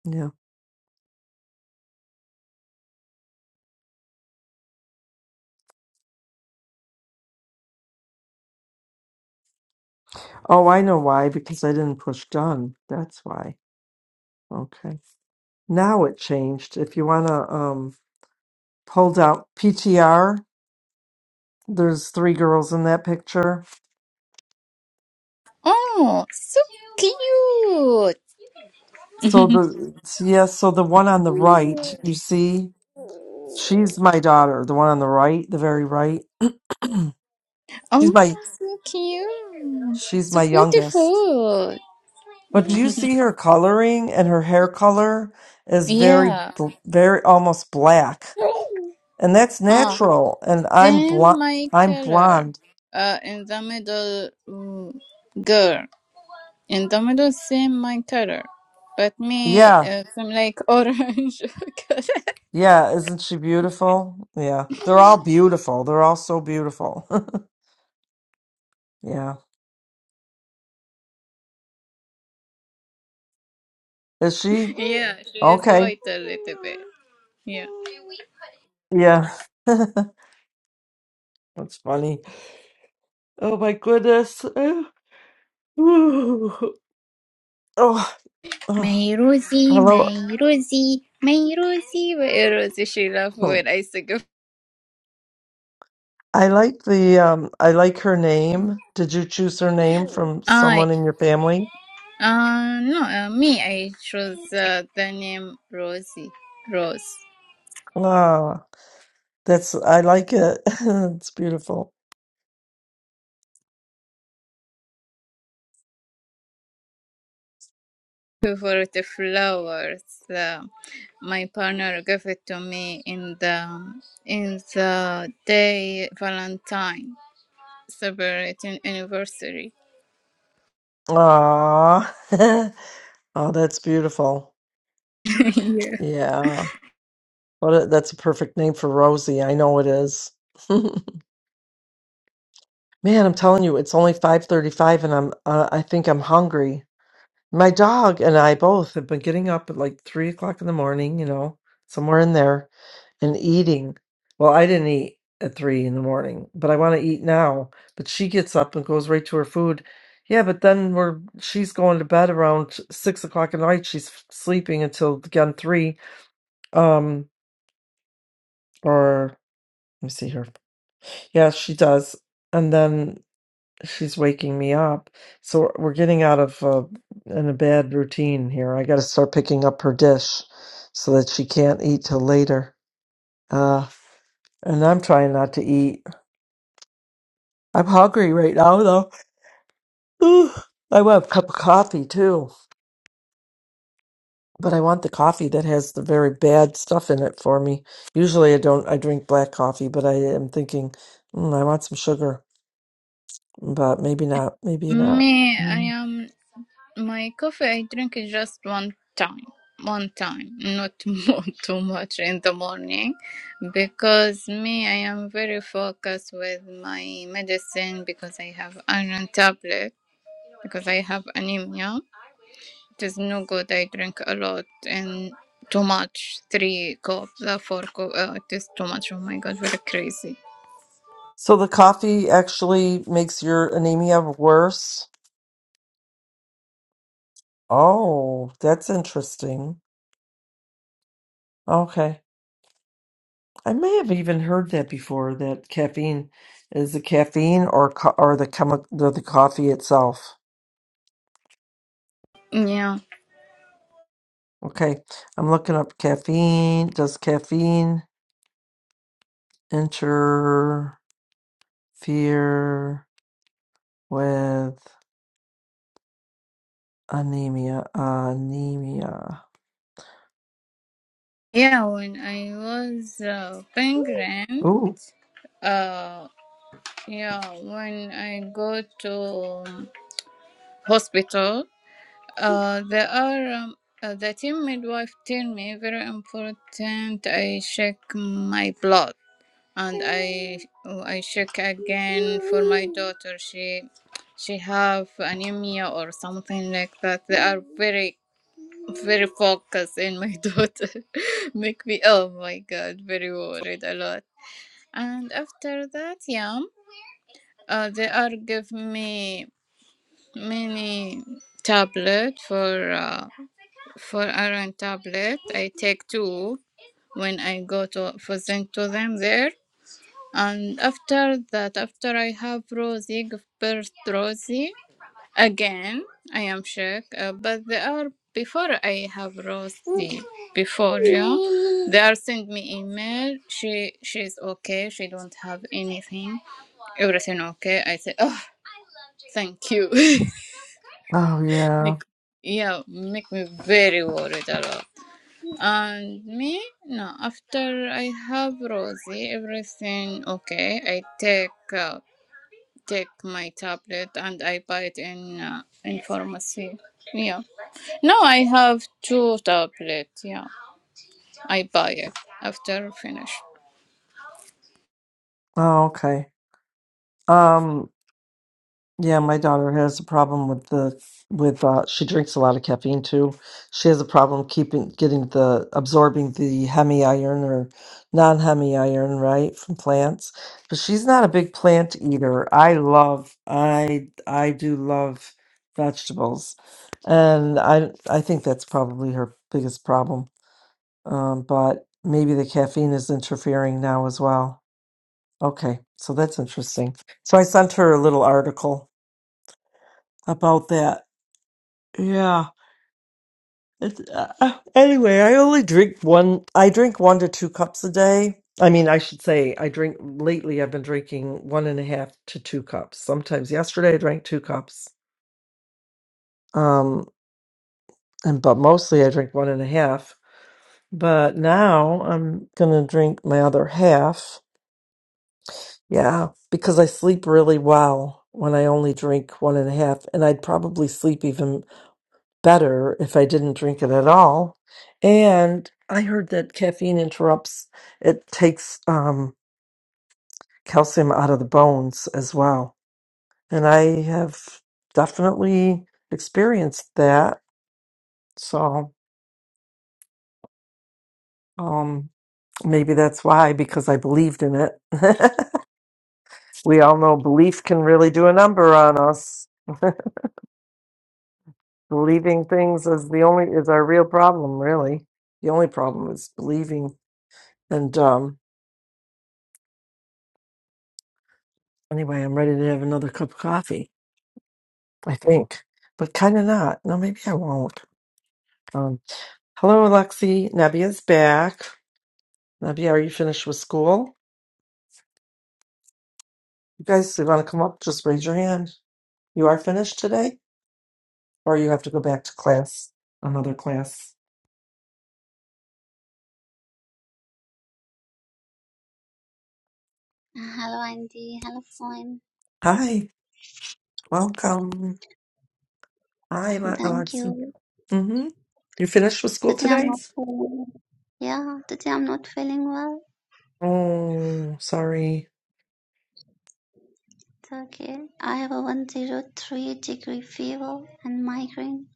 Speaker 2: yeah. Oh, I know why. Because I didn't push done. That's why. Okay. Now it changed. If you want to um, pull down PTR, there's three girls in that picture
Speaker 3: Oh, so cute!
Speaker 2: So the yes, so the one on the right, you see, she's my daughter. The one on the right, the very right, she's
Speaker 3: Oh,
Speaker 2: my
Speaker 3: so cute.
Speaker 2: she's
Speaker 3: So
Speaker 2: my youngest.
Speaker 3: beautiful.
Speaker 2: But do you see her coloring and her hair color is very
Speaker 3: Yeah.
Speaker 2: bl- very almost black, and that's
Speaker 3: Ah,
Speaker 2: natural. And I'm
Speaker 3: then
Speaker 2: blonde.
Speaker 3: my
Speaker 2: I'm
Speaker 3: color.
Speaker 2: blonde.
Speaker 3: Uh, in the middle, mm, girl. In the middle, same my color. But me,
Speaker 2: Yeah,
Speaker 3: uh, I'm like orange color.
Speaker 2: yeah. Isn't she beautiful? Yeah, they're all beautiful. They're all so beautiful. yeah. Is she
Speaker 3: Yeah, she is
Speaker 2: okay?
Speaker 3: white a little bit. Yeah.
Speaker 2: Yeah. That's funny. Oh my goodness. Oh, oh.
Speaker 3: My Rosie,
Speaker 2: hello.
Speaker 3: my Rosie, my Rosie, May Rosie. She laugh when I sing.
Speaker 2: I like the um I like her name. Did you choose her name from someone in your family?
Speaker 3: Uh, no, uh, me, I chose uh, the name Rosie, Rose,
Speaker 2: Ah, that's I like it. it's beautiful.
Speaker 3: for the flowers. Uh, my partner gave it to me in the in the day Valentine celebrating anniversary.
Speaker 2: Ah. oh, that's beautiful.
Speaker 3: yeah.
Speaker 2: Yeah. What a, that's a perfect name for Rosie. I know it is. Man, I'm telling you, it's only 5:35 and I'm uh, I think I'm hungry. My dog and I both have been getting up at like three o'clock in the morning, you know, somewhere in there, and eating. Well, I didn't eat at three in the morning, but I want to eat now. But she gets up and goes right to her food. Yeah, but then we're she's going to bed around six o'clock at night. She's f- sleeping until again three. Um, or let me see here. Yeah, she does. And then She's waking me up. So we're getting out of uh, in a bad routine here. I got to start picking up her dish so that she can't eat till later. Uh, and I'm trying not to eat. I'm hungry right now, though. Ooh, I want a cup of coffee too, but I want the coffee that has the very bad stuff in it for me. Usually, I don't. I drink black coffee, but I am thinking mm, I want some sugar, but maybe not. Maybe not.
Speaker 3: Me, I am My coffee I drink it just one time, one time, not more too much in the morning, because me I am very focused with my medicine because I have iron tablet because I have anemia. It is no good. I drink a lot and too much, three cups, uh, four cups. Uh, it is too much. Oh my god, very crazy.
Speaker 2: So the coffee actually makes your anemia worse? Oh, that's interesting. Okay. I may have even heard that before, that caffeine is the caffeine or co- or the chemi- the, the coffee itself.
Speaker 3: Yeah,
Speaker 2: Okay. I'm looking up caffeine. Does caffeine interfere with anemia? Anemia.
Speaker 3: yeah. When I was uh, penguin.
Speaker 2: Ooh.
Speaker 3: uh, Yeah, when I go to um, hospital, uh, there are um, uh, the team midwife tell me very important. I check my blood and I I check again for my daughter. She she have anemia or something like that. They are very very focused in my daughter. Make me oh my god very worried a lot. And after that, yeah, uh, they are give me. mini tablet for uh, for iron tablet. I take two when I go to present to them there. And after that, after I have Rosie, give birth Rosie again. I am sick, uh, but they are before I have Rosie. Before yeah, they are send me email. She she's okay. She don't have anything everything okay i say oh thank you
Speaker 2: Oh yeah.
Speaker 3: Make yeah, make me very worried a lot. And me, no. After I have Rosie, everything okay. I take uh, take my tablet and I buy it in uh, in pharmacy. Yeah. Now I have two tablets. Yeah, I buy it after finish.
Speaker 2: Oh, okay. Um Yeah, my daughter has a problem with the with uh she drinks a lot of caffeine too. She has a problem keeping getting the absorbing the hemi iron or non-hemi iron, right, from plants. But she's not a big plant eater. I love I I do love vegetables. And I I think that's probably her biggest problem. Um, but maybe the caffeine is interfering now as well. Okay, so that's interesting. So I sent her a little article about that Yeah. It's, uh, uh, anyway, I only drink one. I drink one to two cups a day. I mean, I should say I drink lately. I've been drinking one and a half to two cups. Sometimes yesterday I drank two cups. Um, and but mostly I drink one and a half. But now I'm gonna drink my other half. Yeah, because I sleep really well when I only drink one and a half, and I'd probably sleep even better if I didn't drink it at all. And I heard that caffeine interrupts, it takes um, calcium out of the bones as well. And I have definitely experienced that. So um, maybe that's why, because I believed in it. we all know belief can really do a number on us. Believing things is the only is our real problem, really. The only problem is believing. And um, Anyway, I'm ready to have another cup of coffee, I think, but kind of not. No, maybe I won't. Um, hello, Alexi. Nebia's back. Nebia, are you finished with school? You guys, if you want to come up, just raise your hand. You are finished today, or you have to go back to class, another class.
Speaker 4: Hello, Andy. Hello, phone.
Speaker 2: Hi, welcome. Hi, Le-
Speaker 4: Thank
Speaker 2: Alexi.
Speaker 4: you.
Speaker 2: Mm-hmm. You finished with school
Speaker 4: Today I'm
Speaker 2: today?
Speaker 4: not feeling. Yeah, today I'm not feeling well.
Speaker 2: Oh, sorry.
Speaker 4: It's okay. I have a 103 degree fever and migraine.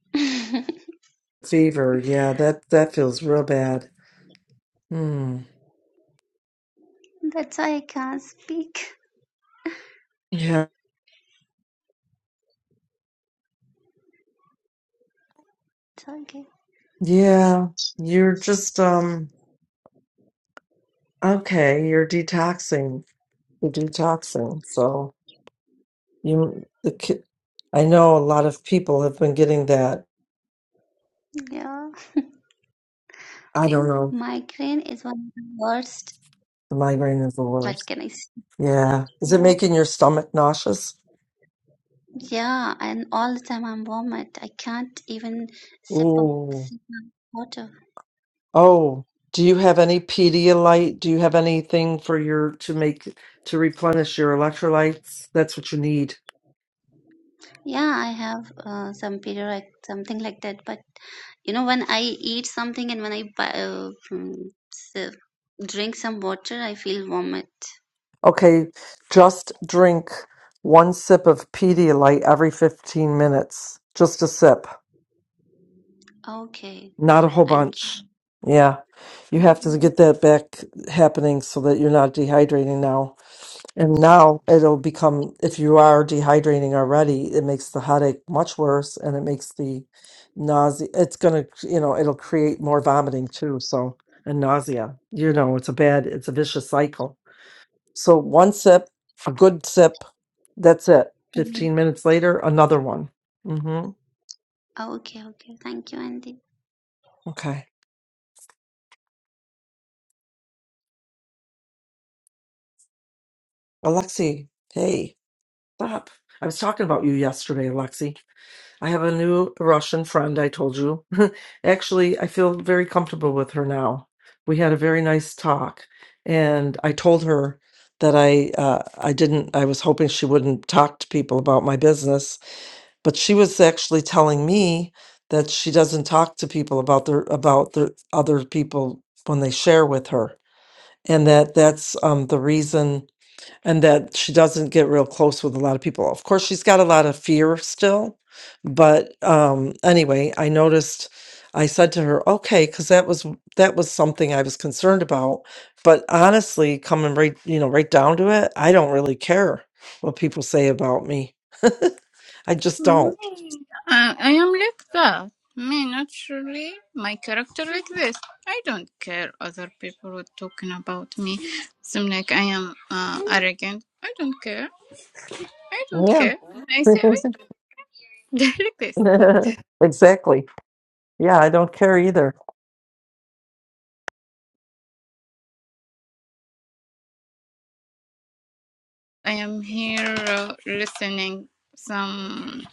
Speaker 4: That's
Speaker 2: Fever. Yeah, that that feels real bad. Hmm.
Speaker 4: why I can't speak.
Speaker 2: Yeah,
Speaker 4: It's okay.
Speaker 2: Yeah, you're just um okay, you're detoxing. You're detoxing. So you the ki- I know a lot of people have been getting that.
Speaker 4: Yeah,
Speaker 2: I don't know.
Speaker 4: migraine is one of the worst.
Speaker 2: The migraine is the
Speaker 4: What
Speaker 2: worst.
Speaker 4: can I say?
Speaker 2: Yeah. Is it
Speaker 4: Yeah,
Speaker 2: making your stomach nauseous?
Speaker 4: yeah, and all the time I'm vomit. I can't even sip a
Speaker 2: Ooh.
Speaker 4: sip of water.
Speaker 2: Oh, do you have any Pedialyte? Do you have anything for your to make to replenish your electrolytes? That's what you need.
Speaker 4: Yeah, I have uh, some period, like something like that, but. you know when i eat something and when i bu- uh, mm, s- drink some water i feel vomit
Speaker 2: Okay, just drink one sip of Pedialyte every 15 minutes. Just a sip,
Speaker 4: okay
Speaker 2: not a whole
Speaker 4: thank you
Speaker 2: bunch. Yeah, you have to get that back happening so that you're not dehydrating now. And now it'll become, if you are dehydrating already, it makes the headache much worse and it makes the nausea. It's going to, you know, it'll create more vomiting too. So, and nausea, you know, it's a bad, it's a vicious cycle. So one sip, a good sip, that's it.
Speaker 4: Mhm.
Speaker 2: 15 minutes later, another one. hmm
Speaker 4: okay okay thank you andy
Speaker 2: Okay. Alexei, hey, stop. I was talking about you yesterday, Alexei. I have a new Russian friend, I told you. Actually, I feel very comfortable with her now. We had a very nice talk, and I told her that I uh, I didn't I was hoping she wouldn't talk to people about my business but she was actually telling me that she doesn't talk to people about their about their other people when they share with her and that that's um, the reason and that she doesn't get real close with a lot of people of course she's got a lot of fear still but um, anyway i noticed i said to her okay because that was that was something i was concerned about but honestly coming right you know right down to it i don't really care what people say about me i just don't
Speaker 3: I, I am like that. Me naturally, my character like this. I don't care other people were talking about me. Seem like I am uh, arrogant. I don't care. I don't care. I say I don't like this.
Speaker 2: Exactly. Yeah, I don't care either.
Speaker 3: I am here uh, listening some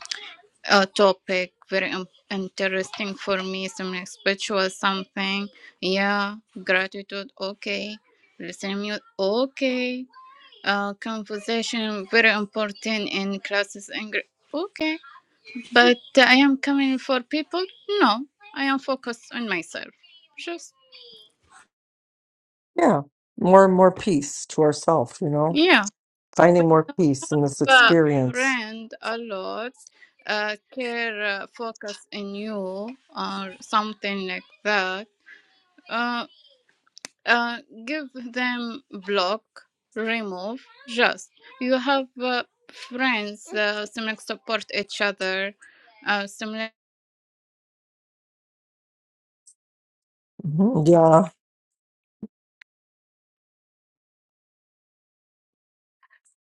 Speaker 3: uh, topic very um, interesting for me. Some like spiritual something. Yeah, gratitude. Okay, listening music. Okay uh, conversation very important in classes English. Okay, but I am coming for people. No, I am focused on myself. Just
Speaker 2: Yeah. More and more peace to ourself, you know,
Speaker 3: yeah,
Speaker 2: finding more peace in this
Speaker 3: but
Speaker 2: experience.
Speaker 3: friend a lot. Uh, care uh, focus in you or something like that. Uh, uh, give them block, remove. Just you have uh, friends. Uh, similar support each other. Uh, similar.
Speaker 2: Mhm. Yeah.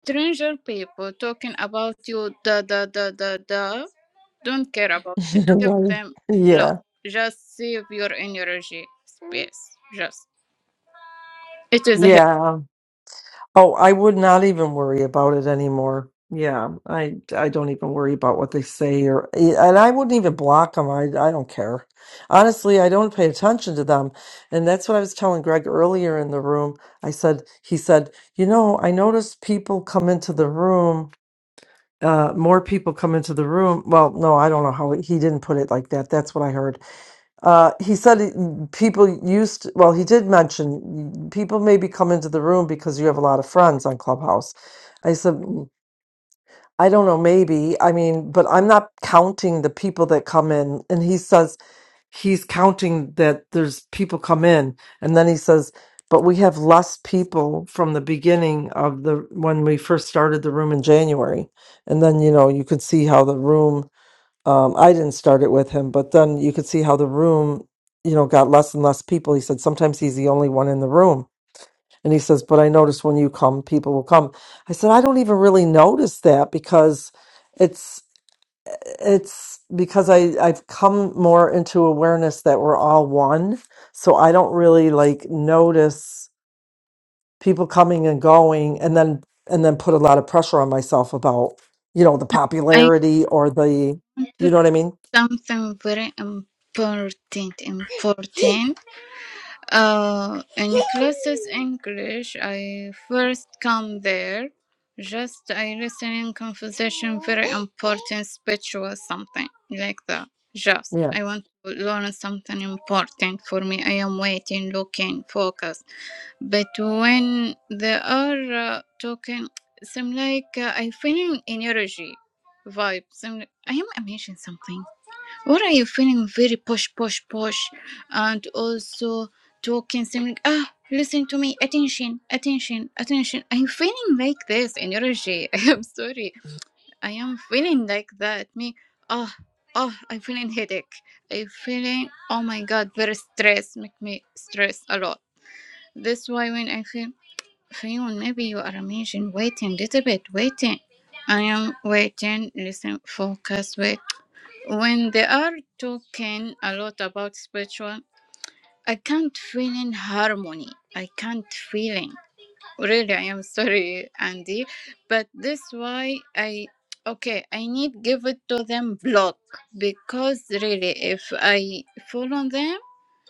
Speaker 3: stranger people talking about you da da da da da don't care about them give
Speaker 2: right.
Speaker 3: them love
Speaker 2: Yeah.
Speaker 3: just save your energy space just it is a help
Speaker 2: Yeah. Oh, I would not even worry about it anymore. Yeah, I I don't even worry about what they say or eh, and I wouldn't even block them. I I don't care. Honestly, I don't pay attention to them. And that's what I was telling Greg earlier in the room. I said he said, "You know, I noticed people come into the room uh more people come into the room. Well, no, I don't know how he didn't put it like that. That's what I heard. Uh, he said it- people used, well, he did mention people maybe come into the room because you have a lot of friends on Clubhouse. I said, "Mm, I don't know, maybe. I mean, but I'm not counting the people that come in. And he says he's counting that there's people come in. And then he says, but we have less people from the beginning of the when we first started the room in January. And then, you know, you could see how the room um, I didn't start it with him, but then you could see how the room, you know, got less and less people. He said sometimes he's the only one in the room, and he says, "But I notice when you come, people will come." I said, "I don't even really notice that because it's it's because I I've come more into awareness that we're all one, so I don't really like notice people coming and going, and then and then put a lot of pressure on myself about you know the
Speaker 3: i
Speaker 2: popularity or the
Speaker 3: want to
Speaker 2: you know what I mean."
Speaker 3: do something very important important Uh, in classes English, I first come there. Just I listen in conversation, very important speech or something like that. Just
Speaker 2: Yeah.
Speaker 3: I want to learn something important for me. I am waiting, looking, focus. But when they are uh, talking, seem like uh, I feeling energy, vibe. Seem like, I am amazing something. What are you feeling very posh, posh, posh, and also talking something? Ah, listen to me, attention, attention, attention. I'm feeling like this energy. I am sorry. I am feeling like that. Me, ah, ah, I'm feeling headache. I'm feeling, oh my god, very stress. Make me stress a lot. That's why when I feel, Fayun, maybe you are amazing. Waiting, little bit, waiting. I am waiting. Listen, focus, wait. When they are talking a lot about spiritual, I can't feel in harmony. I can't feel in. Really, I am sorry, Andy, but this why I okay. I need give it to them block because really, if I follow them,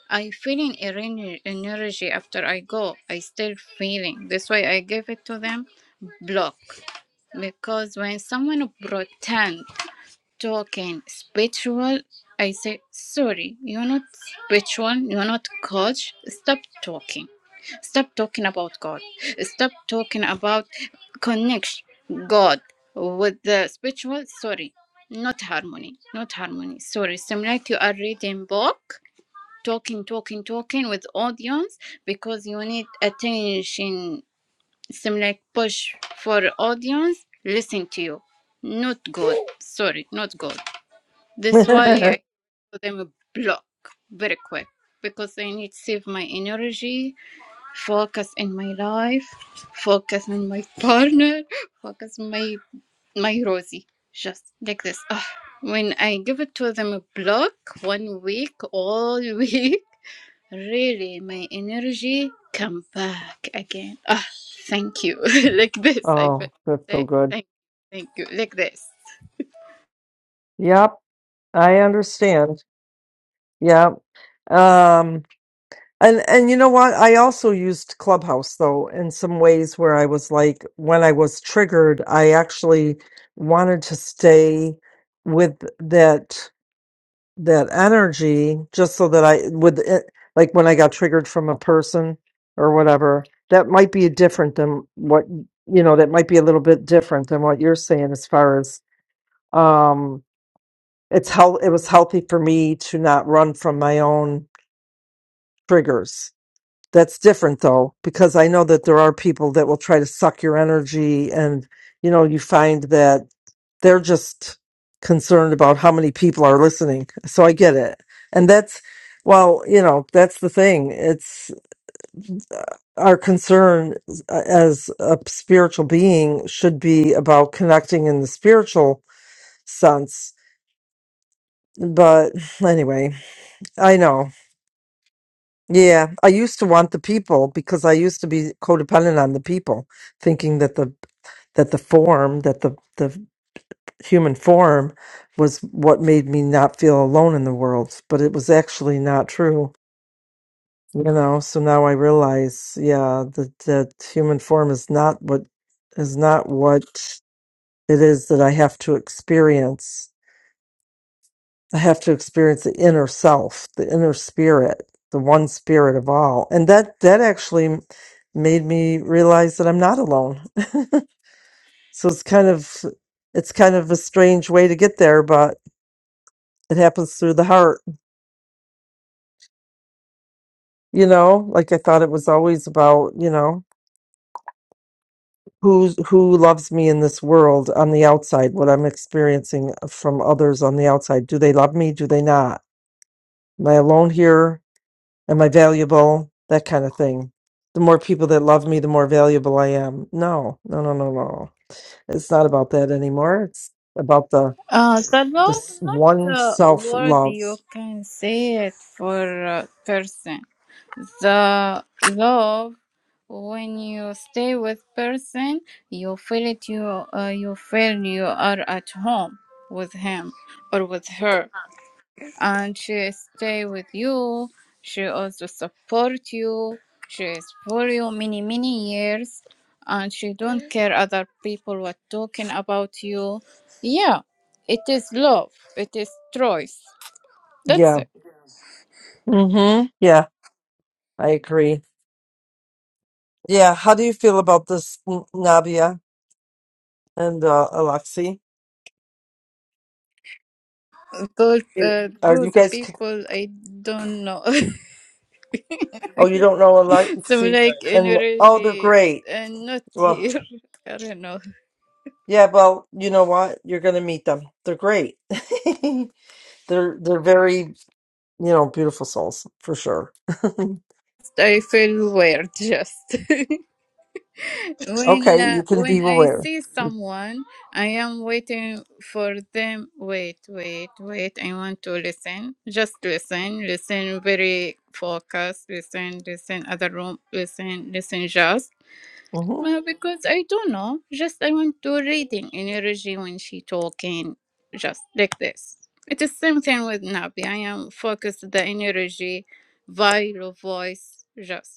Speaker 3: I feel in ener- energy after I go. I still feeling. That's why I give it to them block because when someone pretend talking spiritual, I say, sorry, you're not spiritual, you're not coach. Stop talking. Stop talking about God. Stop talking about connection God with the spiritual. Sorry, not harmony. Not harmony. Sorry. Seem like you are reading book, talking, talking, talking with audience because you need attention. Seem like push for audience. Listen to you. Not good. Sorry, not good. That's why I put them a block very quick because I need to save my energy, focus in my life, focus on my partner, focus on my my Rosie. Just like this. Ah, When I give it to them a block one week, all week, really my energy come back again. Ah, thank you. like this I feel
Speaker 2: Oh, that's so
Speaker 3: like
Speaker 2: good.
Speaker 3: thank thank you. Like this.
Speaker 2: Yep, I understand. Yep. Um, and and you know what? I also used Clubhouse though in some ways where I was like, when I was triggered, I actually wanted to stay with that that energy just so that I with it, like when I got triggered from a person or whatever, that might be different than what you know, that might be a little bit different than what you're saying as far as. um it's how it was healthy for me to not run from my own triggers. That's different though, because I know that there are people that will try to suck your energy and you know, you find that they're just concerned about how many people are listening. So I get it. And that's well, you know, that's the thing. It's our concern as a spiritual being should be about connecting in the spiritual sense. But anyway, I know. Yeah, I used to want the people because I used to be codependent on the people, thinking that the that the form, that the the human form was what made me not feel alone in the world, but it was actually not true, you know. So now I realize, yeah, that that human form is not what is not what it is that I have to experience I have to experience the inner self, the inner spirit, the one spirit of all. And that that actually made me realize that I'm not alone. So it's kind of it's kind of a strange way to get there, but it happens through the heart. You know, like I thought it was always about, you know, who's who loves me in this world on the outside, what I'm experiencing from others on the outside. Do they love me? Do they not? Am I alone here? Am I valuable? That kind of thing. The more people that love me, the more valuable I am. No, no, no, no, no. It's not about that anymore. It's about the
Speaker 3: Uh, the
Speaker 2: the
Speaker 3: law
Speaker 2: s-
Speaker 3: is not
Speaker 2: one
Speaker 3: the
Speaker 2: self
Speaker 3: word
Speaker 2: love.
Speaker 3: you can say it for a person. The love, when you stay with person, you feel it. You uh, you feel you are at home with him or with her and she stay with you. She also support you. She is for you many many years, and she don't care other people what talking about you. Yeah, it is love. It is choice. That's
Speaker 2: Yeah.
Speaker 3: it.
Speaker 2: Mm-hmm. Yeah, I agree. Yeah. How do you feel about this, N- Nabia and uh, Alexi?
Speaker 3: Those
Speaker 2: You-
Speaker 3: uh,
Speaker 2: Are you
Speaker 3: those
Speaker 2: guys? c-
Speaker 3: people I don't know.
Speaker 2: Oh, you don't know
Speaker 3: so
Speaker 2: Alexi,
Speaker 3: like
Speaker 2: and oh, they're
Speaker 3: energy
Speaker 2: great.
Speaker 3: and not
Speaker 2: Well,
Speaker 3: here. I don't know.
Speaker 2: yeah. Well, you know what? You're gonna meet them. They're great. they're they're very you know, beautiful souls for sure.
Speaker 3: I feel weird just. When
Speaker 2: okay,
Speaker 3: uh,
Speaker 2: you can be
Speaker 3: when I
Speaker 2: aware.
Speaker 3: see someone, I am waiting for them. Wait, wait, wait. I want to listen. Just listen. Listen very focused. Listen, listen. Other room. Listen, listen. Just
Speaker 2: hmm
Speaker 3: uh, because I don't know. Just I want to reading energy when she talking. Just like this. It is same thing with Nabi. I am focused the energy, via voice. Just.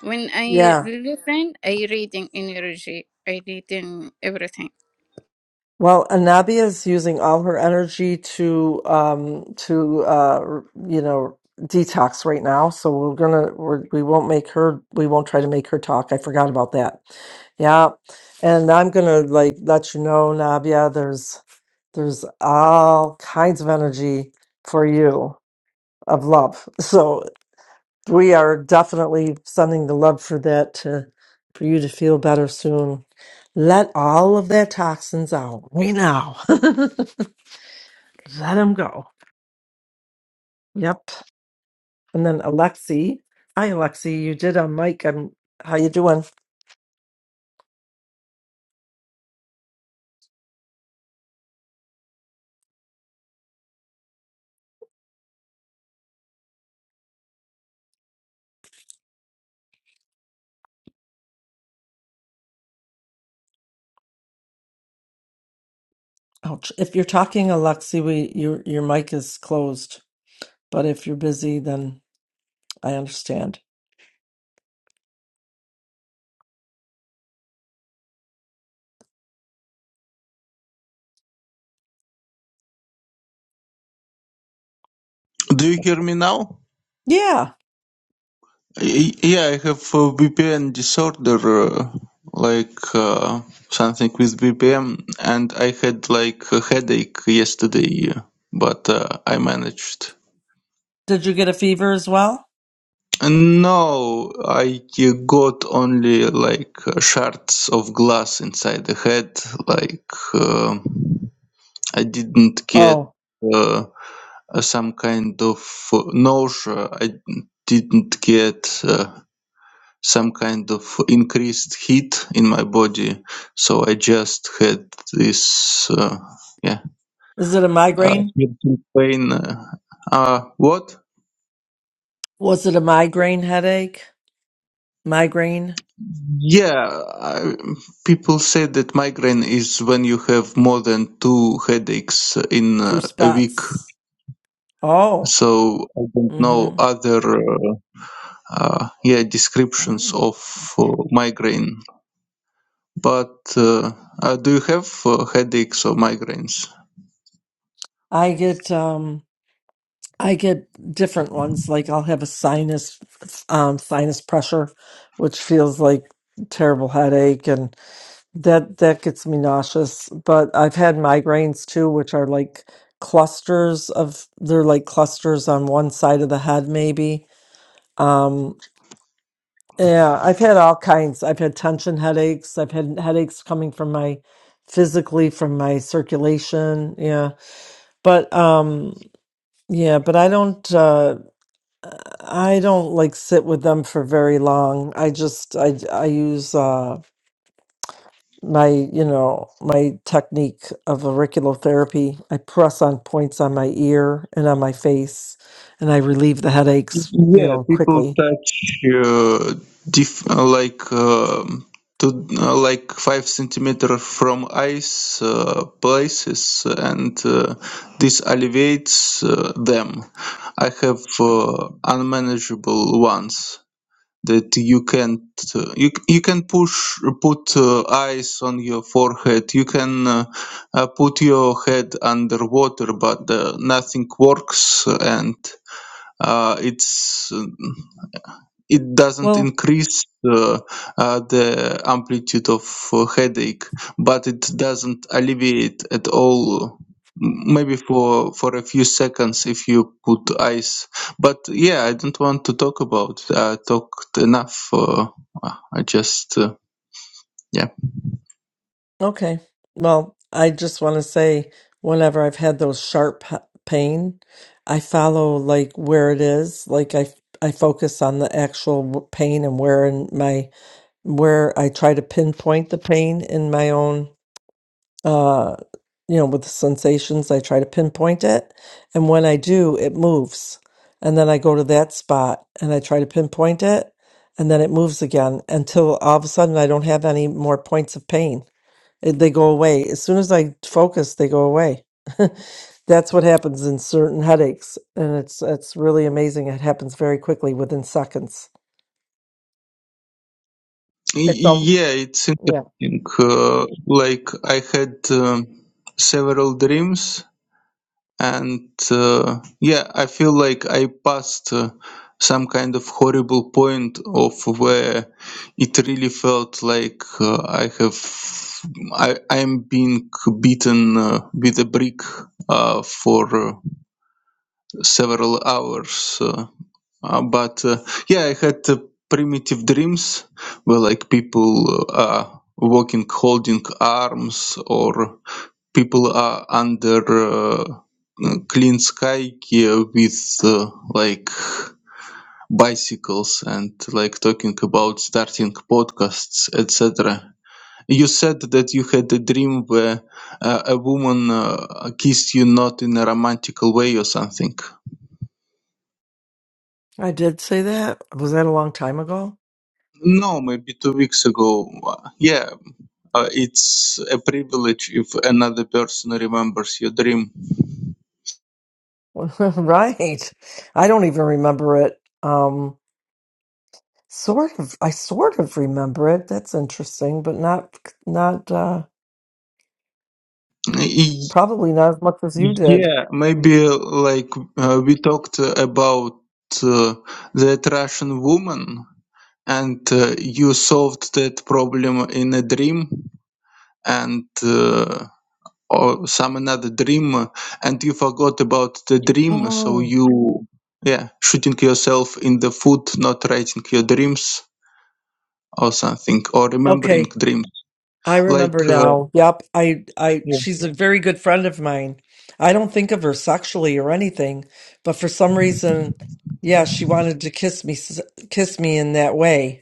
Speaker 3: When I
Speaker 2: Yeah.
Speaker 3: listen, I reading energy, I reading everything.
Speaker 2: Well, Anabia is using all her energy to um to uh r- you know detox right now. So we're gonna we're, we won't make her we won't try to make her talk. I forgot about that. Yeah. And I'm gonna like let you know, Nabia, there's there's all kinds of energy for you of love. So. we are definitely sending the love for that to for you to feel better soon. Let all of that toxins out right now. Let them go. Yep. And then Alexi, hi Alexi, you did a mic. I'm. How you doing? Ouch. If you're talking, Alexi, we your your mic is closed. But if you're busy, then I understand.
Speaker 5: Do you hear me now?
Speaker 2: Yeah.
Speaker 5: Y- Yeah, I have a VPN disorder, uh, like uh, something with VPN, and I had like a headache yesterday, uh, but uh, I managed.
Speaker 2: Did you get a fever as well?
Speaker 5: No, I uh, got only like uh, shards of glass inside the head. Like uh, I didn't get
Speaker 2: Oh,
Speaker 5: uh, some kind of uh, nausea. I didn't get. Uh, some kind of increased heat in my body so i just had this uh, yeah
Speaker 2: is it a
Speaker 5: uh,
Speaker 2: migraine?
Speaker 5: head pain uh, uh what
Speaker 2: Was it a migraine headache? Migraine?
Speaker 5: yeah I, people say that migraine is when you have more than two headaches in
Speaker 2: Two
Speaker 5: uh, a week
Speaker 2: spots. Oh.
Speaker 5: so i don't know
Speaker 2: Mm-hmm.
Speaker 5: other uh, uh, yeah descriptions of uh, migraine but uh, uh, do you have uh, headaches or migraines
Speaker 2: I get um I get different ones. Like I'll have a sinus um sinus pressure, which feels like terrible headache and that that gets me nauseous. But I've had migraines too, which are like clusters of they're like clusters on one side of the head maybe. Um, Yeah, I've had all kinds. I've had tension headaches. I've had headaches coming from my physically from my circulation. Yeah. But um yeah, but I don't uh I don't like sit with them for very long. I just I I use uh my, you know, my technique of auricular therapy. I press on points on my ear and on my face and I relieve the headaches, you
Speaker 5: Yeah,
Speaker 2: know,
Speaker 5: people
Speaker 2: quickly.
Speaker 5: touch uh, diff uh, like um to uh, like five centimeter from ice uh, places, and uh, this alleviates uh, them. I have uh, unmanageable ones that you can't uh, you you can push put uh, ice on your forehead. You can uh, uh, put your head underwater, but uh, nothing works, and uh, it's uh, it doesn't
Speaker 2: Well.
Speaker 5: increase uh, uh, the amplitude of uh, headache, but it doesn't alleviate at all. m- Maybe for for a few seconds if you put ice, but yeah, I don't want to talk about. I talked enough. Uh, I just uh, yeah
Speaker 2: Okay. Well, I just want to say whenever I've had those sharp p- pain, I follow like where it is. Like I I focus on the actual w- pain and where in my where I try to pinpoint the pain in my own uh you know with the sensations I try to pinpoint it and when I do it moves and then I go to that spot and I try to pinpoint it and then it moves again until all of a sudden I don't have any more points of pain eh, they go away. As soon as I focus, they go away. That's what happens in certain headaches, and it's it's really amazing. It happens very quickly within seconds. It's all,
Speaker 5: Y- yeah it's
Speaker 2: yeah.
Speaker 5: interesting. Uh, like I had um, several dreams and uh, yeah i feel like i passed uh, some kind of horrible point of where it really felt like uh, i have i i'm being beaten uh, with a brick uh, for uh, several hours uh, uh, but uh, yeah i had uh, primitive dreams where like people uh, are walking holding arms or people are under uh, uh, clean sky here, with uh, like bicycles and like talking about starting podcasts etc you said that you had a dream where uh, a woman uh, kissed you not in a romantical way or something
Speaker 2: I did say that. Was that a long time ago?
Speaker 5: no maybe two weeks ago Uh, yeah uh, it's a privilege if another person remembers your dream
Speaker 2: right. I don't even remember it. Um, sort of. I sort of remember it. That's interesting, but not not. uh, Probably not as much as you did.
Speaker 5: Yeah, maybe like uh, we talked uh, about uh, that Russian woman, and uh, you solved that problem in a dream, and uh, or some another dream, uh, and you forgot about the dream, so
Speaker 2: Oh.
Speaker 5: you yeah shooting yourself in the foot, not writing your dreams or something, or remembering
Speaker 2: Okay,
Speaker 5: dreams
Speaker 2: I remember
Speaker 5: like. Uh,
Speaker 2: now. Yep, I I
Speaker 5: yeah.
Speaker 2: she's a very good friend of mine. I don't think of her sexually or anything, but for some reason, yeah, she wanted to kiss me s- kiss me in that way.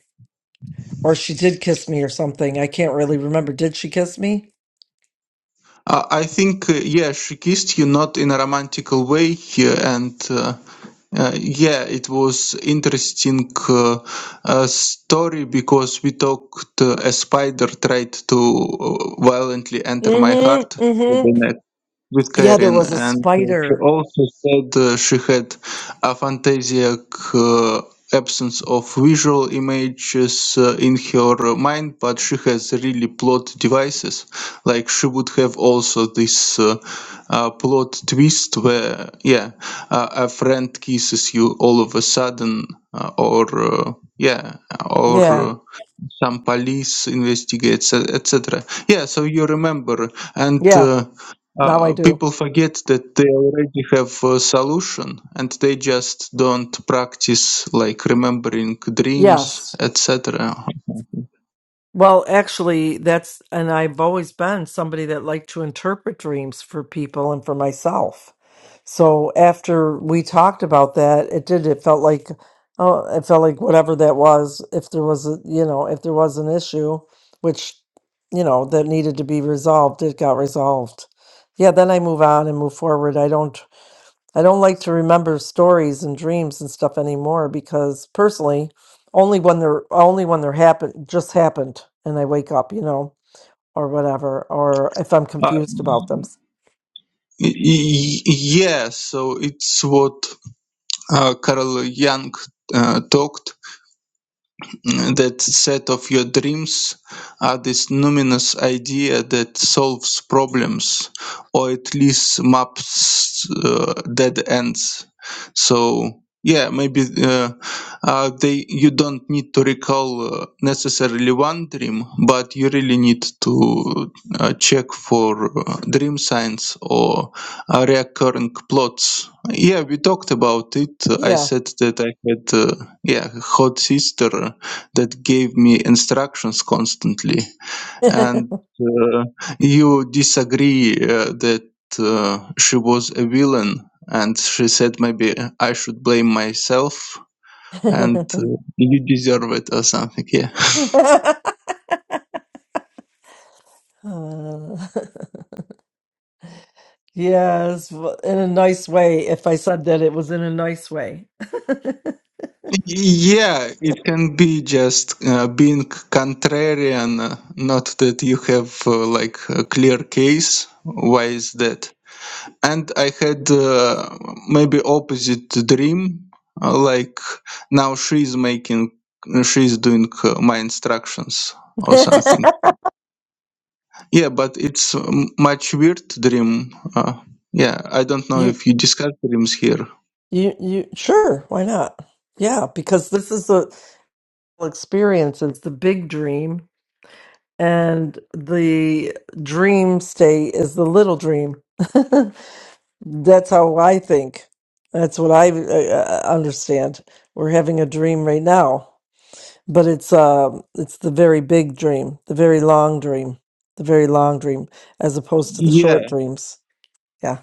Speaker 2: Or she did kiss me or something. I can't really remember. Did she kiss me?
Speaker 5: I I think uh, yeah, she kissed you not in a romantical way here, and. Uh, Uh, yeah, it was interesting uh, uh, story because we talked. Uh, a spider tried to uh, violently enter my
Speaker 2: Mm-hmm.
Speaker 5: heart. through the
Speaker 2: Mm-hmm.
Speaker 5: neck with
Speaker 2: Yeah, there
Speaker 5: Karen,
Speaker 2: was a
Speaker 5: and uh, she
Speaker 2: spider.
Speaker 5: also said uh, she had aphantasiac uh, absence of visual images uh, in her mind, but she has really plot devices. Like she would have also this uh, uh, plot twist where, yeah, uh, a friend kisses you all of a sudden, uh, or uh, yeah, or.
Speaker 2: Yeah.
Speaker 5: Uh, some police investigates e- etc yeah so you remember and
Speaker 2: Yeah.
Speaker 5: uh,
Speaker 2: Now I
Speaker 5: uh,
Speaker 2: do.
Speaker 5: people forget that they already have a solution and they just don't practice like remembering dreams
Speaker 2: Yes.
Speaker 5: etc
Speaker 2: Well, actually, that's, and I've always been somebody that liked to interpret dreams for people and for myself. So after we talked about that, it did, it felt like, oh, it felt like whatever that was, if there was a, you know, if there was an issue, which, you know, that needed to be resolved, it got resolved. Yeah, then I move on and move forward. I don't. I don't like to remember stories and dreams and stuff anymore because personally, only when they're only when they're happen just happened and I wake up, you know, or whatever, or if I'm
Speaker 5: uh,
Speaker 2: confused about them.
Speaker 5: y- y- yes so it's what uh, carl jung uh, talked that set of your dreams are this numinous idea that solves problems or at least maps uh, dead ends so yeah maybe uh, uh, they you don't need to recall uh, necessarily one dream but you really need to uh, check for uh, dream signs or uh, recurring plots yeah we talked about it i
Speaker 2: Yeah.
Speaker 5: said that i had uh, yeah hot sister that gave me instructions constantly and uh, you disagree uh, that uh, she was a villain and she said maybe i should blame myself and uh, you deserve it or something yeah
Speaker 2: Uh, Yes, w- in a nice way. If I said that, it was in a nice way.
Speaker 5: yeah it can be just uh, being contrarian uh, not that you have uh, like a clear case why is that and I had uh, maybe opposite dream. uh, Like now she's making, she's doing uh, my instructions or something. Yeah, but it's um, much weird dream. Uh, yeah, I don't know
Speaker 2: You,
Speaker 5: if you discuss dreams here.
Speaker 2: you, you, sure, why not? Yeah, because this is the experience, it's the big dream, and the dream state is the little dream. That's how I think. That's what I, uh uh, understand. We're having a dream right now. but it's uh it's the very big dream the very long dream the very long dream as opposed to the
Speaker 5: Yeah,
Speaker 2: short dreams yeah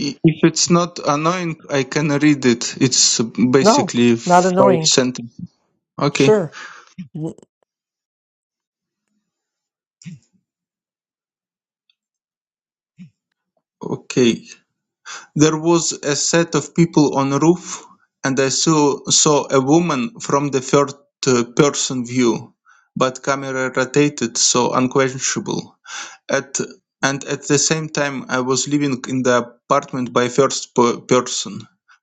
Speaker 5: i- if it's not annoying, I can read it. It's
Speaker 2: no
Speaker 5: basically
Speaker 2: not
Speaker 5: five
Speaker 2: annoying
Speaker 5: sentences. Okay,
Speaker 2: sure N-
Speaker 5: okay. There was a set of people on roof, and I saw, saw a woman from the third uh, person view, but camera rotated, so unquestionable at and at the same time I was living in the apartment by first per- person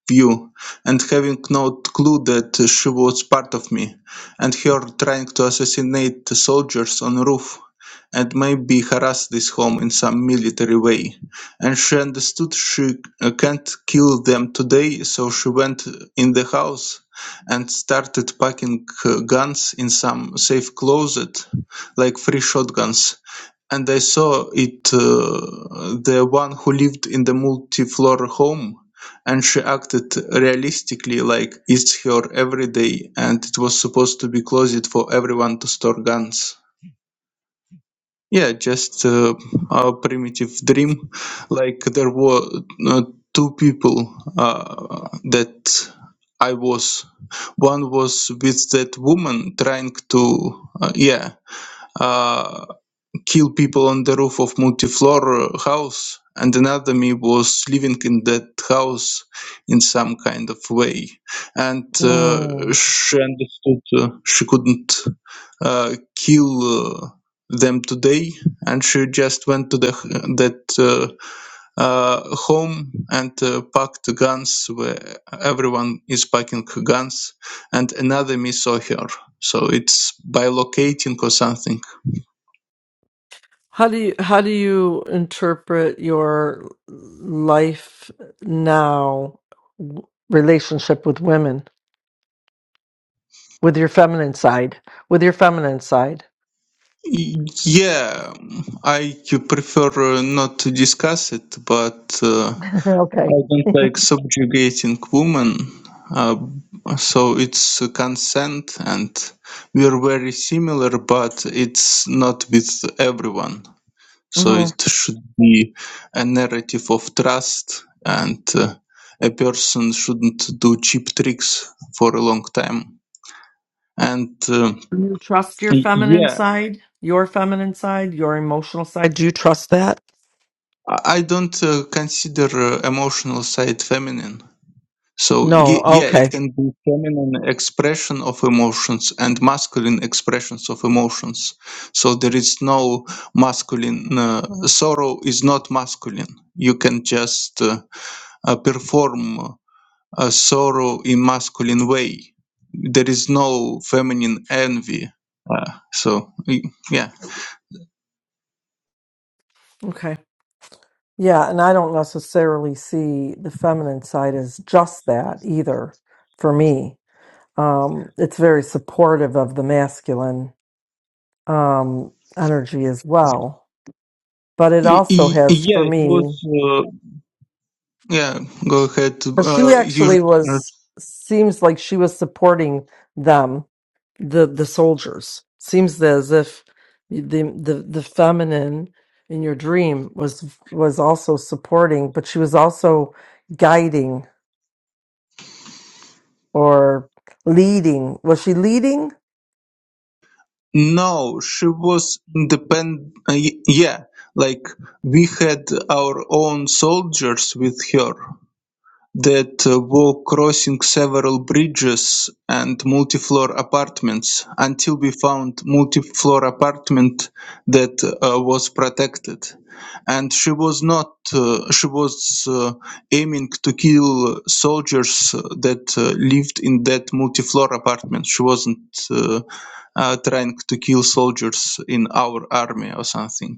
Speaker 5: view and having no clue that she was part of me and her trying to assassinate soldiers on roof and maybe harass this home in some military way and she understood she uh, can't kill them today so she went in the house and started packing uh, guns in some safe closet like three shotguns and I saw it uh, the one who lived in the multi-floor home, and she acted realistically like it's her everyday, and it was supposed to be closet for everyone to store guns. Yeah, just uh, a primitive dream. Like there were uh, two people uh, that I was. One was with that woman trying to, uh, yeah. uh, kill people on the roof of multi-floor uh, house and another me was living in that house in some kind of way and
Speaker 2: n-
Speaker 5: uh, she understood uh, she couldn't uh, kill uh, them today and she just went to the that uh, uh, home and uh, packed the guns where everyone is packing guns and another me saw her so it's by locating or something
Speaker 2: how do you how do you interpret your life now w- relationship with women with your feminine side with your feminine side
Speaker 5: yeah, I prefer uh, not to discuss it, but uh,
Speaker 2: okay
Speaker 5: I don't like subjugating women. Uh, so it's a consent, and we're very similar, but it's not with everyone. So
Speaker 2: hmm
Speaker 5: it should be a narrative of trust, and uh, a person shouldn't do cheap tricks for a long time. And uh,
Speaker 2: Do you trust your
Speaker 5: y-
Speaker 2: feminine
Speaker 5: yeah,
Speaker 2: side, your feminine side, your emotional side? Do you trust that?
Speaker 5: I I don't uh, consider uh, emotional side feminine. So
Speaker 2: No.
Speaker 5: y- yeah, it
Speaker 2: Okay.
Speaker 5: can be feminine expression of emotions and masculine expressions of emotions. So there is no masculine uh, sorrow is not masculine. You can just uh, uh, perform a sorrow in masculine way. There is no feminine envy. Uh, so y- yeah,
Speaker 2: Okay. Yeah, and I don't necessarily see the feminine side as just that either for me. Um, it's very supportive of the masculine um, energy as well. But it
Speaker 5: Y-
Speaker 2: also
Speaker 5: y-
Speaker 2: has
Speaker 5: yeah,
Speaker 2: for me,
Speaker 5: yeah. Go ahead.
Speaker 2: 'cause she
Speaker 5: Uh, you
Speaker 2: actually was, seems like she was supporting them the the soldiers. Seems as if the the the feminine in your dream was was also supporting, but she was also guiding or leading. Was she leading?
Speaker 5: no, she was independent. Uh, y- yeah, like we had our own soldiers with her. That uh, were crossing several bridges and multi-floor apartments until we found multi-floor apartment that uh, was protected and she was not uh, she was uh, aiming to kill soldiers uh, that uh, lived in that multi-floor apartment she wasn't uh, uh, trying to kill soldiers in our army or something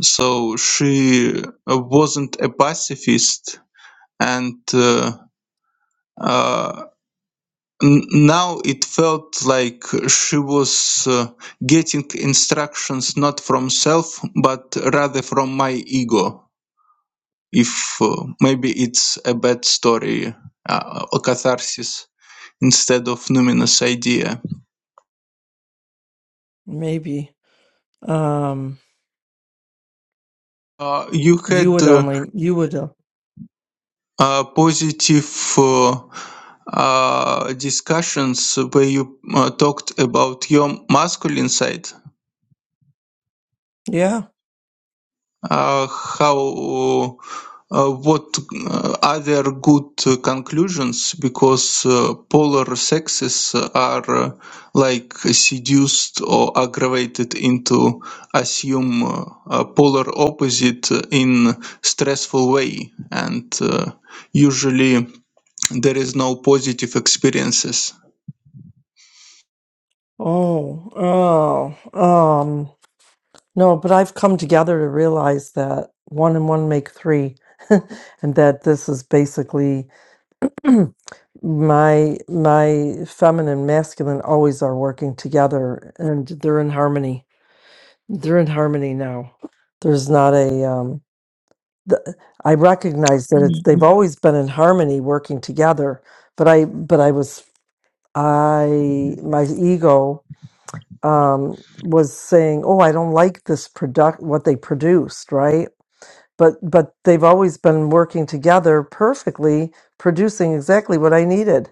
Speaker 5: so she uh, wasn't a pacifist and uh, uh, n- now it felt like she was uh, getting instructions not from self, but rather from my ego. If uh, maybe it's a bad story, uh, a catharsis instead of numinous idea.
Speaker 2: Maybe. Um,
Speaker 5: Uh, you
Speaker 2: you
Speaker 5: had
Speaker 2: would
Speaker 5: uh,
Speaker 2: only you would. Uh,
Speaker 5: uh, positive uh, uh, discussions where you uh, talked about your masculine side
Speaker 2: yeah.
Speaker 5: uh, how uh, uh, what uh, are there good uh, conclusions because uh, polar sexes are uh, like seduced or aggravated into assume uh, polar opposite in stressful way and uh, usually there is no positive experiences
Speaker 2: Oh. Oh. Um. No, but I've come together to realize that one and one make three, and that this is basically my my feminine masculine always are working together and they're in harmony they're in harmony now there's not a um the, i recognize that it's they've always been in harmony working together but i but i was i my ego um was saying oh i don't like this product what they produced right but but they've always been working together perfectly producing exactly what i needed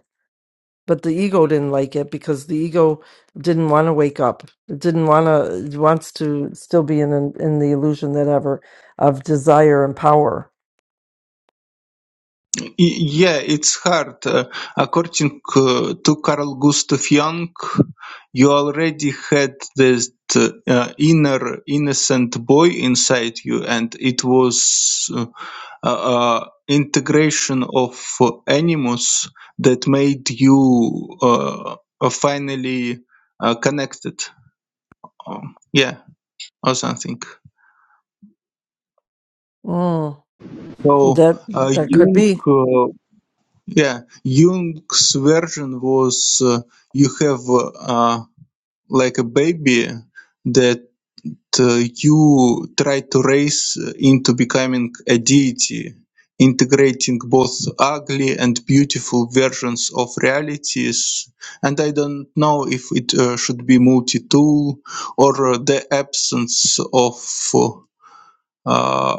Speaker 2: but the ego didn't like it because the ego didn't want to wake up it didn't want to it wants to still be in the, in the illusion that ever of desire and power
Speaker 5: Yeah, it's hard. Uh, according uh, to Carl Gustav Jung, you already had this uh, inner innocent boy inside you, and it was uh, uh, integration of animus that made you uh, uh, finally uh, connected. Um, yeah, or something.
Speaker 2: mm,
Speaker 5: So
Speaker 2: that
Speaker 5: uh,
Speaker 2: that could
Speaker 5: Jung.
Speaker 2: be
Speaker 5: uh, Yeah, Jung's version was uh, you have uh, like a baby that uh, you try to raise into becoming a deity, integrating both ugly and beautiful versions of realities. And I don't know if it uh, should be multi-tool or uh, the absence of uh,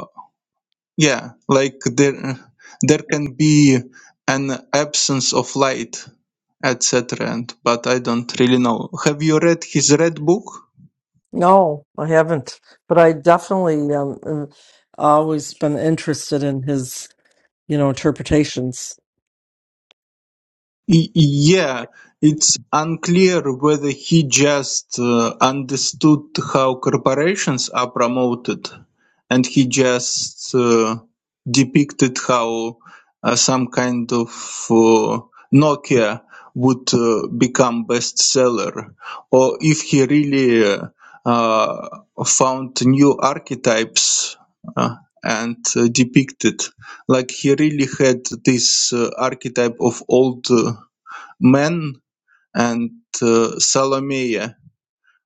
Speaker 5: yeah, like there there can be an absence of light, etc. and- But I don't really know. Have you read his red book?
Speaker 2: no i haven't but i definitely um uh, always been interested in his you know interpretations
Speaker 5: Y- Yeah, it's unclear whether he just uh, understood how corporations are promoted and he just uh, depicted how uh, some kind of uh, Nokia would uh, become bestseller, or if he really uh, uh, found new archetypes uh, and uh, depicted like he really had this uh, archetype of old uh, men and uh, Salomea,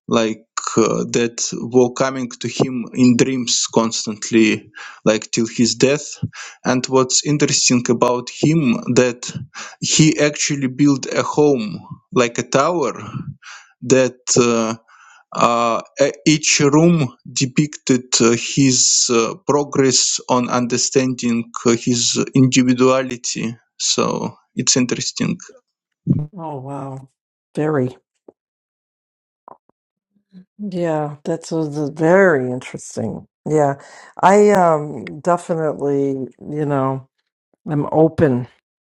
Speaker 5: like uh, that were coming to him in dreams constantly, like till his death. And what's interesting about him that he actually built a home, like a tower, that uh, uh, e- each room depicted uh, his uh, progress on understanding uh, his individuality. So it's interesting.
Speaker 2: oh wow very yeah that's was a very interesting yeah i um definitely you know I'm open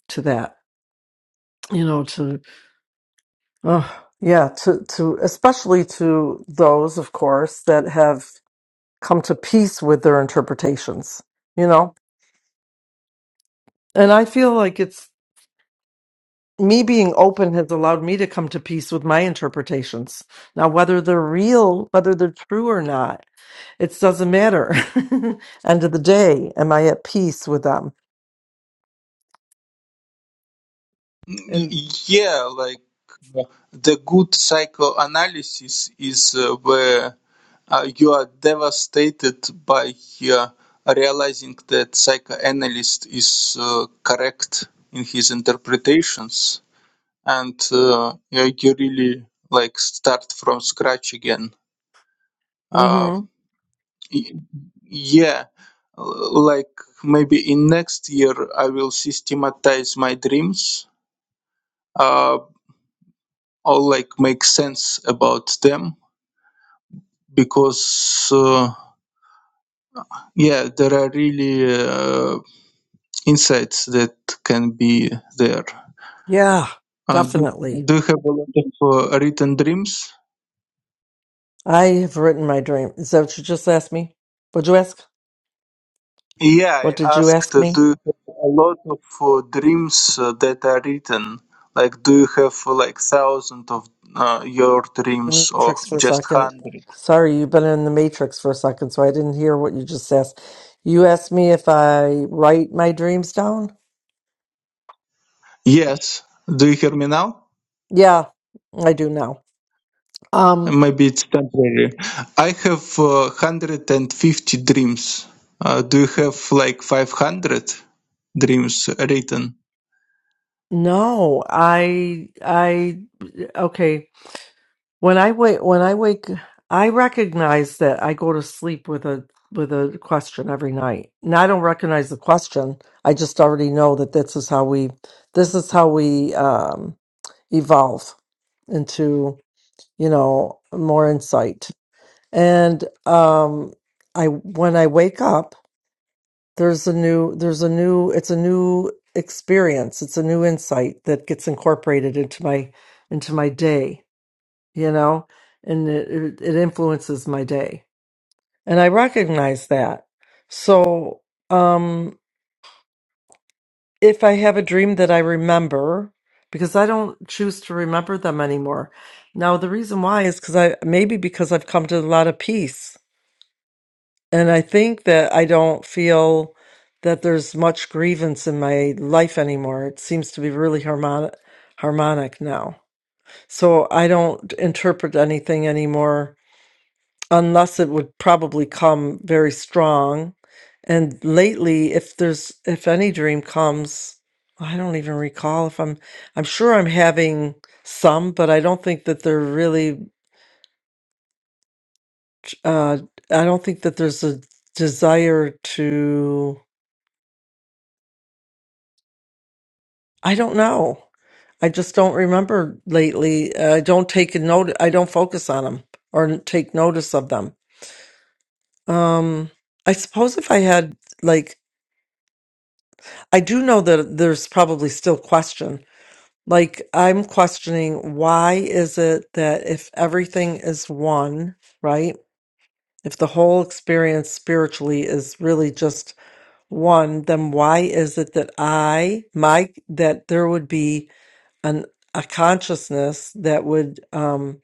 Speaker 2: to that, you know, to, oh, yeah, to, to, especially to those, of course, that have come to peace with their interpretations, you know? And I feel like it's me being open has allowed me to come to peace with my interpretations. Now, whether they're real, whether they're true or not, it doesn't matter. End of the day, am I at peace with them? And,
Speaker 5: Yeah, like uh, the good psychoanalysis is uh, where uh, you are devastated by uh, realizing that psychoanalyst is uh, correct in his interpretations, and uh, you you really like start from scratch again. Uh, y- yeah, l- like maybe in next year I will systematize my dreams. Uh, All like make sense about them because uh, yeah there are really uh, insights that can be there
Speaker 2: Yeah,
Speaker 5: uh, do,
Speaker 2: definitely.
Speaker 5: do you have a lot of uh, written dreams
Speaker 2: I have written my dream. Is that what you just asked me? What'd you ask?
Speaker 5: yeah
Speaker 2: What did
Speaker 5: i
Speaker 2: you
Speaker 5: asked
Speaker 2: ask
Speaker 5: uh,
Speaker 2: me?
Speaker 5: do you have a lot of uh, dreams uh, that are written like do you have uh, like thousand of uh, your
Speaker 2: In
Speaker 5: dreams
Speaker 2: the
Speaker 5: or
Speaker 2: matrix for a
Speaker 5: just
Speaker 2: second.
Speaker 5: hundred
Speaker 2: Sorry, you've been in the matrix for a second, so I didn't hear what you just asked. You asked me if I write my dreams down?
Speaker 5: yes do you hear me now
Speaker 2: Yeah, I do now. Um,
Speaker 5: Maybe it's temporary. I have uh, 150 dreams. Uh, do you have like 500 dreams written?
Speaker 2: no, I, I, okay. When I wake, when I wake, I recognize that I go to sleep with a with a question every night. Now I don't recognize the question. I just already know that this is how we this is how we um, evolve into you know more insight. And um, I when I wake up, there's a new there's a new it's a new experience. It's a new insight that gets incorporated into my into my day you know, and it, it influences my day. And I recognize that. So, um, if I have a dream that I remember, because I don't choose to remember them anymore. Now, the reason why is because I maybe because I've come to a lot of peace. And I think that I don't feel that there's much grievance in my life anymore. It seems to be really harmonic, harmonic now. So I don't interpret anything anymore unless it would probably come very strong. And lately, if there's if any dream comes, I don't even recall if I'm I'm sure I'm having some, but I don't think that they're really uh I don't think that there's a desire to I don't know. I just don't remember lately. I don't take a note I don't focus on them or take notice of them. Um I suppose if I had like I do know that there's probably still question. Like I'm questioning why is it that if everything is one, right? If the whole experience spiritually is really just one, then why is it that I, my, that there would be an a consciousness that would um,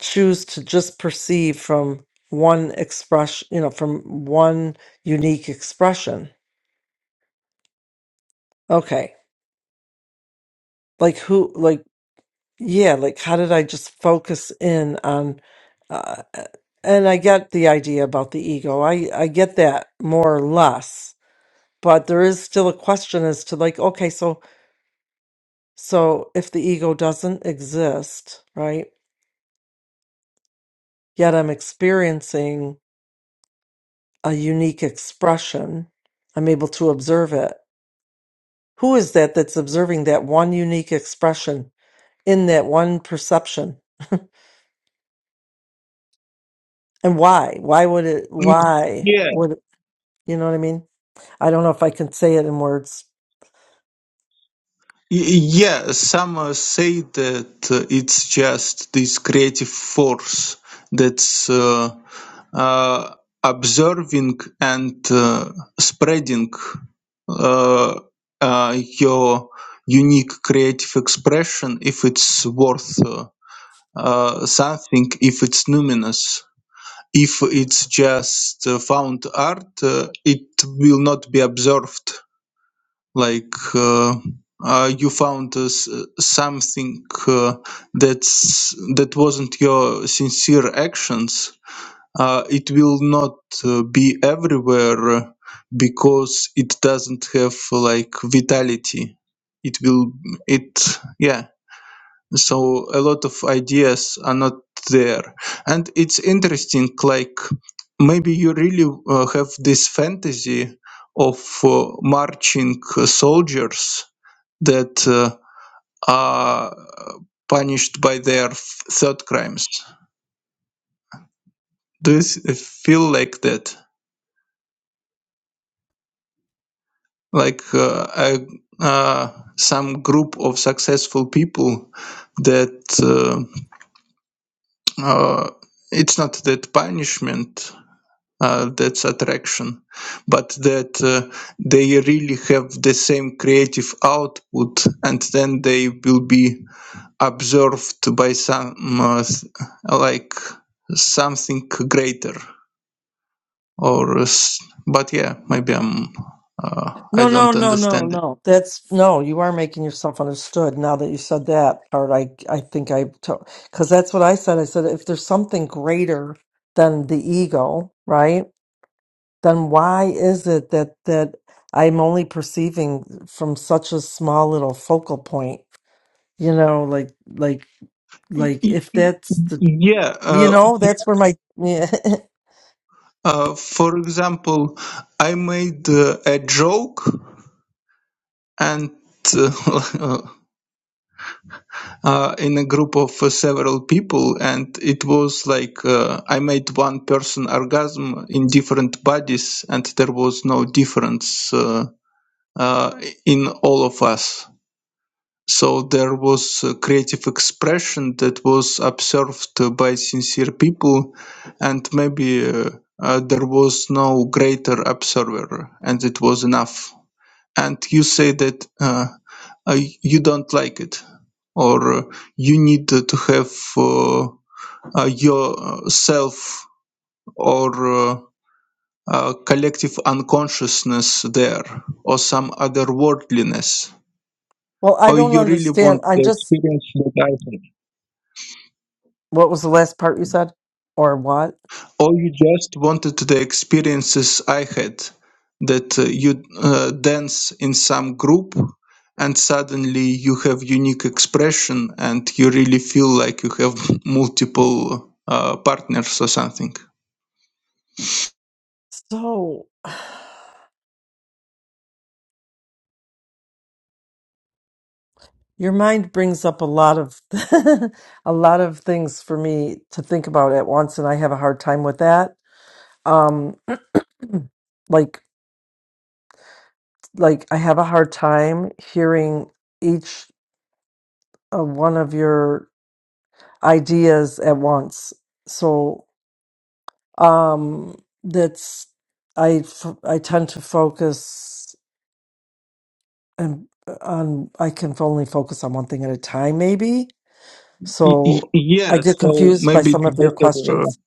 Speaker 2: choose to just perceive from one expression, you know, from one unique expression? Okay, like who, like. yeah, like how did I just focus in on, uh, and I get the idea about the ego. I, I get that more or less, but there is still a question as to like, okay, so, so if the ego doesn't exist, right? Yet I'm experiencing a unique expression. I'm able to observe it. Who is that that's observing that one unique expression in that one perception? And why? Why would it,
Speaker 5: Mm,
Speaker 2: why
Speaker 5: Yeah.
Speaker 2: would, you know what I mean? I don't know if I can say it in words.
Speaker 5: Y- Yeah, some uh, say that uh, it's just this creative force that's uh, uh, observing and uh, spreading uh, uh, your unique creative expression if it's worth. uh, uh, something if it's numinous. If it's just uh, found art, uh, it will not be observed. Like uh, uh, you found uh, s- something uh, that's that wasn't your sincere actions. Uh, it will not uh, be everywhere uh, because it doesn't have like vitality. It will it yeah so a lot of ideas are not there and it's interesting like maybe you really uh, have this fantasy of uh, marching uh, soldiers that uh, are punished by their f- third crimes do you s- feel like that like uh, a, uh, some group of successful people that uh, uh, it's not that punishment uh, that's attraction but that uh, they really have the same creative output and then they will be observed by some uh, s- like something greater or s- but yeah maybe i'm uh, i
Speaker 2: No, no,
Speaker 5: don't
Speaker 2: no, no,
Speaker 5: understand it
Speaker 2: no. That's no. You are making yourself understood now that you said that part. I, I think I, because that's what I said. I said if there's something greater than the ego, right? Then why is it that that I'm only perceiving from such a small little focal point? You know, like, like, like
Speaker 5: Y-
Speaker 2: if that's the,
Speaker 5: yeah
Speaker 2: you
Speaker 5: uh,
Speaker 2: know, that's where my, yeah.
Speaker 5: uh, for example i made uh, a joke and uh, uh, in a group of uh, several people, and it was like uh, I made one person orgasm in different bodies, and there was no difference uh, uh, in all of us. So there was a creative expression that was observed uh, by sincere people, and maybe uh, uh, there was no greater observer, and it was enough and you say that uh, uh, you don't like it or uh, you need to to have uh, uh, your uh, self or uh, uh, collective unconsciousness there or some other worldliness
Speaker 2: Well, I
Speaker 5: or
Speaker 2: don't
Speaker 5: you really
Speaker 2: understand.
Speaker 5: want
Speaker 2: I'm just. What was the last part you said, or what?
Speaker 5: Or you just wanted the experiences I had that uh, you uh, dance in some group and suddenly you have unique expression and you really feel like you have multiple uh, partners or something.
Speaker 2: So your mind brings up a lot of a lot of things for me to think about at once and I have a hard time with that. Um like like I have a hard time hearing each uh, one of your ideas at once. So um that's I f- I tend to focus and uh, on I can only focus on one thing at a time maybe
Speaker 5: Y- y-
Speaker 2: So I
Speaker 5: yeah,
Speaker 2: get
Speaker 5: so
Speaker 2: confused by
Speaker 5: maybe
Speaker 2: some
Speaker 5: it's
Speaker 2: of your
Speaker 5: better. Uh,
Speaker 2: questions.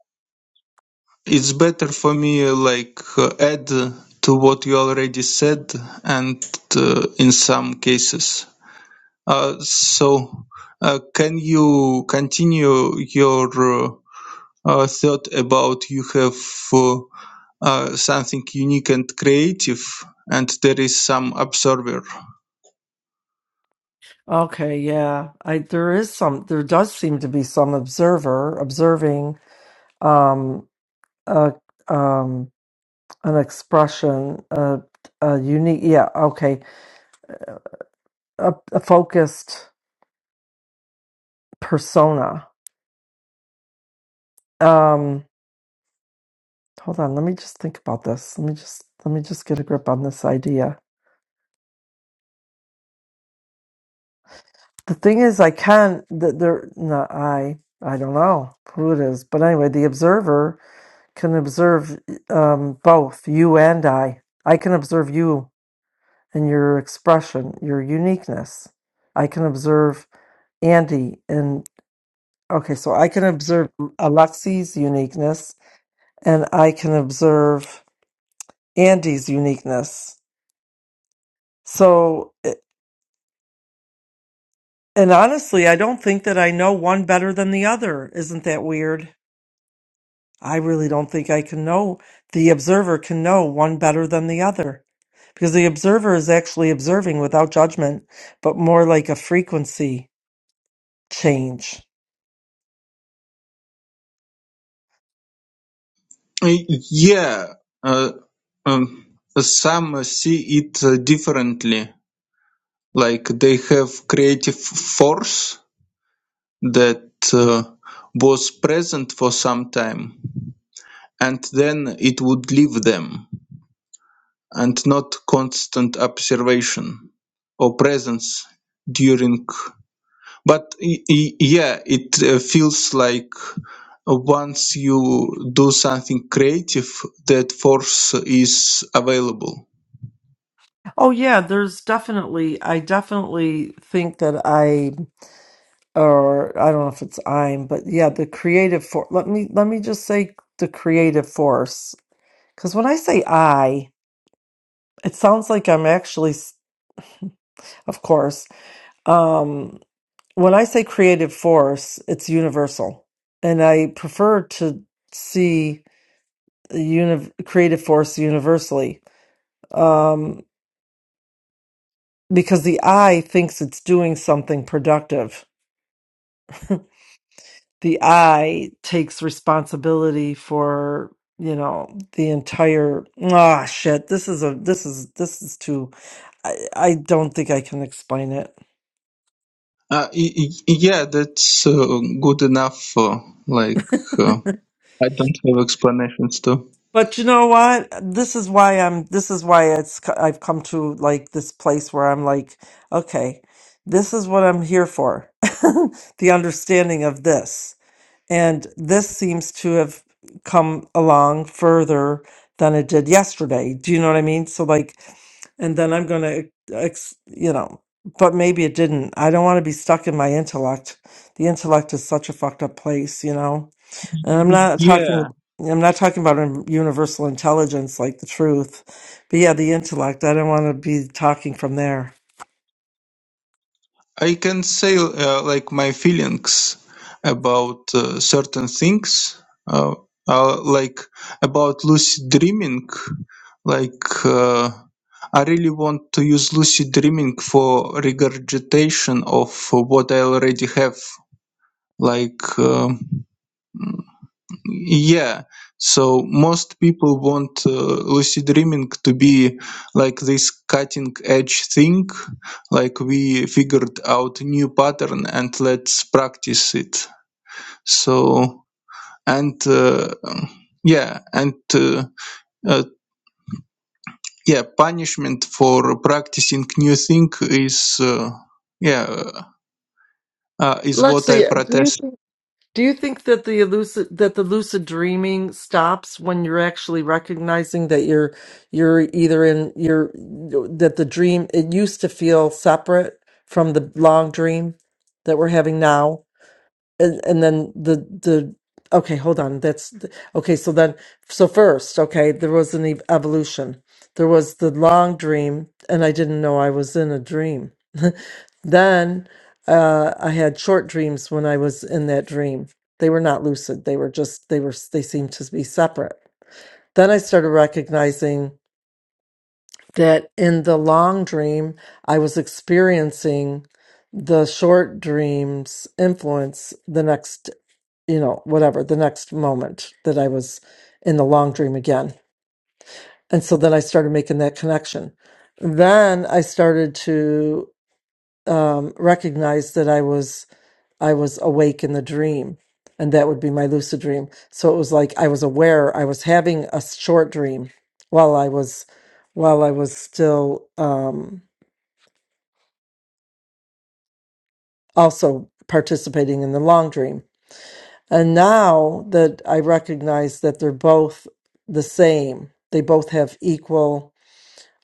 Speaker 5: it's better for me uh, like uh, add to what you already said and uh, in some cases Uh, so, uh, can you continue your uh, uh, thought about you have uh, uh, something unique and creative, and there is some observer?
Speaker 2: Okay, yeah. I there is some there does seem to be some observer observing um a um an expression a a unique yeah, okay. A, a focused persona. Um Hold on, let me just think about this. Let me just let me just get a grip on this idea. The thing is, I can't. th- There, not I. I don't know who it is, but anyway, the observer can observe um, both you and I. I can observe you and your expression, your uniqueness. I can observe Andy and okay, so I can observe Alexi's uniqueness, and I can observe Andy's uniqueness. So. eh, And honestly, I don't think that I know one better than the other. Isn't that weird? I really don't think I can know, the observer can know one better than the other. Because the observer is actually observing without judgment, but more like a frequency change.
Speaker 5: Y- Yeah, uh, um, some see it uh, differently. Like they have creative force that uh, was present for some time. And then it would leave them, and not constant observation or presence during. But y- y- yeah, it uh, feels like once you do something creative, that force is available.
Speaker 2: Oh, yeah, there's definitely, I definitely think that I, or I don't know if it's I'm, but yeah, the creative force. Let me, let me just say the creative force. Because when I say I, it sounds like I'm actually. s- Of course. Um, when I say creative force, it's universal. And I prefer to see a uni- creative force universally um, because the I thinks it's doing something productive. The I takes responsibility for you know the entire ah shit this is a this is this is too I, I don't think i can explain
Speaker 5: Uh, y- y- yeah, that's uh, good enough. Uh, like
Speaker 2: it
Speaker 5: uh, I don't have explanations too.
Speaker 2: But you know what? This is why I'm. This is why it's. co- I've come to like this place where I'm like, okay, this is what I'm here for. the understanding of this, and this seems to have come along further than it did yesterday. Do you know what I mean? So like, and then I'm gonna, ex, you know, but maybe it didn't. I don't want to be stuck in my intellect. The intellect is such a fucked up place, you know and I'm not
Speaker 5: Yeah,
Speaker 2: talking I'm not talking about a universal intelligence like the truth, but yeah, the intellect. I don't want to be talking from there.
Speaker 5: I can say uh, like my feelings about uh, certain things, uh, uh, like about lucid dreaming. Like uh, I really want to use lucid dreaming for regurgitation of what I already have. Like uh, yeah, so most people want uh, lucid dreaming to be like this cutting edge thing, like we figured out new pattern and let's practice it. So and uh, yeah, and uh, uh, yeah, punishment for practicing new thing is uh, yeah uh, is what I
Speaker 2: Lexi, uh, do you
Speaker 5: protest.
Speaker 2: think, do you think that the lucid that the lucid dreaming stops when you're actually recognizing that you're you're either in your that the dream it used to feel separate from the long dream that we're having now? and and then the the okay hold on that's okay so then so first okay there was an ev- evolution there was the long dream and i didn't know i was in a dream then uh i had short dreams when i was in that dream they were not lucid they were just they were they seemed to be separate then i started recognizing that in the long dream i was experiencing the short dreams influence the next you know, whatever, the next moment that I was in the long dream again. And so then I started making that connection. Then I started to um, recognize that I was I was awake in the dream, and that would be my lucid dream. So it was like I was aware I was having a short dream while I was while I was still um, also participating in the long dream And now that I recognize that they're both the same, they both have equal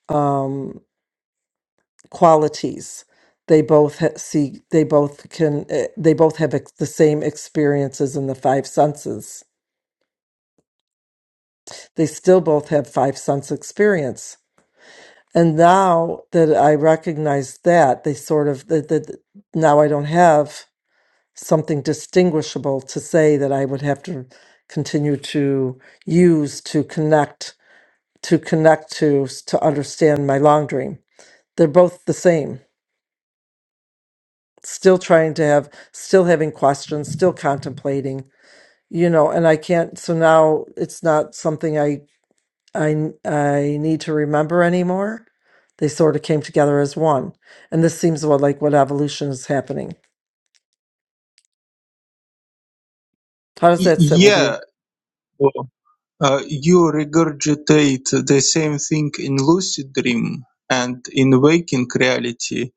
Speaker 2: um, qualities. They both ha- see, they both can, eh, they both have ex- the same experiences in the five senses. They still both have five sense experience. And now that I recognize that, they sort of, that, that now I don't have something distinguishable to say that I would have to continue to use to connect to connect to s- to understand my long dream. They're both the same. Still trying to have, still having questions, still contemplating, you know, and I can't, so now it's not something I I I need to remember anymore. They sort of came together as one. And this seems what like what evolution is happening. How does
Speaker 5: Y-
Speaker 2: that sit with you?
Speaker 5: yeah, Uh, You regurgitate the same thing in lucid dream and in waking reality.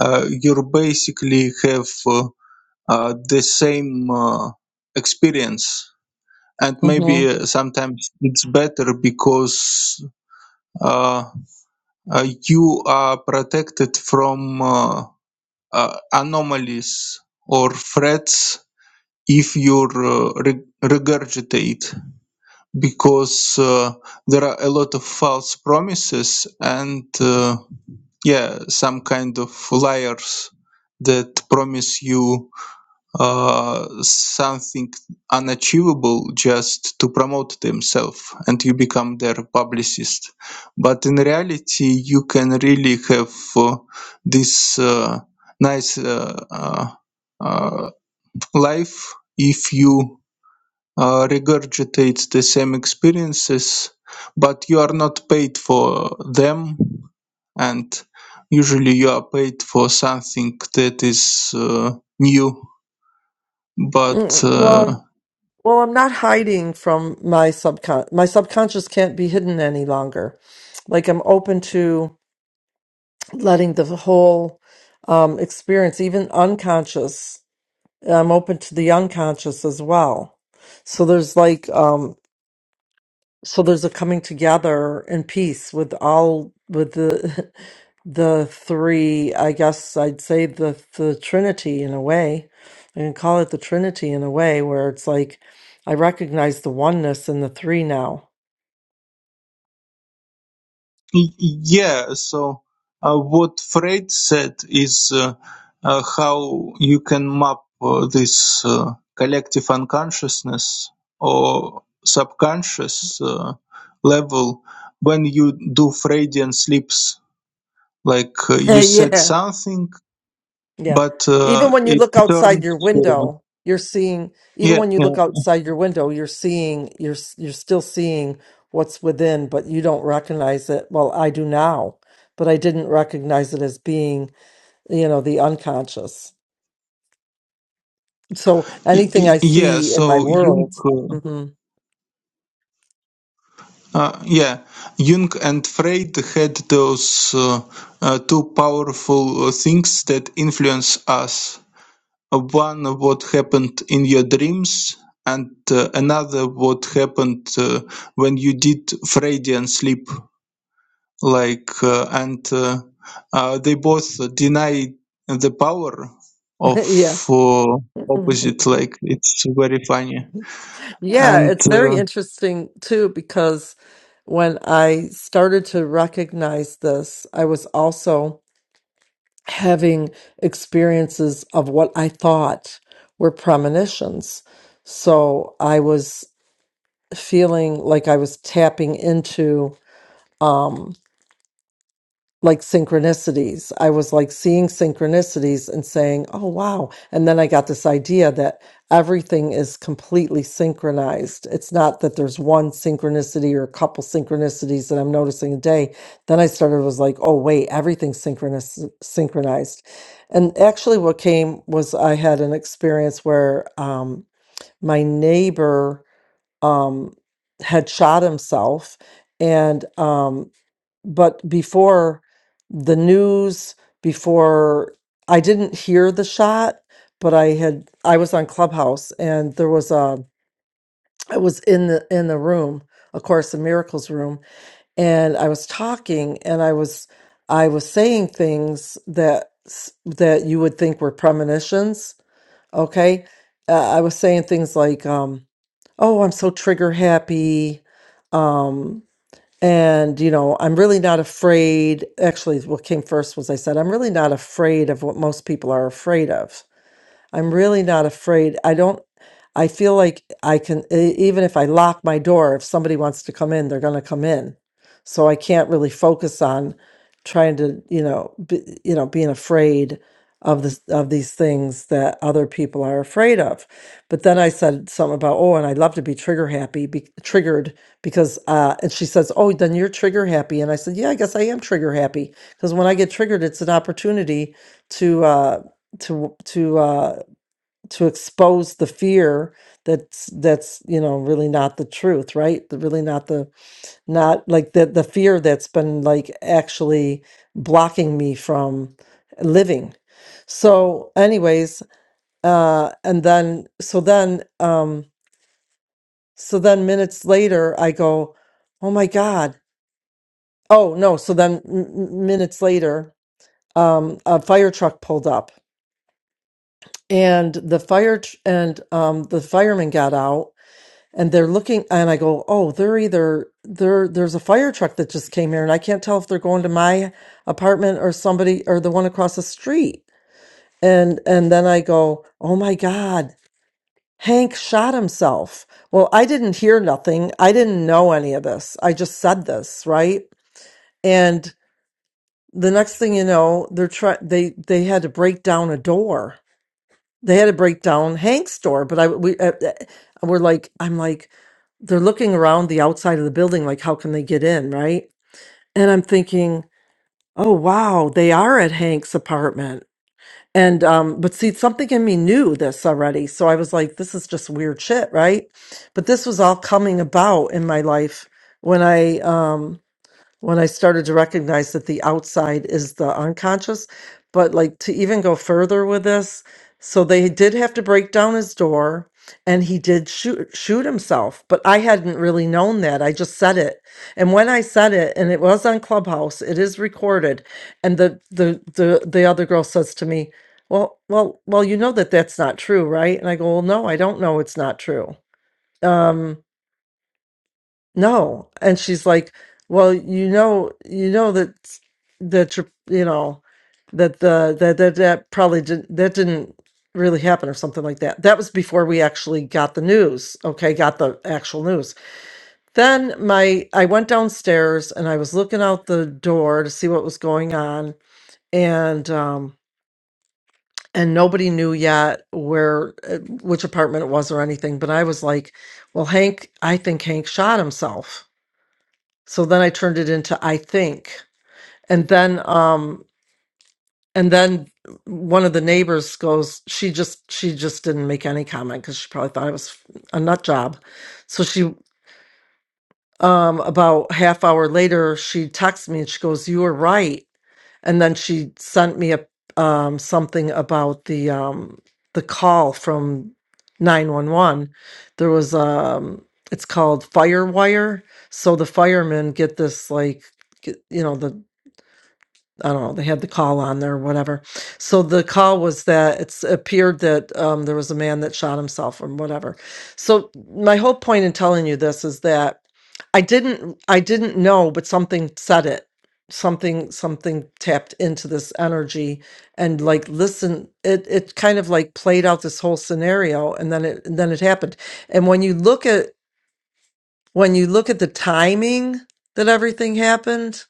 Speaker 5: Uh, you basically have uh, uh, the same uh, experience. And
Speaker 2: hmm
Speaker 5: maybe uh, sometimes it's better because uh, uh, you are protected from uh, uh, anomalies or threats if you uh, re- regurgitate. because uh, there are a lot of false promises and uh, yeah some kind of liars that promise you uh, something unachievable just to promote themselves and you become their publicist but in reality you can really have uh, this uh, nice uh, uh, uh, life if you uh, regurgitates the same experiences, but you are not paid for them, and usually you are paid for something that is uh, new. But
Speaker 2: Mm,
Speaker 5: uh,
Speaker 2: Well, well, I'm not hiding from my subcon. My subconscious can't be hidden any longer. Like I'm open to. letting the whole um, experience, even unconscious, I'm open to the unconscious as well. So there's like, um, so there's a coming together in peace with all, with the, the three, I guess I'd say the, the Trinity in a way. I can call it the Trinity in a way where it's like, I recognize the oneness in the three now.
Speaker 5: y- yeah, so uh, what Freud said is uh, uh, how you can map uh, this uh, collective unconsciousness or subconscious uh, level when you do Freudian sleeps Like uh, you said
Speaker 2: yeah.
Speaker 5: something,
Speaker 2: Yeah.
Speaker 5: but
Speaker 2: Even
Speaker 5: uh,
Speaker 2: when you
Speaker 5: it
Speaker 2: look outside
Speaker 5: turns.
Speaker 2: your
Speaker 5: Uh,
Speaker 2: window, you're seeing, even
Speaker 5: yeah,
Speaker 2: when you
Speaker 5: yeah,
Speaker 2: look outside your window, you're seeing, you're s- you're still seeing what's within, but you don't recognize it. Well, I do now, but I didn't recognize it as being, you know, the unconscious. So
Speaker 5: Y-
Speaker 2: anything
Speaker 5: y-
Speaker 2: I
Speaker 5: yeah.
Speaker 2: see in my
Speaker 5: So Jung,
Speaker 2: world,
Speaker 5: uh,
Speaker 2: hmm
Speaker 5: uh, yeah, Jung and Freud had those uh, uh, two powerful uh, things that influence us. Uh, One, what happened in your dreams, and uh, another, what happened uh, when you did Freudian sleep. like uh, and uh, uh, they both deny the power
Speaker 2: yeah.
Speaker 5: of uh, opposite like it's very funny
Speaker 2: Yeah,
Speaker 5: and
Speaker 2: it's very
Speaker 5: uh,
Speaker 2: interesting too, because when I started to recognize this, I was also having experiences of what I thought were premonitions. So I was feeling like I was tapping into. um, like synchronicities. I was like seeing synchronicities and saying, oh, wow. And then I got this idea that everything is completely synchronized. It's not that there's one synchronicity or a couple synchronicities that I'm noticing a day. Then I started, was like, oh, wait, everything's synchronous, synchronized. And actually, what came was I had an experience where um, my neighbor um, had shot himself. And um, but before the news, before I didn't hear the shot, but I had I was on Clubhouse and there was a I was in the in the room, of course, the miracles room, and I was talking and I was I was saying things that s- that you would think were premonitions. Okay, uh, I was saying things like, um, "Oh, I'm so trigger happy." Um, and, you know, I'm really not afraid. Actually, what came first was I said, I'm really not afraid of what most people are afraid of. I'm really not afraid. I don't, I feel like I can, e- even if I lock my door, if somebody wants to come in, they're going to come in. So I can't really focus on trying to, you know, be, you know, being afraid of this of these things that other people are afraid of. But then I said something about, oh, and I love to be trigger happy, be, triggered because, uh, and she says, oh, then you're trigger happy. And I said, yeah, I guess I am trigger happy because when I get triggered, it's an opportunity to, uh, to to uh to expose the fear that's that's you know really not the truth right The- really not the not like the the fear that's been like actually blocking me from living so anyways uh and then so then um so then minutes later i go oh my god oh no so then m- m- minutes later um a fire truck pulled up and the fire tr- and um the fireman got out and they're looking and i go oh they're either there there's a fire truck that just came here and i can't tell if they're going to my apartment or somebody or the one across the street and and then i go oh my god hank shot himself well i didn't hear nothing i didn't know any of this i just said this right and the next thing you know they're try they they had to break down a door they had to break down Hank's door, but I we uh, uh, we're like I'm like they're looking around the outside of the building like how can they get in, right? And I'm thinking, "Oh wow, they are at Hank's apartment." And um but see something in me knew this already. So I was like this is just weird shit, right? But this was all coming about in my life when I um when I started to recognize that the outside is the unconscious. But like to even go further with this, so they did have to break down his door and he did shoot shoot himself. But I hadn't really known that. I just said it. And when I said it, and it was on Clubhouse, it is recorded, and the the the, the other girl says to me, Well, well, well, you know that that's not true, right? And I go, Well, no, I don't know it's not true. Um no and she's like well you know you know that that you're you know that the that that, that probably did, that didn't really happen or something like that that was before we actually got the news okay got the actual news then my i went downstairs and i was looking out the door to see what was going on and um and nobody knew yet where uh, which apartment it was or anything but i was like well hank i think hank shot himself so then I turned it into I think. And then um and then one of the neighbors goes she just she just didn't make any comment cuz she probably thought it was a nut job. So she um about half hour later she texts me and she goes you were right. And then she sent me a um something about the um the call from 911. There was um it's called Firewire. So the firemen get this like get- you know the I don't know, they had the call on there or whatever. So the call was that it's appeared that um, there was a man that shot himself or whatever. So my whole point in telling you this is that I didn't I didn't know, but something said it. Something something tapped into this energy and like listen, it it kind of like played out this whole scenario and then it and then it happened. And when you look at when you look at the timing that everything happened,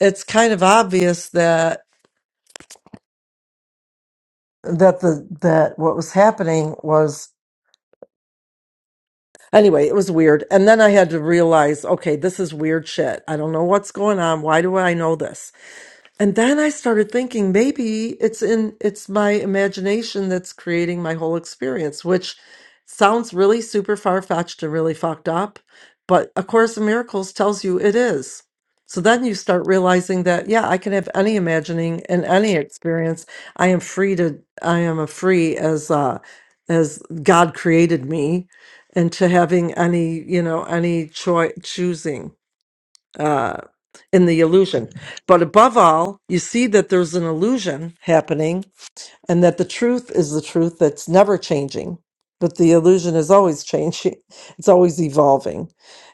Speaker 2: it's kind of obvious that that the that what was happening was anyway it was weird and then i had to realize okay this is weird shit i don't know what's going on why do i know this and then I started thinking maybe it's in it's my imagination that's creating my whole experience, which sounds really super far-fetched and really fucked up, but A Course in Miracles tells you it is. So then you start realizing that yeah, I can have any imagining and any experience. I am free to I am a free as uh as God created me and to having any, you know, any choice choosing uh, in the illusion. But above all, you see that there's an illusion happening and that the truth is the truth that's never changing, but the illusion is always changing, it's always evolving.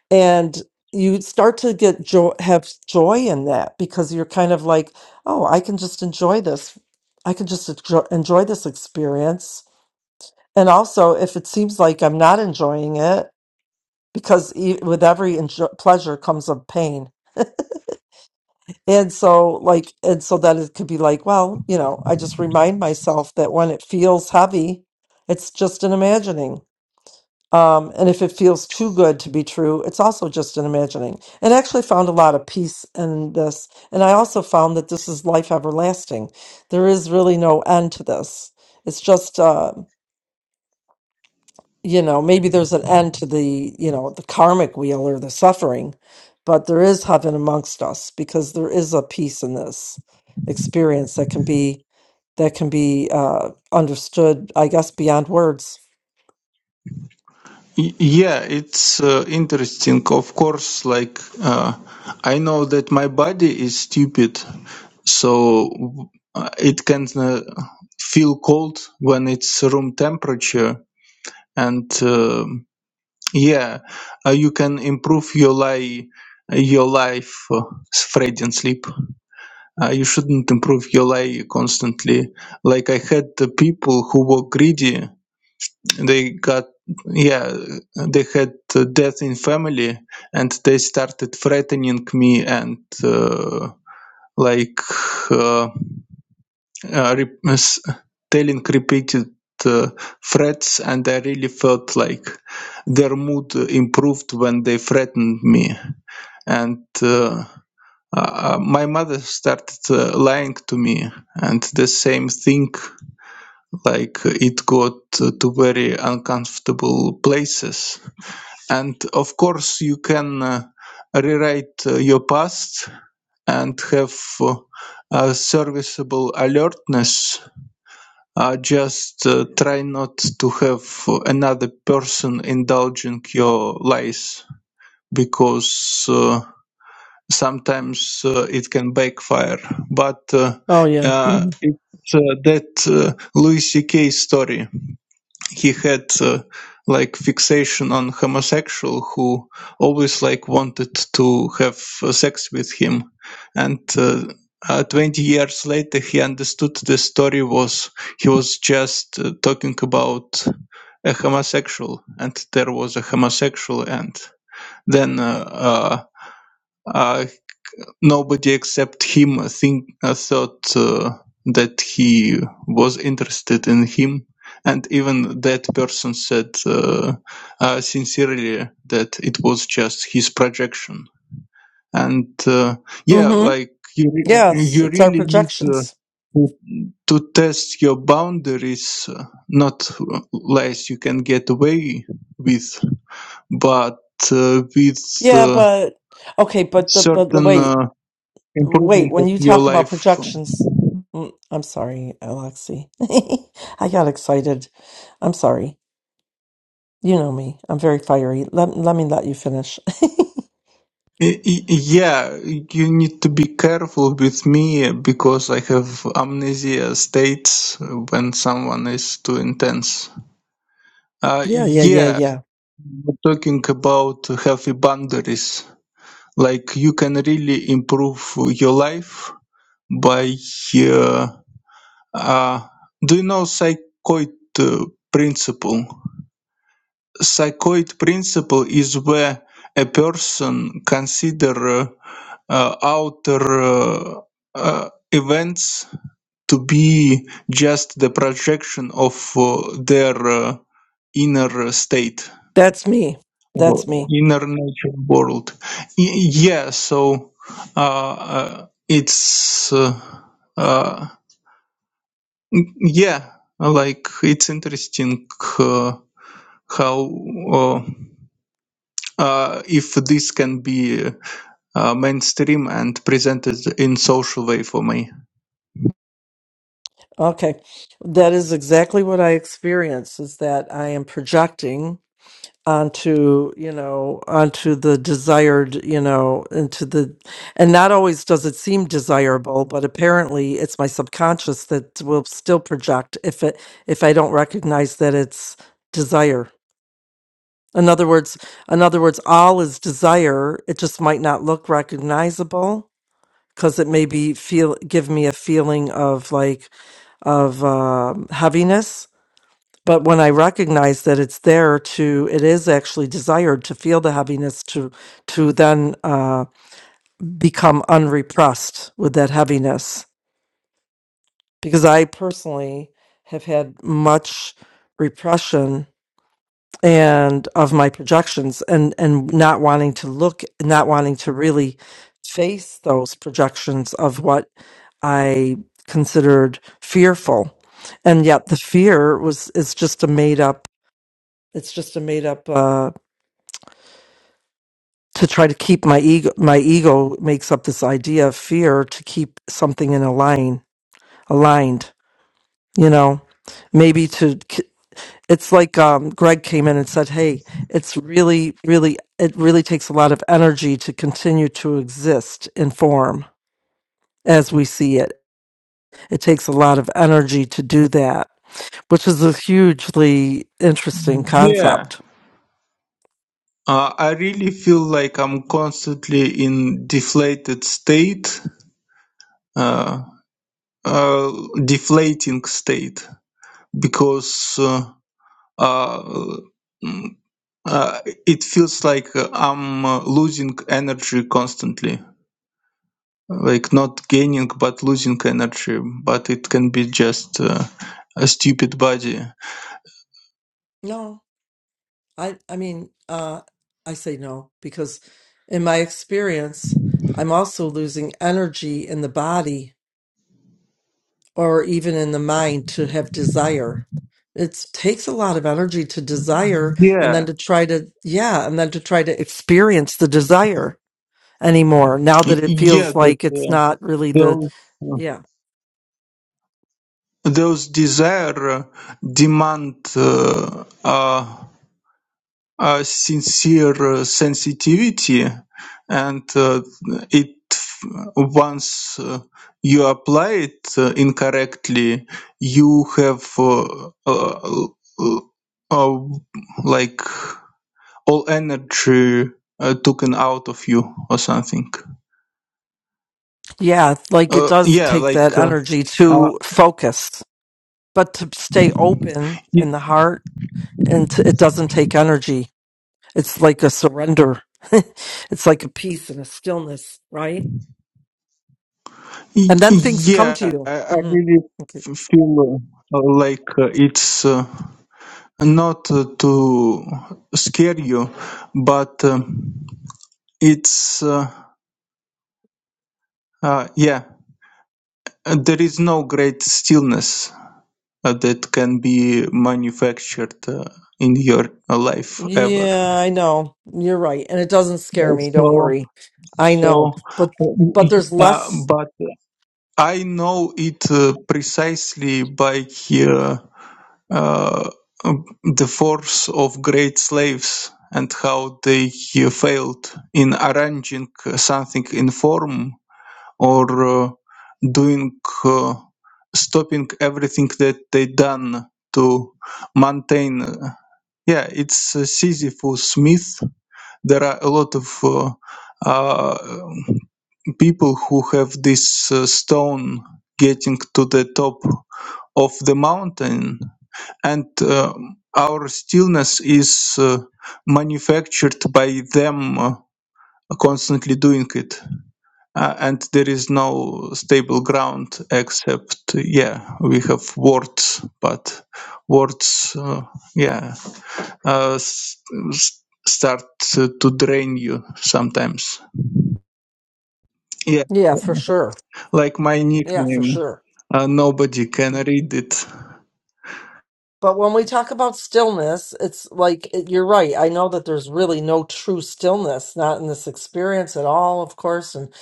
Speaker 2: And you start to get joy, have joy in that because you're kind of like, oh, I can just enjoy this. I can just enjoy, enjoy this experience. And also, if it seems like I'm not enjoying it, because e- with every enjo- pleasure comes a pain. And so, like, and so that it could be like, well, you know, I just remind myself that when it feels heavy, it's just an imagining. Um, and if it feels too good to be true, it's also just an imagining. And I actually found a lot of peace in this. And I also found that this is life everlasting. There is really no end to this. It's just, uh, you know, maybe there's an end to the, you know, the karmic wheel or the suffering, but there is heaven amongst us because there is a peace in this experience that can be that can be uh, understood, I guess, beyond words.
Speaker 5: y- yeah it's uh, interesting of course like uh, i know that my body is stupid so uh, it can uh, feel cold when it's room temperature and um Yeah, uh, you can improve your life, your life uh, Fred and sleep. Uh, you shouldn't improve your life constantly. Like I had the people who were greedy. They got yeah, they had uh, death in family, and they started threatening me and uh, like. Uh, uh, re- telling repeated uh, threats, and I really felt like their mood improved when they threatened me. And uh, uh, uh, my mother started uh, lying to me, and the same thing, like it got uh, to very uncomfortable places. And of course, you can. Uh, rewrite uh, your past and have uh, a serviceable alertness Uh, just uh, try not to have another person indulging your lies because uh, sometimes uh, it can backfire. But uh,
Speaker 2: Oh yeah.
Speaker 5: uh,
Speaker 2: hmm
Speaker 5: so that uh, Louis C.K. story he had uh, like fixation on homosexual who always like wanted to have uh, sex with him and uh, uh, 20 years later he understood the story was he was just uh, talking about a homosexual and there was a homosexual and then uh, uh, uh, Nobody except him think, uh, thought uh, that he was interested in him, and even that person said uh, uh, sincerely that it was just his projection. And uh, yeah,
Speaker 2: hmm
Speaker 5: like you, re-
Speaker 2: Yes,
Speaker 5: you
Speaker 2: it's our
Speaker 5: really need uh,
Speaker 2: projections.
Speaker 5: to, to test your boundaries, uh, not less you can get away with, but uh, with
Speaker 2: Yeah,
Speaker 5: uh,
Speaker 2: but okay, but the but the-
Speaker 5: certain
Speaker 2: wait,
Speaker 5: uh,
Speaker 2: Wait,
Speaker 5: improvement
Speaker 2: when
Speaker 5: of
Speaker 2: you
Speaker 5: your
Speaker 2: talk about
Speaker 5: life
Speaker 2: projections, mm, I'm sorry, Alexi. I got excited. I'm sorry. You know me. I'm very fiery. Let, let me let you finish.
Speaker 5: Y- y- Yeah, you need to be careful with me because I have amnesia states when someone is too intense. Uh,
Speaker 2: yeah, yeah, yeah,
Speaker 5: yeah,
Speaker 2: yeah.
Speaker 5: we're talking about healthy boundaries. Like you can really improve your life by. Uh, uh, do you know psychoid uh, principle? Psychoid principle is where a person consider uh, uh, outer uh, uh, events to be just the projection of uh, their uh, inner state
Speaker 2: That's me.
Speaker 5: or
Speaker 2: That's me.
Speaker 5: inner nature world. Y- yeah, so uh, uh, it's uh, uh, yeah, like it's interesting uh, how uh, uh, if this can be uh, mainstream and presented in social way for me.
Speaker 2: Okay. That is exactly what I experience is that I am projecting onto you know onto the desired you know into the and not always does it seem desirable but apparently it's my subconscious that will still project if it if i don't recognize that it's desire in other words in other words all is desire it just might not look recognizable because it may be feel give me a feeling of like of um, heaviness but when I recognize that it's there to, it is actually desired to feel the heaviness, to to then uh, become unrepressed with that heaviness. Because I personally have had much repression and of my projections, and and not wanting to look, not wanting to really face those projections of what I considered fearful, and yet the fear was is just a made up. It's just a made up. Uh, to try to keep my ego my ego makes up this idea of fear to keep something in a line aligned you know maybe to it's like um, greg came in and said hey it's really really it really takes a lot of energy to continue to exist in form as we see it it takes a lot of energy to do that which is a hugely interesting
Speaker 5: Yeah,
Speaker 2: concept.
Speaker 5: uh, I really feel like I'm constantly in deflated state, uh, uh, deflating state, because uh, uh, mm, uh, it feels like uh, I'm uh, losing energy constantly. like not gaining but losing energy but it can be just uh, a stupid body
Speaker 2: No, I I mean, uh, I say no because in my experience, I'm also losing energy in the body or even in the mind to have desire. It takes a lot of energy to desire and then
Speaker 5: yeah
Speaker 2: to try to, yeah, and then to try to experience the desire anymore now
Speaker 5: Y-
Speaker 2: that it
Speaker 5: yeah
Speaker 2: feels
Speaker 5: that,
Speaker 2: like it's
Speaker 5: uh,
Speaker 2: not really the,
Speaker 5: those
Speaker 2: yeah,
Speaker 5: those desire uh, demand uh, uh, a sincere uh, sensitivity and uh, it once uh, you apply it uh, incorrectly you have uh, uh, uh, uh, like all energy uh, taken out of you or something.
Speaker 2: yeah, like it
Speaker 5: Uh,
Speaker 2: does
Speaker 5: yeah,
Speaker 2: take that
Speaker 5: like uh,
Speaker 2: energy
Speaker 5: uh,
Speaker 2: to focus, but to stay open
Speaker 5: y-
Speaker 2: in the heart and to, it doesn't take energy. It's like a surrender. it's like a peace and a stillness, right?
Speaker 5: y-
Speaker 2: And then things come
Speaker 5: yeah,
Speaker 2: to you.
Speaker 5: I, I really
Speaker 2: hmm
Speaker 5: f- feel uh, like uh, it's uh, not uh, to scare you, but um it's uh, uh, yeah, uh, there is no great stillness uh, that can be manufactured. Uh, in your life ever
Speaker 2: Yeah, I know. You're right. And it doesn't scare me, don't
Speaker 5: so
Speaker 2: worry. I
Speaker 5: so
Speaker 2: know. But
Speaker 5: uh,
Speaker 2: but there's
Speaker 5: uh,
Speaker 2: less.
Speaker 5: but I know it uh, precisely by uh, uh, the force of great slaves and how they uh, failed in arranging something in form or uh, doing uh, stopping everything that they done to maintain. yeah, it's uh, Sisyphus myth. There are a lot of uh, uh, people who have this uh, stone getting to the top of the mountain and uh, our stillness is uh, manufactured by them uh, constantly doing it Uh, and there is no stable ground except uh, yeah we have words but words uh, yeah uh, s- s- start uh, to drain you sometimes yeah
Speaker 2: Yeah, for sure.
Speaker 5: like my
Speaker 2: Yeah, for
Speaker 5: nickname.
Speaker 2: sure.
Speaker 5: Uh, nobody can read it.
Speaker 2: But when we talk about stillness, it's like it- you're right. I know that there's really no true stillness, not in this experience at all, of course. And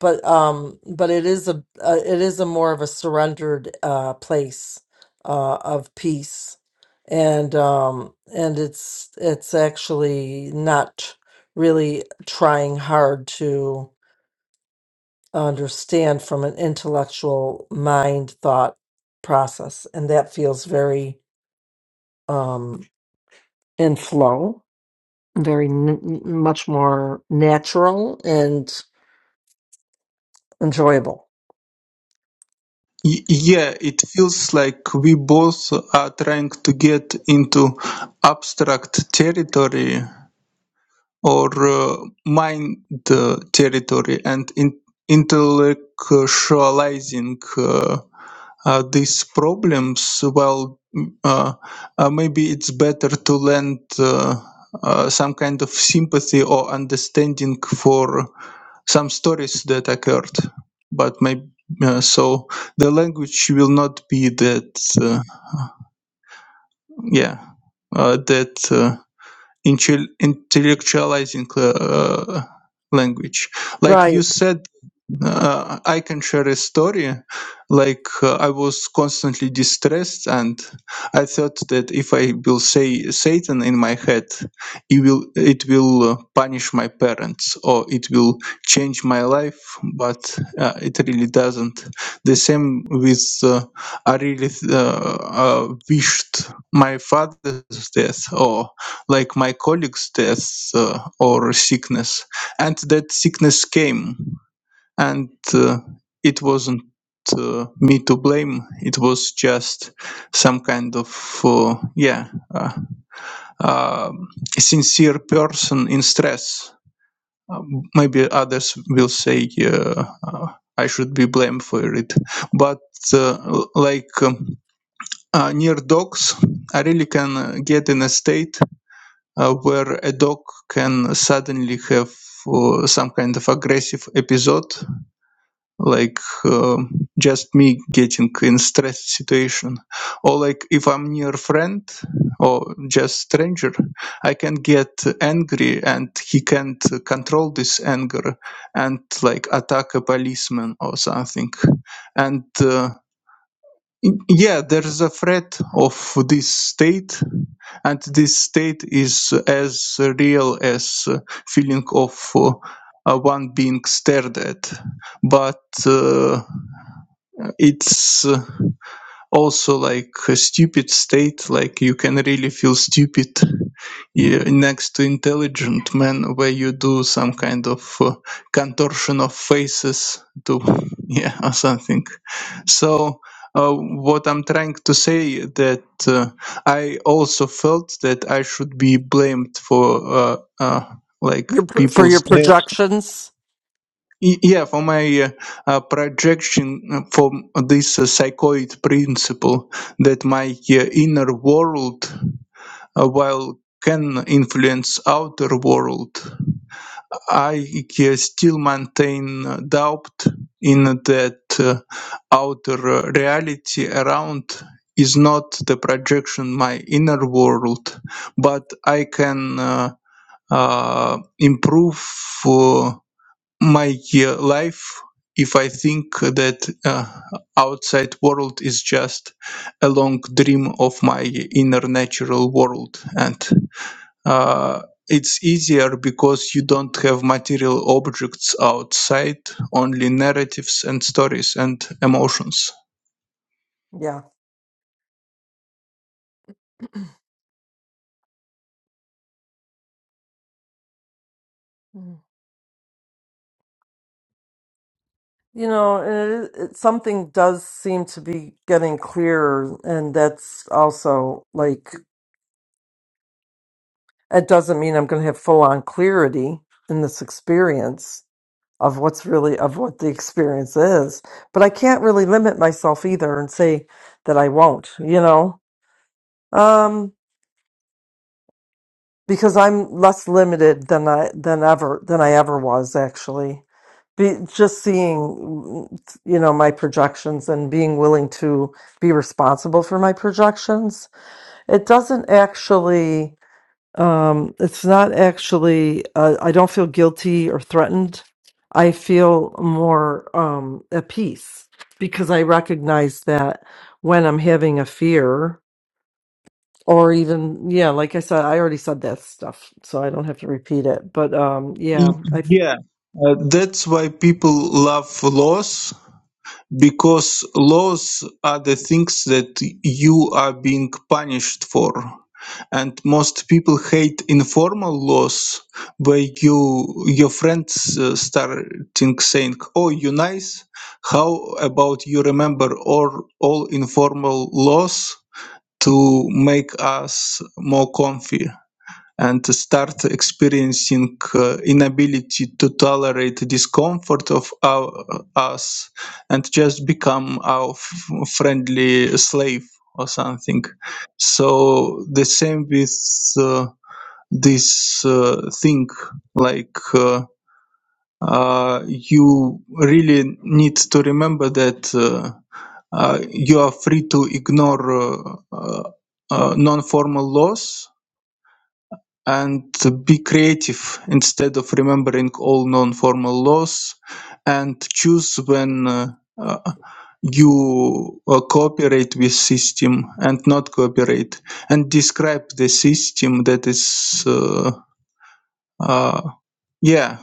Speaker 2: but um, but it is a uh, it is a more of a surrendered uh, place uh, of peace, and um, and it's it's actually not really trying hard to understand from an intellectual mind thought process, and that feels very. um and flow, very n- n- much more natural and enjoyable.
Speaker 5: Y- yeah, it feels like we both are trying to get into abstract territory or uh, mind uh, territory and in- intellectualizing uh, uh, these problems. Well, mm, uh, uh, maybe it's better to lend uh, uh, some kind of sympathy or understanding for some stories that occurred, but maybe uh, so the language will not be that uh, yeah uh, that uh, intel- intellectualizing uh, language. Like you
Speaker 2: Right.
Speaker 5: said, uh, I can share a story. Like uh, I was constantly distressed, and I thought that if I will say Satan in my head, it will it will uh, punish my parents or it will change my life. But uh, it really doesn't. The same with uh, I really uh, uh, wished my father's death or like my colleague's death uh, or sickness, and that sickness came and uh, it wasn't uh, me to blame. It was just some kind of uh, yeah uh, uh, sincere person in stress. Uh, maybe others will say uh, uh, I should be blamed for it, but uh, l- like um, uh, near dogs, I really can uh, get in a state uh, where a dog can suddenly have uh, some kind of aggressive episode like um just me getting in stress situation or like if i'm near friend or just stranger i can get angry and he can't control this anger and like attack a policeman or something and uh, yeah there's a threat of this state and this state is as real as uh, feeling of uh, uh, one being stared at but uh, it's uh, also like a stupid state like you can really feel stupid yeah, next to intelligent man where you do some kind of uh, contortion of faces to yeah or something so uh, what i'm trying to say that uh, i also felt that i should be blamed for uh, uh, like
Speaker 2: Your pr- for your
Speaker 5: people's
Speaker 2: projections.
Speaker 5: Y- Yeah, for my uh, uh, projection uh, from this uh, psychoid principle that my uh, inner world, uh, while can influence outer world, I uh, still maintain uh, doubt in that uh, outer uh, reality around is not the projection my inner world, but I can uh, uh, improve. uh, my uh, life if i think that uh, outside world is just a long dream of my inner natural world and uh, it's easier because you don't have material objects outside only narratives and stories and emotions
Speaker 2: Yeah. Mm. You know, and it, it, something does seem to be getting clearer, and that's also like it doesn't mean I'm going to have full on clarity in this experience of what's really of what the experience is, but I can't really limit myself either and say that I won't. You know, Um, because I'm less limited than I than ever than I ever was actually. Be, just seeing, you know, my projections and being willing to be responsible for my projections. It doesn't actually. Um, it's not actually. Uh, I don't feel guilty or threatened. I feel more um, at peace because I recognize that when I'm having a fear or even yeah like i said i already said that stuff so i don't have to repeat it but um
Speaker 5: Y-
Speaker 2: yeah i f-
Speaker 5: yeah uh, that's why people love laws because laws are the things that you are being punished for. And most people hate informal laws where you your friends uh, starting saying, "Oh, you nice. How about you remember all all informal laws to make us more comfy?" and to start experiencing uh, inability to tolerate discomfort of our, us and just become our f- friendly slave or something so the same with uh, this uh, thing like uh, uh, you really need to remember that uh, uh, you are free to ignore uh, uh, uh, non-formal laws and be creative instead of remembering all non-formal laws and choose when uh, uh, you uh, cooperate with system and not cooperate and describe the system that is uh, uh, yeah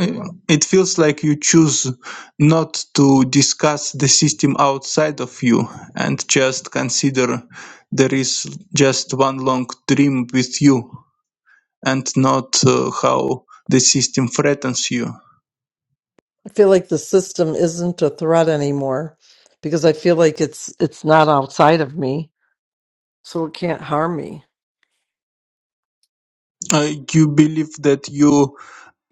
Speaker 5: uh, it feels like you choose not to discuss the system outside of you and just consider there is just one long dream with you and not uh, how the system threatens you.
Speaker 2: I feel like the system isn't a threat anymore because i feel like it's it's not outside of me so it can't harm me
Speaker 5: Uh, you believe that you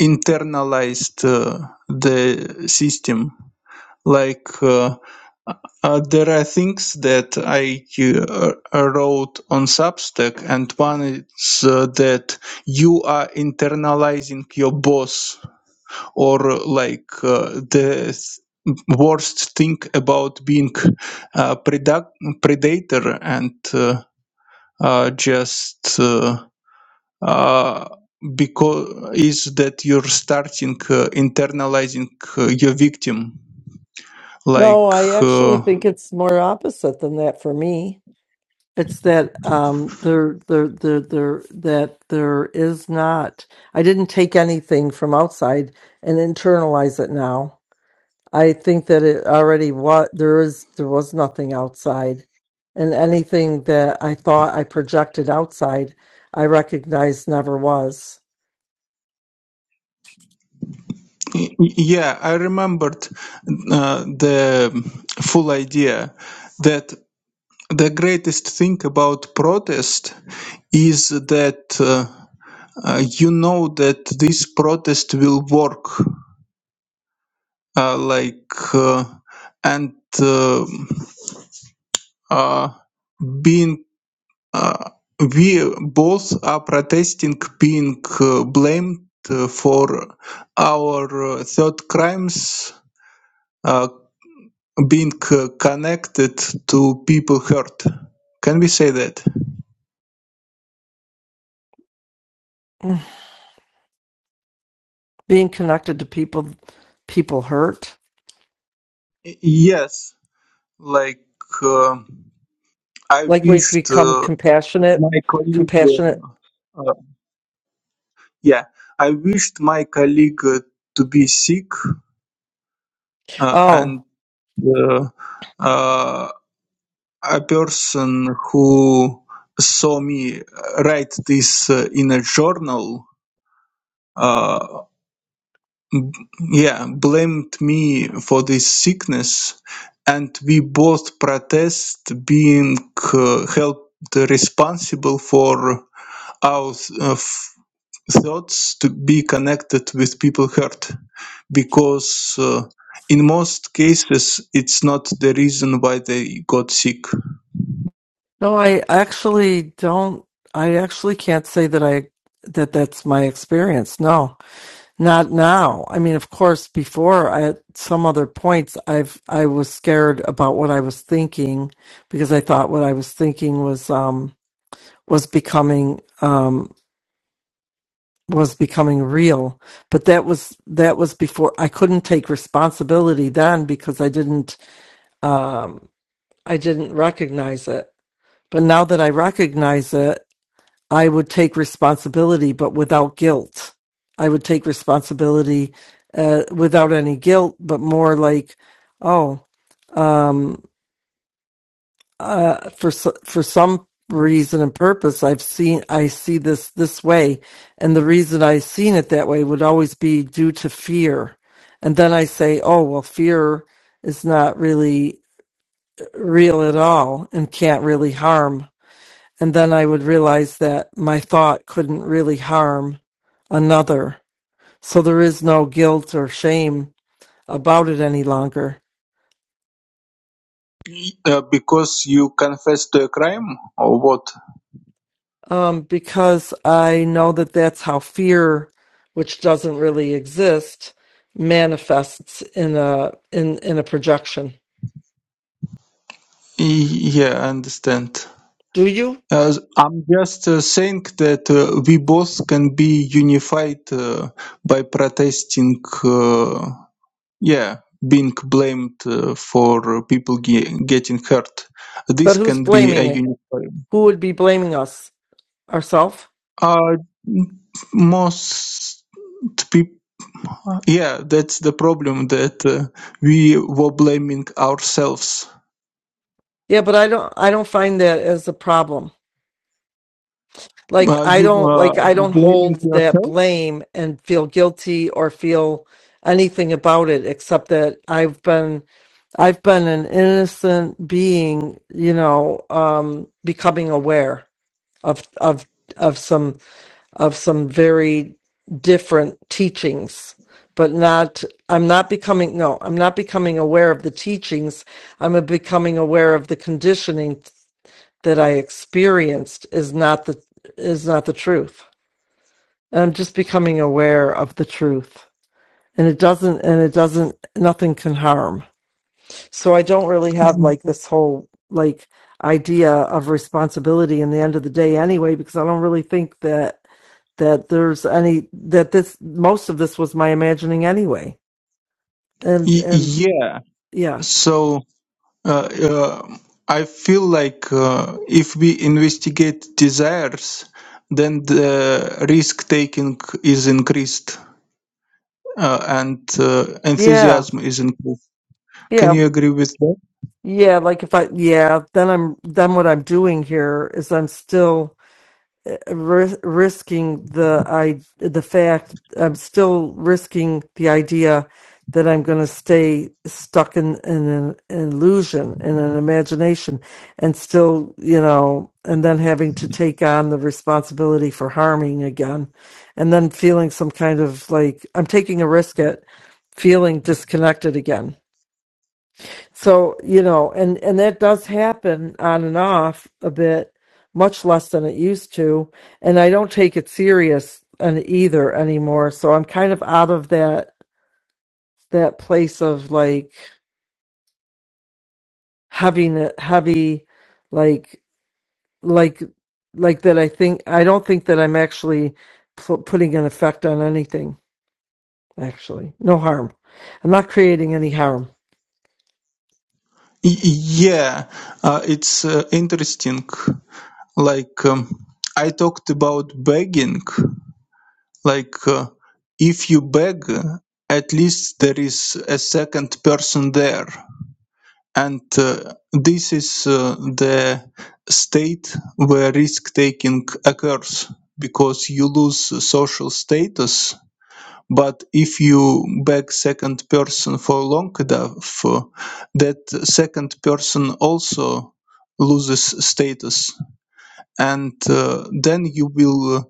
Speaker 5: internalized uh, the system. Like uh, uh, there are things that I uh, wrote on Substack, and one is uh, that you are internalizing your boss, or uh, like uh, the th- worst thing about being a predac- predator and uh, uh, just uh, uh, because is that you're starting uh, internalizing uh, your victim
Speaker 2: no
Speaker 5: like
Speaker 2: i actually
Speaker 5: uh,
Speaker 2: think it's more opposite than that for me it's that um there there there there that there is not i didn't take anything from outside and internalize it now I think that it already what there is there was nothing outside, and anything that I thought I projected outside, I recognized never was.
Speaker 5: y- yeah i remembered uh, the full idea that the greatest thing about protest is that uh, uh, you know that this protest will work uh, like uh, and uh, uh, being Uh, we both are protesting being uh, blamed uh, for our uh, third crimes uh, being uh, connected to people hurt. Can we say that?
Speaker 2: Being connected to people, people hurt.
Speaker 5: Y- Yes, like uh, I
Speaker 2: Like we've
Speaker 5: wished
Speaker 2: become
Speaker 5: uh,
Speaker 2: compassionate,
Speaker 5: my colleague,
Speaker 2: compassionate.
Speaker 5: uh, uh, yeah, I wished my colleague uh, to be sick uh,
Speaker 2: Oh
Speaker 5: and. Uh, uh, a person who saw me write this uh, in a journal uh, yeah blamed me for this sickness and we both protest being uh, held responsible for our uh, f- thoughts to be connected with people hurt because uh, in most cases it's not the reason why they got sick
Speaker 2: no, I actually don't. I actually can't say that I that that's my experience. No. Not now. I mean, of course, before I, at some other points, I've I was scared about what I was thinking because I thought what I was thinking was um was becoming um was becoming real. But that was that was before I couldn't take responsibility then because I didn't um I didn't recognize it. But now that I recognize it, I would take responsibility, but without guilt. I would take responsibility uh, without any guilt, but more like, oh, um, uh, for so- for some reason and purpose, I've seen I see this this way, and the reason I seen it that way would always be due to fear, and then I say, oh well, fear is not really real at all and can't really harm and then I would realize that my thought couldn't really harm another. So there is no guilt or shame about it any longer.
Speaker 5: uh, because you confess to a crime or what
Speaker 2: Um, because I know that that's how fear, which doesn't really exist, manifests in a in in a projection.
Speaker 5: Y- yeah i understand
Speaker 2: Do you?
Speaker 5: Uh, I'm just uh, saying that uh, we both can be unified uh, by protesting, uh, yeah, being blamed uh, for people ge- getting hurt.
Speaker 2: But
Speaker 5: This
Speaker 2: who's
Speaker 5: can be a
Speaker 2: blaming it?
Speaker 5: unified.
Speaker 2: Who would be blaming us? Ourself?
Speaker 5: Uh, most people, yeah, that's the problem that uh, we were blaming ourselves.
Speaker 2: Yeah, but I don't I don't find that as a problem. like
Speaker 5: Uh,
Speaker 2: i
Speaker 5: you
Speaker 2: don't
Speaker 5: uh,
Speaker 2: like i don't
Speaker 5: blaming
Speaker 2: hold that
Speaker 5: yourself?
Speaker 2: blame and feel guilty or feel anything about it except that i've been i've been an innocent being you know um becoming aware of of of some of some very different teachings but not i'm not becoming no i'm not becoming aware of the teachings i'm becoming aware of the conditioning that i experienced is not the is not the truth and just becoming aware of the truth and it doesn't and it doesn't nothing can harm so i don't really have
Speaker 5: Y-
Speaker 2: like this whole like idea of responsibility in the end of the day anyway because i don't really think that that there's any that this most of this was my imagining anyway and and
Speaker 5: yeah.
Speaker 2: yeah
Speaker 5: So. Uh, uh, I feel like uh, if we investigate desires, then the risk taking is increased uh, and uh,
Speaker 2: yeah
Speaker 5: enthusiasm is increased. Can
Speaker 2: yeah
Speaker 5: you agree with that?
Speaker 2: yeah like if i yeah then i'm then what i'm doing here is i'm still ris- risking the i the fact i'm still risking the idea that i'm going to stay stuck in, in an illusion in an imagination and still you know and then having to take on the responsibility for harming again and then feeling some kind of like i'm taking a risk at feeling disconnected again so, you know, and and that does happen on and off a bit, much less than it used to, and I don't take it serious and either anymore. So I'm kind of out of that that place of like having it heavy like like like that I think I don't think that I'm actually pu- putting an effect on anything actually. No harm. I'm not creating any harm.
Speaker 5: Y- yeah, uh, it's uh, interesting. Like um, I talked about begging, like uh, if you beg, at least there is a second person there and uh, this is uh, the state where risk taking occurs because you lose social status but if you back second person for long enough uh, that second person also loses status and uh, then you will uh,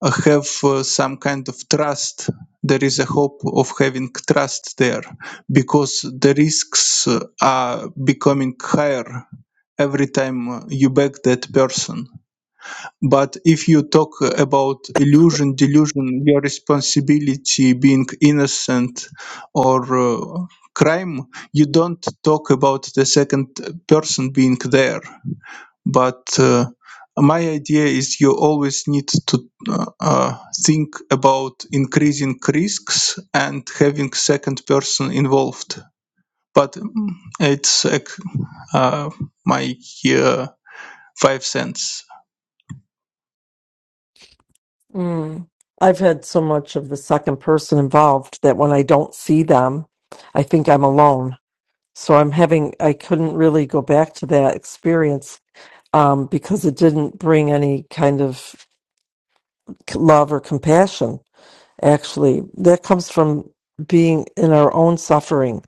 Speaker 5: uh, have uh, some kind of trust. There is a hope of having trust there because the risks uh, are becoming higher every time uh, you back that person. But if you talk about illusion, delusion, your responsibility being innocent or uh, crime, you don't talk about the second person being there but uh, my idea is you always need to uh, uh, think about increasing risks and having second person involved but mm, it's ac- uh, my uh, five cents
Speaker 2: Mm. I've had so much of the second person involved that when I don't see them, I think I'm alone. So I'm having, I couldn't really go back to that experience um, because it didn't bring any kind of c- love or compassion. Actually, that comes from being in our own suffering.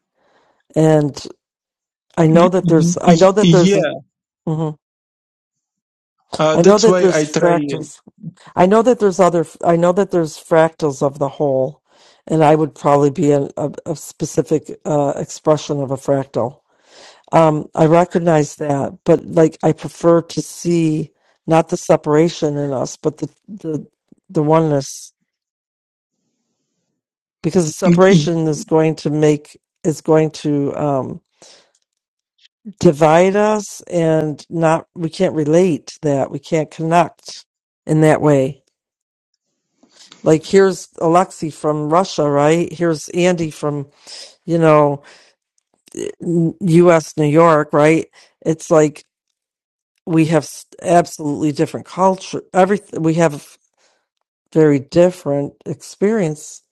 Speaker 2: And I
Speaker 5: Y-
Speaker 2: know that
Speaker 5: y-
Speaker 2: there's, I
Speaker 5: y-
Speaker 2: know that there's, a,
Speaker 5: yeah
Speaker 2: mhm.
Speaker 5: uh,
Speaker 2: I know
Speaker 5: that's
Speaker 2: that
Speaker 5: why
Speaker 2: there's
Speaker 5: i try y-
Speaker 2: factors I know that there's other, I know that there's fractals of the whole, and I would probably be a, a, a specific uh, expression of a fractal. Um, I recognize that, but like I prefer to see not the separation in us, but the the the oneness, because the
Speaker 5: y-
Speaker 2: separation is going to make is going to um, divide us, and not we can't relate to that, we can't connect in that way Like here's Alexei from Russia, right? Here's Andy from, you know, US New York, right? It's like we have s- absolutely different culture. Everything we have very different experience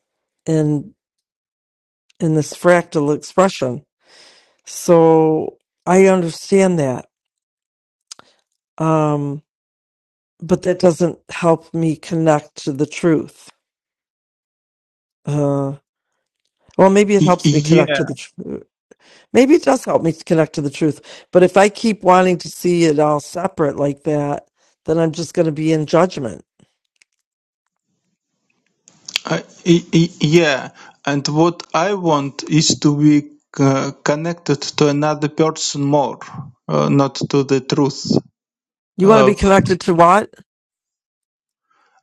Speaker 2: in in this fractal expression. So I understand that. Um but that doesn't help me connect to the truth. Uh well, maybe it
Speaker 5: y-
Speaker 2: helps me connect to
Speaker 5: yeah
Speaker 2: the truth. Maybe it does help me to connect to the truth. But if I keep wanting to see it all separate like that, then I'm just going to be in judgment.
Speaker 5: uh, y- y- yeah and what i want is to be uh, connected to another person more uh, not to the truth
Speaker 2: You want to
Speaker 5: uh,
Speaker 2: be connected to what?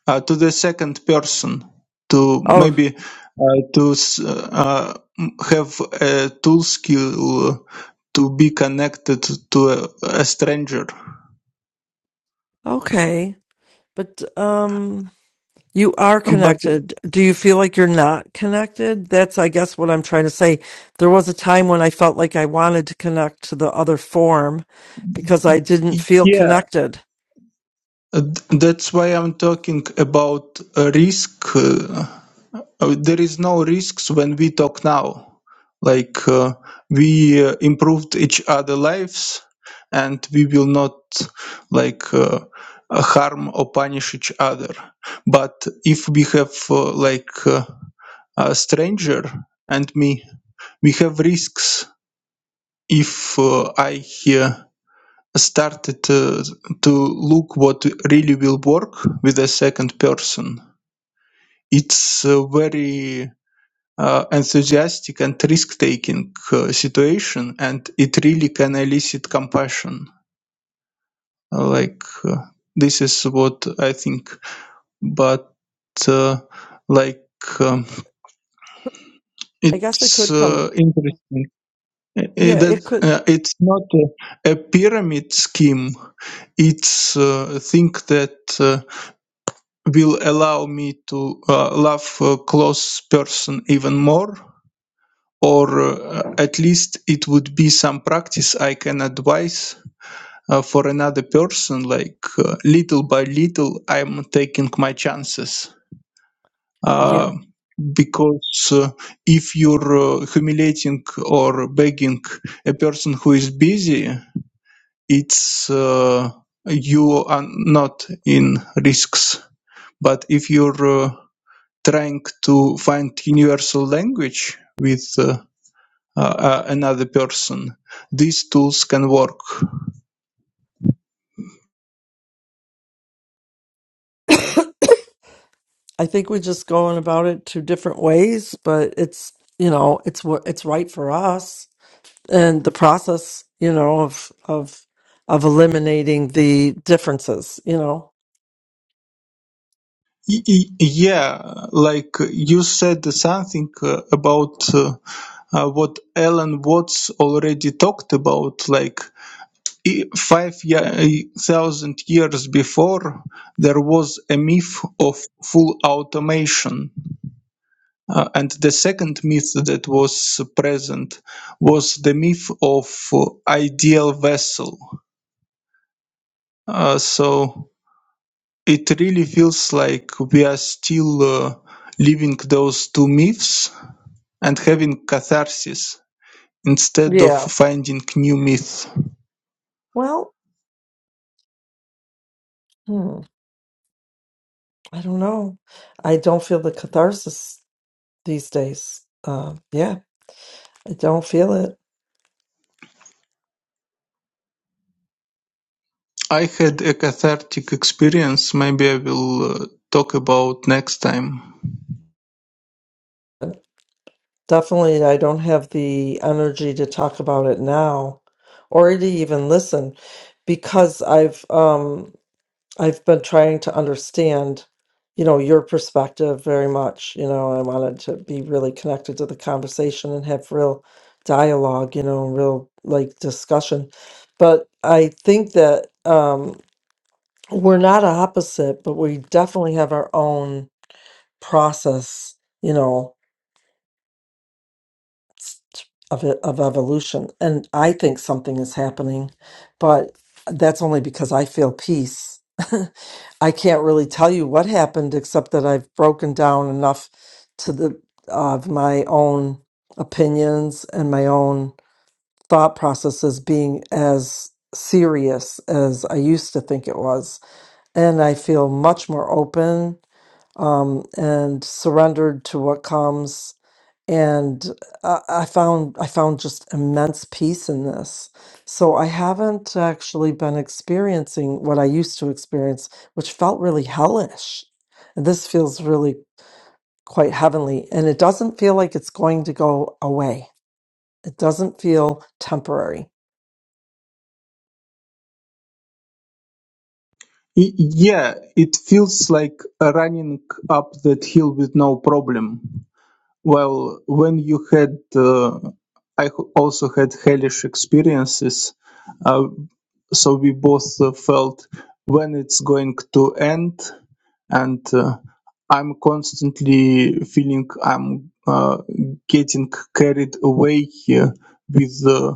Speaker 5: uh, to the second person to
Speaker 2: Oh,
Speaker 5: maybe uh, to s- uh, uh, have a tool skill to be connected to a, a stranger
Speaker 2: okay. But um you are
Speaker 5: but
Speaker 2: connected. Do you feel like you're not connected? That's I guess what I'm trying to say. There was a time when I felt like I wanted to connect to the other form because I didn't feel
Speaker 5: yeah
Speaker 2: connected.
Speaker 5: th- that's why i'm talking about a risk uh, Uh, there is no risks when we talk now like uh, we uh, improved each other lives and we will not like uh, uh, harm or punish each other but if we have uh, like uh, a stranger and me we have risks if uh, i uh, started uh, to look what really will work with a second person it's uh, very uh, enthusiastic and risk-taking uh, situation, and it really can elicit compassion. Uh, Like uh, this is what I think, but uh, like um,
Speaker 2: I guess it
Speaker 5: it's
Speaker 2: could
Speaker 5: uh,
Speaker 2: come.
Speaker 5: interesting uh, uh,
Speaker 2: Yeah,
Speaker 5: that
Speaker 2: it could.
Speaker 5: uh, it's not a, a pyramid scheme. It's uh, a thing that uh, will allow me to uh, love a close person even more or uh, at least it would be some practice I can advise uh, for another person. Like uh, little by little, I'm taking my chances.
Speaker 2: Yeah.
Speaker 5: Uh, because uh, if you're uh, humiliating or begging a person who is busy, it's uh, you are not in risks. But if you're uh, trying to find universal language with uh, uh, uh, another person. These tools can work.
Speaker 2: I think we're just going about it two different ways, but it's you know it's what it's right for us and the process you know of of of eliminating the differences. You know,
Speaker 5: Yeah, like you said something uh, about uh, uh, what Alan Watts already talked about. Like i- five ye- thousand years before, there was a myth of full automation. Uh, and the second myth that was present was the myth of uh, ideal vessel. Uh, so it really feels like we are still uh, living those two myths and having catharsis instead of
Speaker 2: yeah.
Speaker 5: finding new myth.
Speaker 2: Well, hmm, I don't know. I don't feel the catharsis these days. Uh, yeah, I don't feel it.
Speaker 5: I had a cathartic experience. Maybe I will uh, talk about next time.
Speaker 2: Definitely, I don't have the energy to talk about it now, or to even listen, because I've um I've been trying to understand, you know, your perspective very much. You know, I wanted to be really connected to the conversation and have real dialogue, you know, real like discussion. But I think that um, we're not opposite, but we definitely have our own process, you know, of it, of evolution. And I think something is happening, but that's only because I feel peace. I can't really tell you what happened, except that I've broken down enough to the of my own opinions and my own thought processes being as serious as I used to think it was, and I feel much more open um, and surrendered to what comes and I, I found I found just immense peace in this. So I haven't actually been experiencing what I used to experience, which felt really hellish. And this feels really quite heavenly, and it doesn't feel like it's going to go away. It doesn't feel temporary.
Speaker 5: Y- yeah, it feels like running up that hill with no problem Well, when you had, uh, I h- also had hellish experiences, uh, so we both uh, felt when it's going to end, and uh, I'm constantly feeling I'm uh, getting carried away here with uh,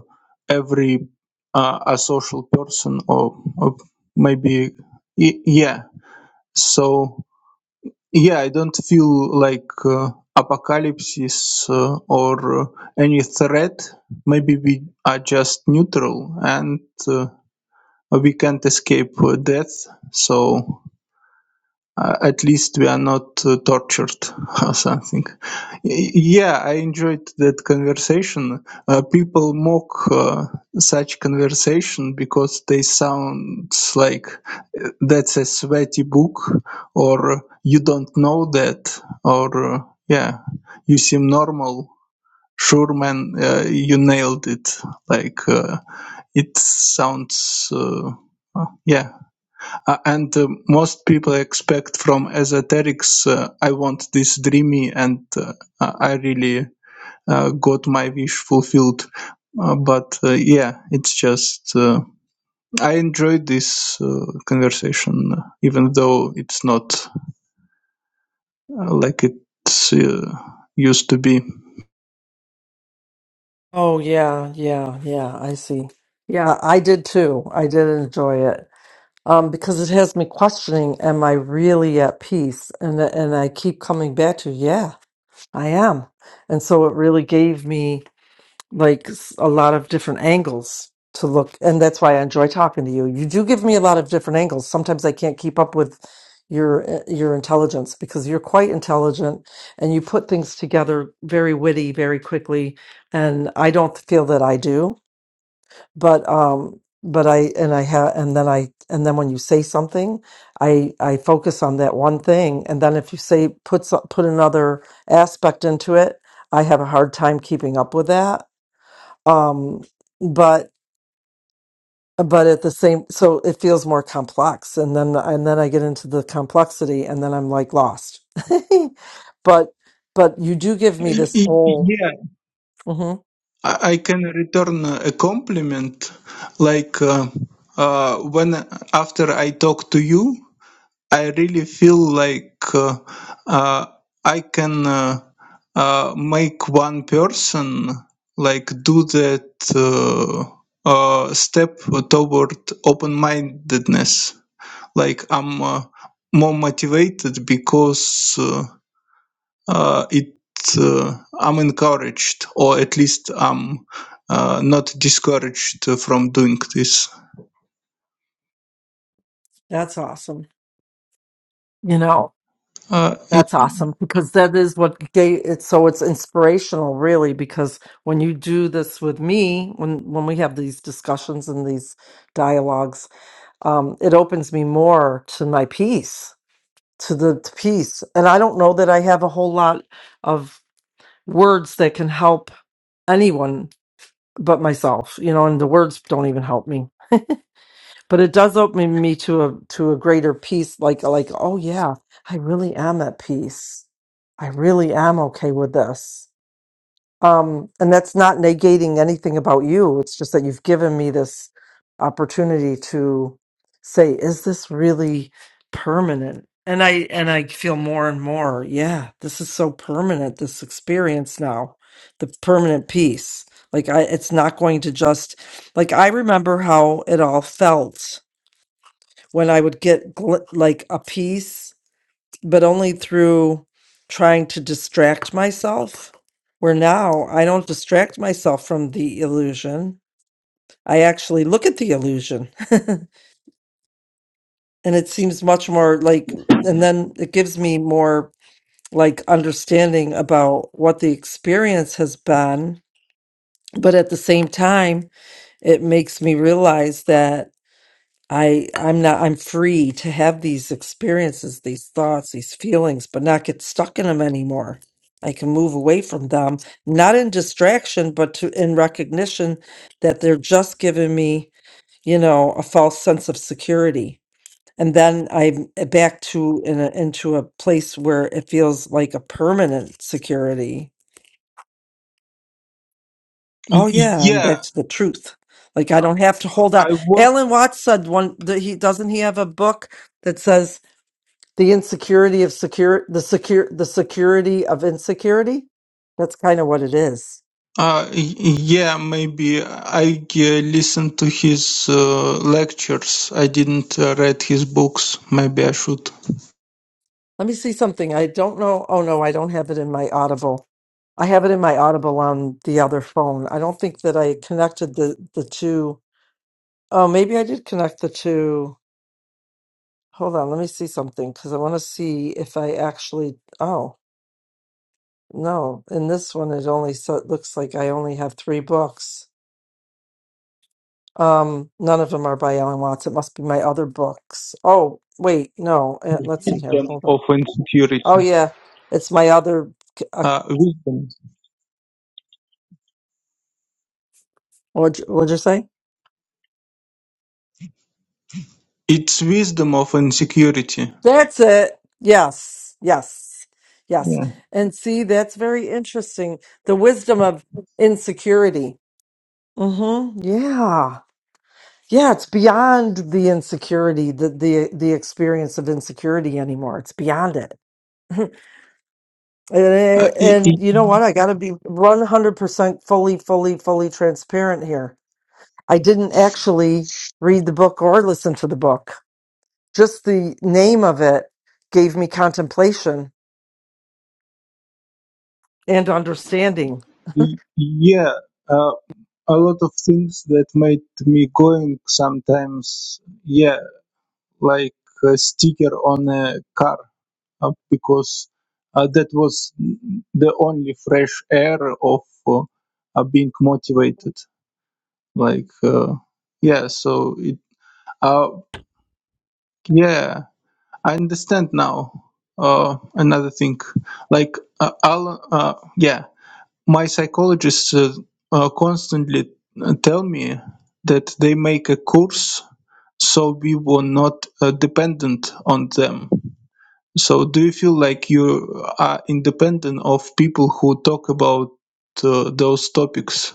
Speaker 5: every uh, a social person or, or maybe y- yeah. So yeah, I don't feel like uh, apocalypses uh, or uh, any threat. Maybe we are just neutral and uh, we can't escape uh, death. So uh, at least we are not uh, tortured or something. Y- Yeah, I enjoyed that conversation. Uh, people mock uh, such conversation because they sound like uh, that's a sweaty book, or you don't know that, or uh, yeah, you seem normal. Sure, man, uh, you nailed it. Like uh, it sounds, uh, uh, yeah, uh, and uh, most people expect from esoterics, uh, I want this dreamy, and uh, I really uh, got my wish fulfilled. Uh, but uh, yeah, it's just uh, I enjoyed this uh, conversation, uh, even though it's not uh, like it's uh, used to be.
Speaker 2: Oh yeah, yeah, yeah. I see. Yeah, I did too. I did enjoy it um, because it has me questioning: Am I really at peace? And and I keep coming back to, yeah, I am. And so it really gave me. like s- a lot of different angles to look and that's why I enjoy talking to you. You do give me a lot of different angles. Sometimes I can't keep up with your uh, your intelligence because you're quite intelligent and you put things together very witty very quickly and I don't feel that I do. But um but I and I have and then I and then when you say something I I focus on that one thing and then if you say put so- put another aspect into it I have a hard time keeping up with that um but but at the same so it feels more complex and then and then i get into the complexity and then i'm like lost but but you do give me this whole
Speaker 5: Yeah,
Speaker 2: hmm
Speaker 5: I I can return a compliment, like uh, uh, when after I talk to you, I really feel like uh, uh, I can uh, uh, make one person like do that uh, uh, step toward open-mindedness. Like I'm uh, more motivated because uh, uh, it uh, I'm encouraged, or at least I'm uh, not discouraged from doing this.
Speaker 2: that's awesome you know
Speaker 5: Uh, y-
Speaker 2: that's awesome because that is what gave it. so it's inspirational really because when you do this with me when when we have these discussions and these dialogues um it opens me more to my peace to the t- piece. And I don't know that I have a whole lot of words that can help anyone but myself, you know, and the words don't even help me. But it does open me to a to a greater peace, like like, oh yeah, I really am at peace. I really am okay with this. Um, and that's not negating anything about you. It's just that you've given me this opportunity to say, is this really permanent? And I and I feel more and more, yeah, this is so permanent, this experience now, the permanent piece. Like I it's not going to just like I remember how it all felt when I would get gl- like a piece but only through trying to distract myself. Where now I don't distract myself from the illusion. I actually look at the illusion and it seems much more like, and then it gives me more like understanding about what the experience has been. But at the same time, it makes me realize that. I I'm not I'm free to have these experiences, these thoughts, these feelings, but not get stuck in them anymore. I can move away from them, not in distraction, but to in recognition that they're just giving me, you know, a false sense of security. And then I'm eh, back to in a, into a place where it feels like a permanent security.
Speaker 5: y-
Speaker 2: Oh yeah, I'm back
Speaker 5: yeah,
Speaker 2: to the truth. Like I don't have to hold
Speaker 5: I
Speaker 2: on.
Speaker 5: work
Speaker 2: Alan Watts said one. that He doesn't he have a book that says The insecurity of secure the secure the security of insecurity. That's kind of what it is.
Speaker 5: Uh, y- yeah, maybe I uh, listened to his uh, lectures. I didn't uh, read his books. Maybe I should.
Speaker 2: Let me see something. I don't know. Oh no, I don't have it in my Audible. I have it in my Audible on the other phone. I don't think that I connected the the two. Oh, maybe I did connect the two. Hold on, let me see something because I want to see if I actually. Oh no, in this one it only so it looks like I only have three books. Um, none of them are by Ellen Watts. It must be my other books. Oh, wait, no. Uh, let's see here.
Speaker 5: Wisdom
Speaker 2: Hold on.
Speaker 5: of
Speaker 2: Oh,
Speaker 5: insecurity.
Speaker 2: yeah. It's my other. Uh,
Speaker 5: Uh, wisdom.
Speaker 2: what'd, you, what'd you say?
Speaker 5: It's wisdom of insecurity.
Speaker 2: That's it. Yes. Yes. Yes.
Speaker 5: Yeah.
Speaker 2: And see, that's very interesting. The wisdom of insecurity. Mm-hmm. Yeah. Yeah, it's beyond the insecurity, the the the experience of insecurity anymore. It's beyond it.
Speaker 5: Uh,
Speaker 2: And,
Speaker 5: i i
Speaker 2: and you know what? I got to be 100% fully, fully, fully transparent here. I didn't actually read the book or listen to the book. Just the name of it gave me contemplation and understanding.
Speaker 5: i- yeah. Uh, a lot of things that made me going sometimes. Yeah, like a sticker on a car. uh, because uh, that was the only fresh air of uh, uh, being motivated. Like, uh, yeah, so it, uh, yeah, I understand now. Uh, another thing, like, uh, I'll, uh, yeah, my psychologists uh, uh, constantly uh, tell me that they make a course so we were not uh, dependent on them So do you feel like you are independent of people who talk about uh, those topics?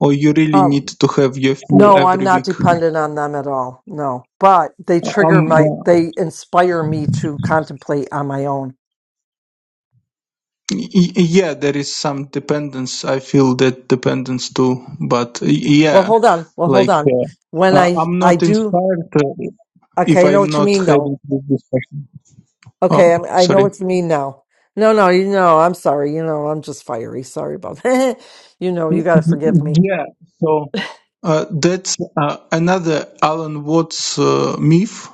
Speaker 5: Or you really need
Speaker 2: Um,
Speaker 5: to have your fuel
Speaker 2: No, I'm
Speaker 5: every
Speaker 2: not
Speaker 5: week?
Speaker 2: dependent on them at all. No, but they trigger
Speaker 5: Um,
Speaker 2: my,
Speaker 5: y-
Speaker 2: they inspire me to contemplate on my own.
Speaker 5: y- yeah, there is some dependence. I feel that dependence too. But y-
Speaker 2: Well,
Speaker 5: yeah,
Speaker 2: hold on. Well, hold
Speaker 5: like
Speaker 2: on.
Speaker 5: uh,
Speaker 2: When
Speaker 5: I-
Speaker 2: I,
Speaker 5: I'm
Speaker 2: I
Speaker 5: not
Speaker 2: do,
Speaker 5: inspired uh, if
Speaker 2: okay, I know
Speaker 5: I'm
Speaker 2: what you
Speaker 5: not
Speaker 2: mean though.
Speaker 5: having this discussion. Oh,
Speaker 2: Okay, I'm, I know
Speaker 5: sorry.
Speaker 2: what you mean now. No, no, you know, I'm sorry. You know, I'm just fiery. Sorry about that. you know,
Speaker 5: Y-
Speaker 2: you got to forgive
Speaker 5: y-
Speaker 2: me.
Speaker 5: Yeah. So uh, that's uh, another Alan Watts uh, myth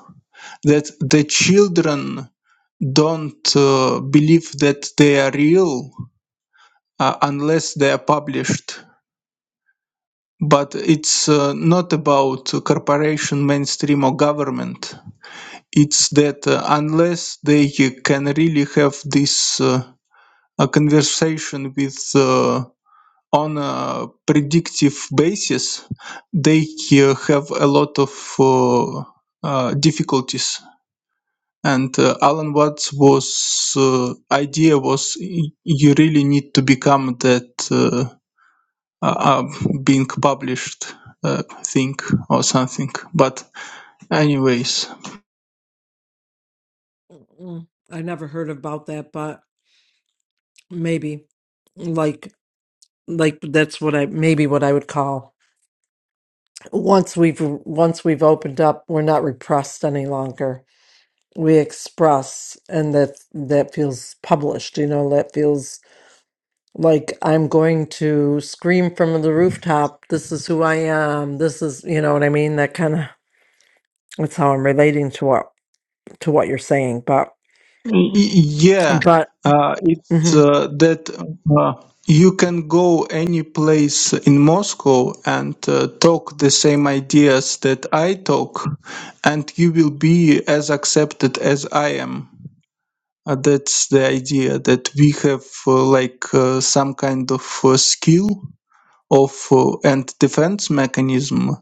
Speaker 5: that the children don't uh, believe that they are real uh, unless they are published. But it's uh, not about corporation, mainstream, or government. It's that uh, unless they can really have this uh, a conversation with uh, on a predictive basis, they uh, have a lot of uh, uh, difficulties. and uh, alan watts was uh, idea was y- you really need to become that uh, uh, being published uh, thing or something but anyways
Speaker 2: Mm, I never heard about that, but maybe like, like that's what I, maybe what I would call. once we've once we've opened up we're not repressed any longer we express and that that feels published you know that feels like i'm going to scream from the rooftop this is who i am this is you know what i mean that kind of that's how i'm relating to what to what you're saying but
Speaker 5: y- yeah
Speaker 2: but
Speaker 5: uh, it's
Speaker 2: mhm
Speaker 5: uh, that uh, you can go any place in moscow and uh, talk the same ideas that i talk and you will be as accepted as i am Uh, that's the idea that we have uh, like uh, some kind of uh, skill of uh, and defense mechanism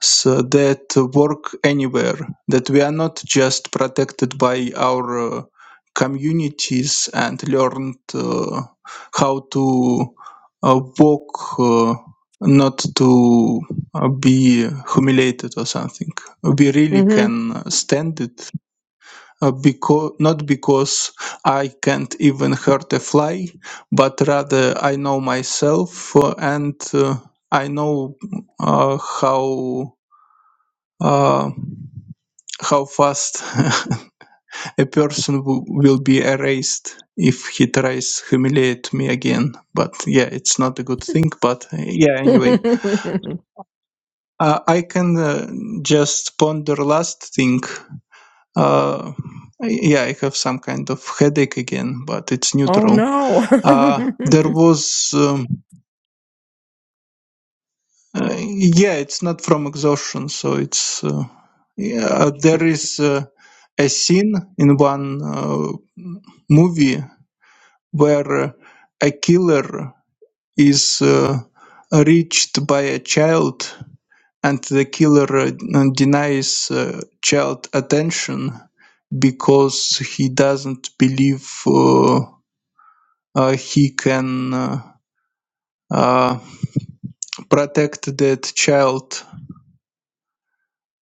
Speaker 5: so that work anywhere that we are not just protected by our uh, communities and learned uh, how to uh, walk uh, not to uh, be humiliated or something we really
Speaker 2: mhm
Speaker 5: can stand it uh, because not because I can't even hurt a fly, but rather I know myself uh, and uh, I know uh, how uh, how fast a person w- will be erased if he tries humiliate me again. But yeah, it's not a good thing. But uh, yeah, anyway, uh, I can uh, just ponder last thing. Uh, yeah, I have some kind of headache again, but it's
Speaker 2: oh
Speaker 5: neutral.
Speaker 2: no
Speaker 5: Uh, there was, um, uh, yeah, it's not from exhaustion, so it's uh, yeah, uh, there is uh, a scene in one uh, movie where uh, a killer is uh, reached by a child, and the killer uh, denies uh, child attention because he doesn't believe uh, uh, he can. Uh, uh, protect that child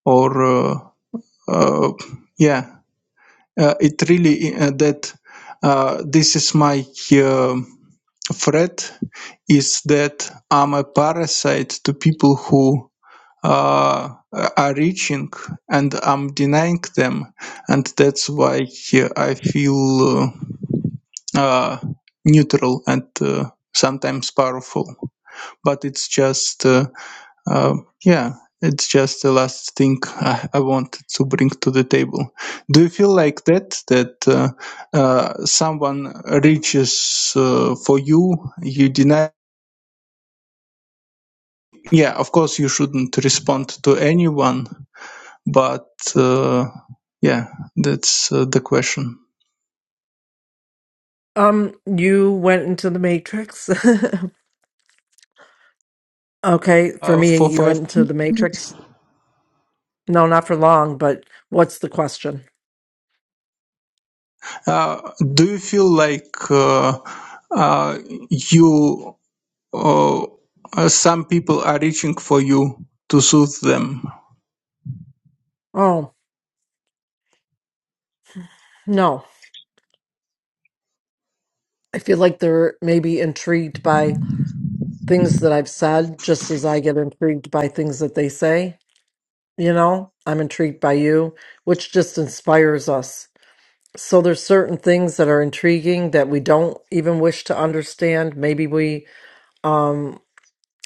Speaker 5: or uh, uh, yeah uh, it really uh, that uh, this is my uh, threat is that i'm a parasite to people who uh, are reaching and i'm denying them and that's why uh, i feel uh, uh, neutral and uh, sometimes powerful but it's just uh, um, yeah, it's just the last thing I, I wanted to bring to the table. Do you feel like that? That uh, uh, someone reaches uh, for you, you deny? Yeah, of course you shouldn't respond to anyone, but uh, yeah, that's uh, the question.
Speaker 2: Um, you went into the Matrix. Okay, for
Speaker 5: Uh, for
Speaker 2: me, you
Speaker 5: five,
Speaker 2: went into the Matrix. No, not for long, but what's the question?
Speaker 5: uh, do you feel like uh, uh, you uh, uh, some people are reaching for you to soothe them
Speaker 2: Oh, no. I feel like they're maybe intrigued by things that I've said, just as I get intrigued by things that they say. you know i'm intrigued by you which just inspires us so there's certain things that are intriguing that we don't even wish to understand maybe we um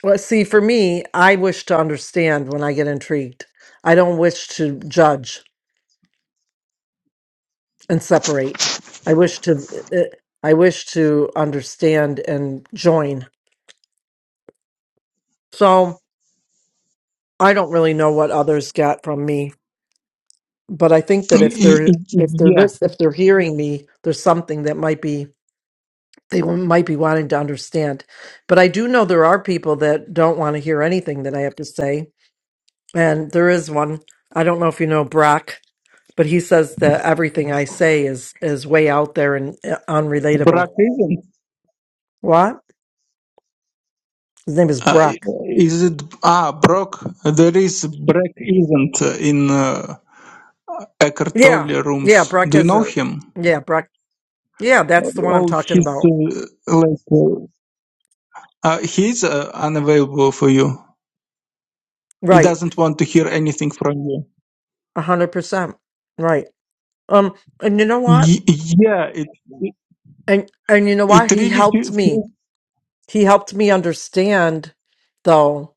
Speaker 2: well, see for me i wish to understand when i get intrigued i don't wish to judge and separate i wish to uh, i wish to understand and join so i don't really know what others got from me but i think that if
Speaker 5: Y-
Speaker 2: they're
Speaker 5: y-
Speaker 2: if they're
Speaker 5: Yeah,
Speaker 2: lis- if they're hearing me there's something that might be they might be wanting to understand. But I do know there are people that don't want to hear anything that I have to say. And there is one. I don't know if you know Brock, but he says that everything I say is is way out there and uh,
Speaker 5: Brock
Speaker 2: unrelatable.
Speaker 5: isn't.
Speaker 2: What? His name is
Speaker 5: Uh,
Speaker 2: Brock.
Speaker 5: is it? Ah, Brock. There is Brock isn't uh, in uh, Eckhart
Speaker 2: Yeah.
Speaker 5: Tolle
Speaker 2: Yeah,
Speaker 5: rooms.
Speaker 2: Brock
Speaker 5: Do you
Speaker 2: has
Speaker 5: know
Speaker 2: a
Speaker 5: him?
Speaker 2: Yeah, Brock. Yeah, that's the one I'm
Speaker 5: Oh,
Speaker 2: talking
Speaker 5: he's
Speaker 2: about.
Speaker 5: uh, like uh, uh, he's uh, unavailable for you. He
Speaker 2: Right.
Speaker 5: doesn't want to hear anything from you.
Speaker 2: A 100%. Right. Um and you know what?
Speaker 5: Y- yeah, it
Speaker 2: And and you know
Speaker 5: it
Speaker 2: what? He
Speaker 5: really fe-
Speaker 2: helped me.
Speaker 5: feels.
Speaker 2: He helped me understand, though.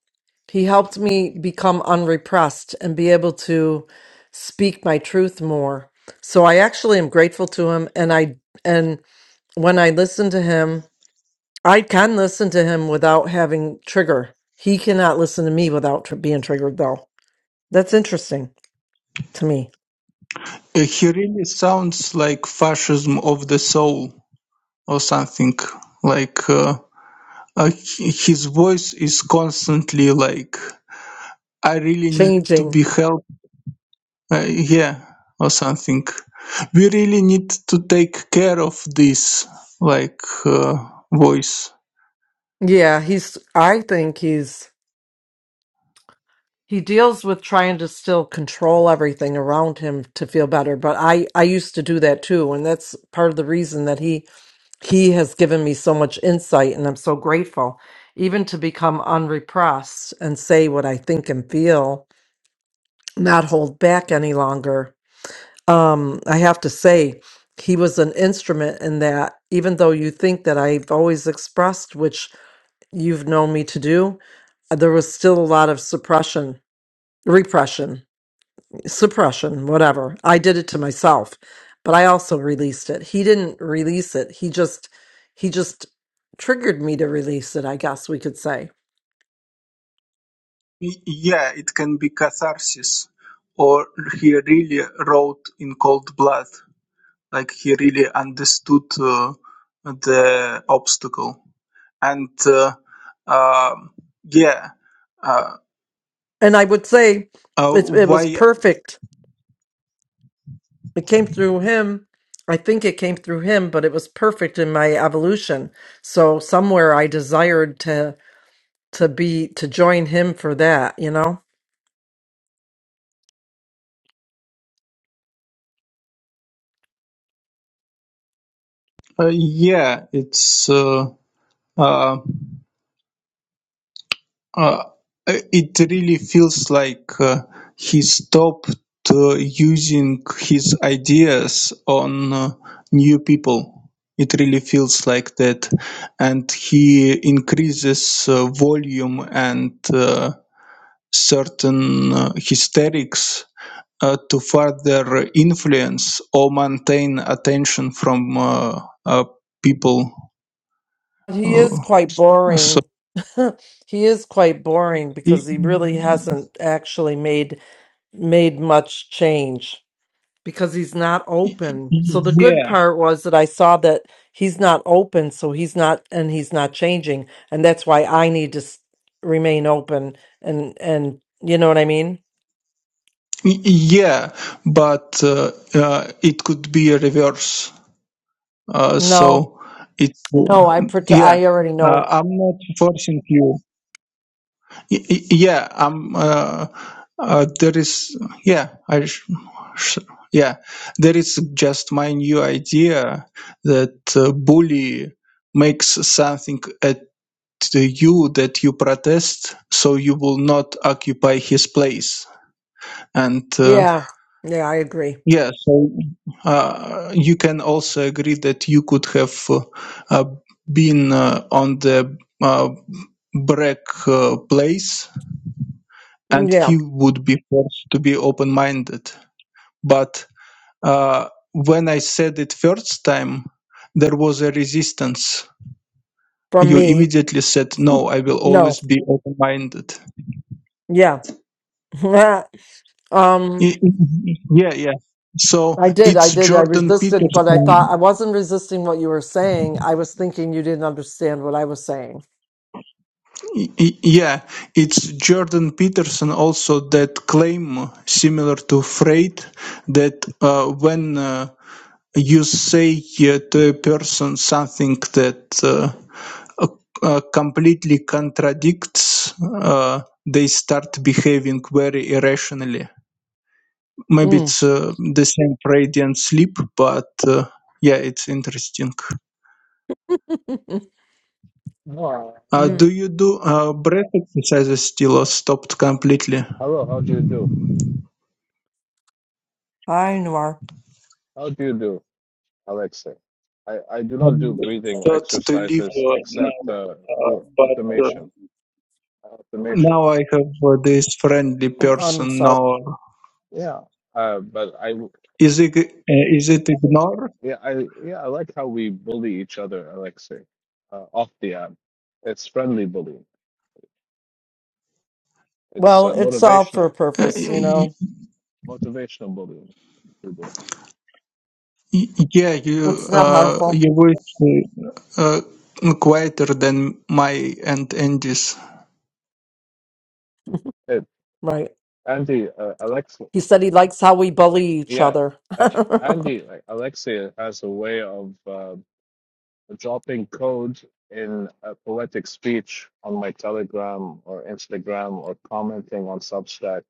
Speaker 2: He helped me become unrepressed and be able to speak my truth more. So I actually am grateful to him and I and when I listen to him, I can listen to him without having trigger. He cannot listen to me without tr- being triggered though. That's interesting to me.
Speaker 5: uh, He really sounds like fascism of the soul or something like. uh, Uh, he- his voice is constantly like, I really need to
Speaker 2: Changing.
Speaker 5: be helped, uh, yeah, or something. We really need to take care of this, like, uh, voice.
Speaker 2: Yeah, he's I think he's he deals with trying to still control everything around him to feel better but i i used to do that too and that's part of the reason that he he has given me so much insight and i'm so grateful even to become unrepressed and say what i think and feel not hold back any longer um i have to say he was an instrument in that even though you think that i've always expressed which you've known me to do there was still a lot of suppression repression suppression, whatever. I did it to myself, but I also released it. He didn't release it. He just he just triggered me to release it, I guess we could say.
Speaker 5: Y- Yeah, it can be catharsis, or he really wrote in cold blood, like, he really understood uh, the obstacle. And, uh, um yeah, uh,
Speaker 2: And I would say
Speaker 5: uh,
Speaker 2: it's it was
Speaker 5: why
Speaker 2: perfect It came through him. I think it came through him, but it was perfect in my evolution. So somewhere I desired to to be to join him for that, you know?
Speaker 5: Uh, yeah, it's uh, uh, uh, it really feels like uh, he stopped uh, using his ideas on uh, new people. It really feels like that, and he increases uh, volume and uh, certain uh, hysterics uh, to further influence or maintain attention from uh, uh, people.
Speaker 2: He is
Speaker 5: Uh,
Speaker 2: quite
Speaker 5: so.
Speaker 2: boring. he is quite boring
Speaker 5: Y-
Speaker 2: because he really hasn't actually made made much change because he's not
Speaker 5: y-
Speaker 2: open. So
Speaker 5: y-
Speaker 2: the good
Speaker 5: Yeah,
Speaker 2: part was that I saw that he's not open, so he's not and he's not changing, and that's why I need to s- remain open and and you know what I mean?
Speaker 5: Y- yeah, but uh, uh, it could be a reverse. Uh,
Speaker 2: No.
Speaker 5: so it's
Speaker 2: No,
Speaker 5: uh,
Speaker 2: I pret-
Speaker 5: yeah.
Speaker 2: I already
Speaker 5: Uh,
Speaker 2: know.
Speaker 5: I'm not forcing you. Y- y- yeah, I'm. Uh, uh, there is yeah. I sh- sh- yeah. There is just my new idea that uh, bully makes something at you that you protest, so you will not occupy his place And uh,
Speaker 2: Yeah. Yeah, I agree.
Speaker 5: yeah, so uh, you can also agree that you could have uh, uh, been uh, on the uh, break uh, place
Speaker 2: Mm,
Speaker 5: and
Speaker 2: Yeah,
Speaker 5: he would be forced to be open minded. But uh, when I said it first time, there was a resistance.
Speaker 2: from
Speaker 5: You
Speaker 2: me.
Speaker 5: immediately said, No, I will
Speaker 2: No.
Speaker 5: always be open minded.
Speaker 2: Yeah. um
Speaker 5: Yeah, yeah. So
Speaker 2: I did, I
Speaker 5: it's
Speaker 2: did. I
Speaker 5: Jordan
Speaker 2: resisted, but I
Speaker 5: Peterson
Speaker 2: thought I wasn't resisting what you were saying. I was thinking you didn't understand what I was saying.
Speaker 5: Y- Yeah, it's Jordan Peterson also that claim similar to Freud that uh, when uh, you say uh, to a person something that uh, uh, uh, completely contradicts, uh, they start behaving very irrationally. Maybe
Speaker 2: Mm.
Speaker 5: it's uh, the same Freud and sleep, but uh, yeah, it's interesting.
Speaker 6: Wow.
Speaker 5: Uh,
Speaker 2: Mm.
Speaker 5: do you do uh, breath exercises still or stopped completely?
Speaker 6: Hello, how do you do?
Speaker 2: Hi, Noir.
Speaker 6: How do you do, Alexa? I, I do
Speaker 5: I
Speaker 6: not do breathing
Speaker 5: thought to leave
Speaker 6: exercises
Speaker 5: uh,
Speaker 6: except
Speaker 5: now,
Speaker 6: uh,
Speaker 5: uh,
Speaker 6: through
Speaker 5: but uh,
Speaker 6: automation. Automation.
Speaker 5: now I have uh, this friendly
Speaker 2: I'm, I'm
Speaker 5: person.
Speaker 2: sorry.
Speaker 5: Now,
Speaker 6: Yeah. Uh, but I, w-
Speaker 5: is it uh, is it ignore?
Speaker 6: yeah, I, yeah, I like how we bully each other, Alexei, uh, off the app. It's friendly bullying. It's
Speaker 2: Well,
Speaker 6: uh,
Speaker 2: it's all for a
Speaker 6: motivational,
Speaker 5: Uh,
Speaker 2: purpose, you
Speaker 5: y-
Speaker 2: know.
Speaker 6: motivational bullying. we do.
Speaker 5: y- yeah, you
Speaker 2: It's not
Speaker 5: uh,
Speaker 2: harmful,
Speaker 5: you voice uh, uh, quieter than my and Andy's.
Speaker 6: Hey,
Speaker 2: right?
Speaker 6: Andy, uh, Alexa,
Speaker 2: He said he likes how we bully each
Speaker 6: yeah,
Speaker 2: other.
Speaker 6: uh, Andy, like, Alexei has a way of uh, dropping code in a poetic speech on my Telegram or Instagram or commenting on Substack.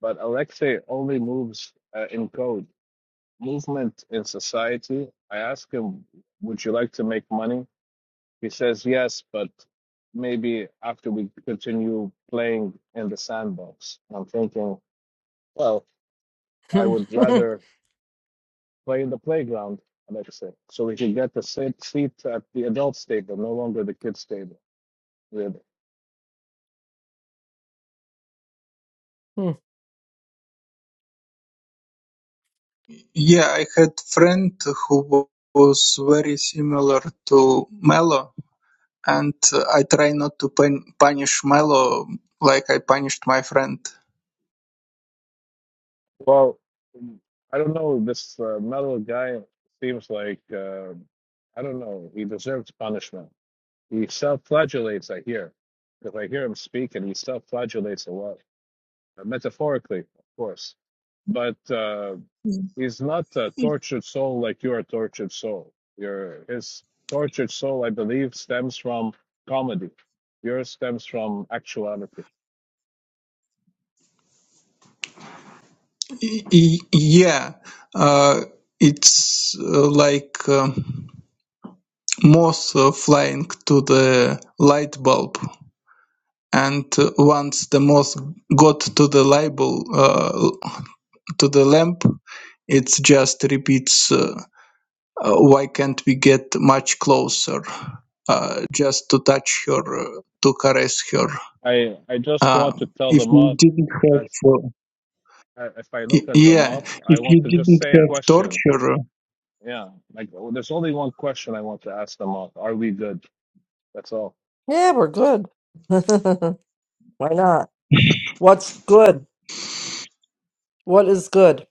Speaker 6: But Alexei only moves uh, in code. Movement in society. I ask him, "Would you like to make money?" He says, "Yes, but maybe after we continue playing in the sandbox." I'm thinking, well, I would
Speaker 2: yeah,
Speaker 6: rather play in the playground, Alexei, so we can get the sit- seat at the adults table, no longer the kids table. Really.
Speaker 5: Yeah, I had friend who wa- was very similar to Mello. and uh, I try not to pun- punish Mello like I punished my friend.
Speaker 6: Well, mm, I don't know. This uh, metal guy seems like uh, I don't know. He deserves punishment. He self-flagellates. I hear, If I hear him speak, and he self-flagellates a lot, uh, metaphorically, of course. But uh, he's not a
Speaker 5: Y-
Speaker 6: tortured soul like you're a tortured soul. Your his tortured soul, I believe, stems from comedy. Yours stems from actuality.
Speaker 5: y- Yeah, uh, it's uh, like um moth uh, flying to the light bulb. and uh, once the moth got to the label uh, to the lamp it just repeats uh, uh, why can't we get much closer uh, just to touch her uh, to caress her
Speaker 6: I I just want to
Speaker 5: Um,
Speaker 6: tell
Speaker 5: if
Speaker 6: them
Speaker 5: you didn't have
Speaker 6: off
Speaker 5: uh,
Speaker 6: I- if I look
Speaker 5: y-
Speaker 6: at the
Speaker 5: yeah
Speaker 6: moth, I
Speaker 5: if you
Speaker 6: want to just
Speaker 5: didn't
Speaker 6: say a
Speaker 5: have
Speaker 6: question.
Speaker 5: torture uh,
Speaker 6: Yeah, like well, there's only one question I want to ask the moth. Are we good? That's all.
Speaker 2: we're good. Why not? What's good? What is good?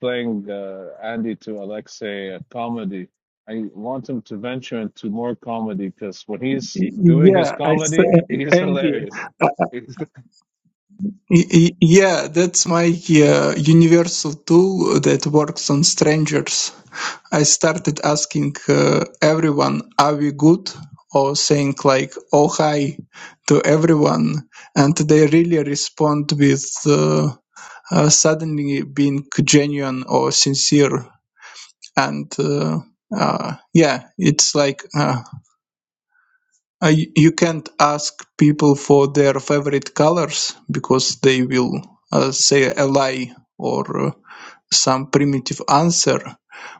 Speaker 6: Playing uh, Andy to Alexei a comedy. I want him to venture into more comedy because when he's
Speaker 5: y-
Speaker 6: doing
Speaker 5: yeah
Speaker 6: his
Speaker 5: i s-
Speaker 6: comedy, he's
Speaker 5: andy
Speaker 6: hilarious.
Speaker 5: uh,
Speaker 6: He's-
Speaker 5: y- y- yeah that's my uh, universal tool that works on strangers I started asking uh, everyone, are we good? Or saying like, oh, hi to everyone. And they really respond with uh, uh, suddenly being genuine or sincere. And uh, uh, yeah, it's like uh, uh, you can't ask people for their favorite colors because they will uh, say a lie or uh, some primitive answer.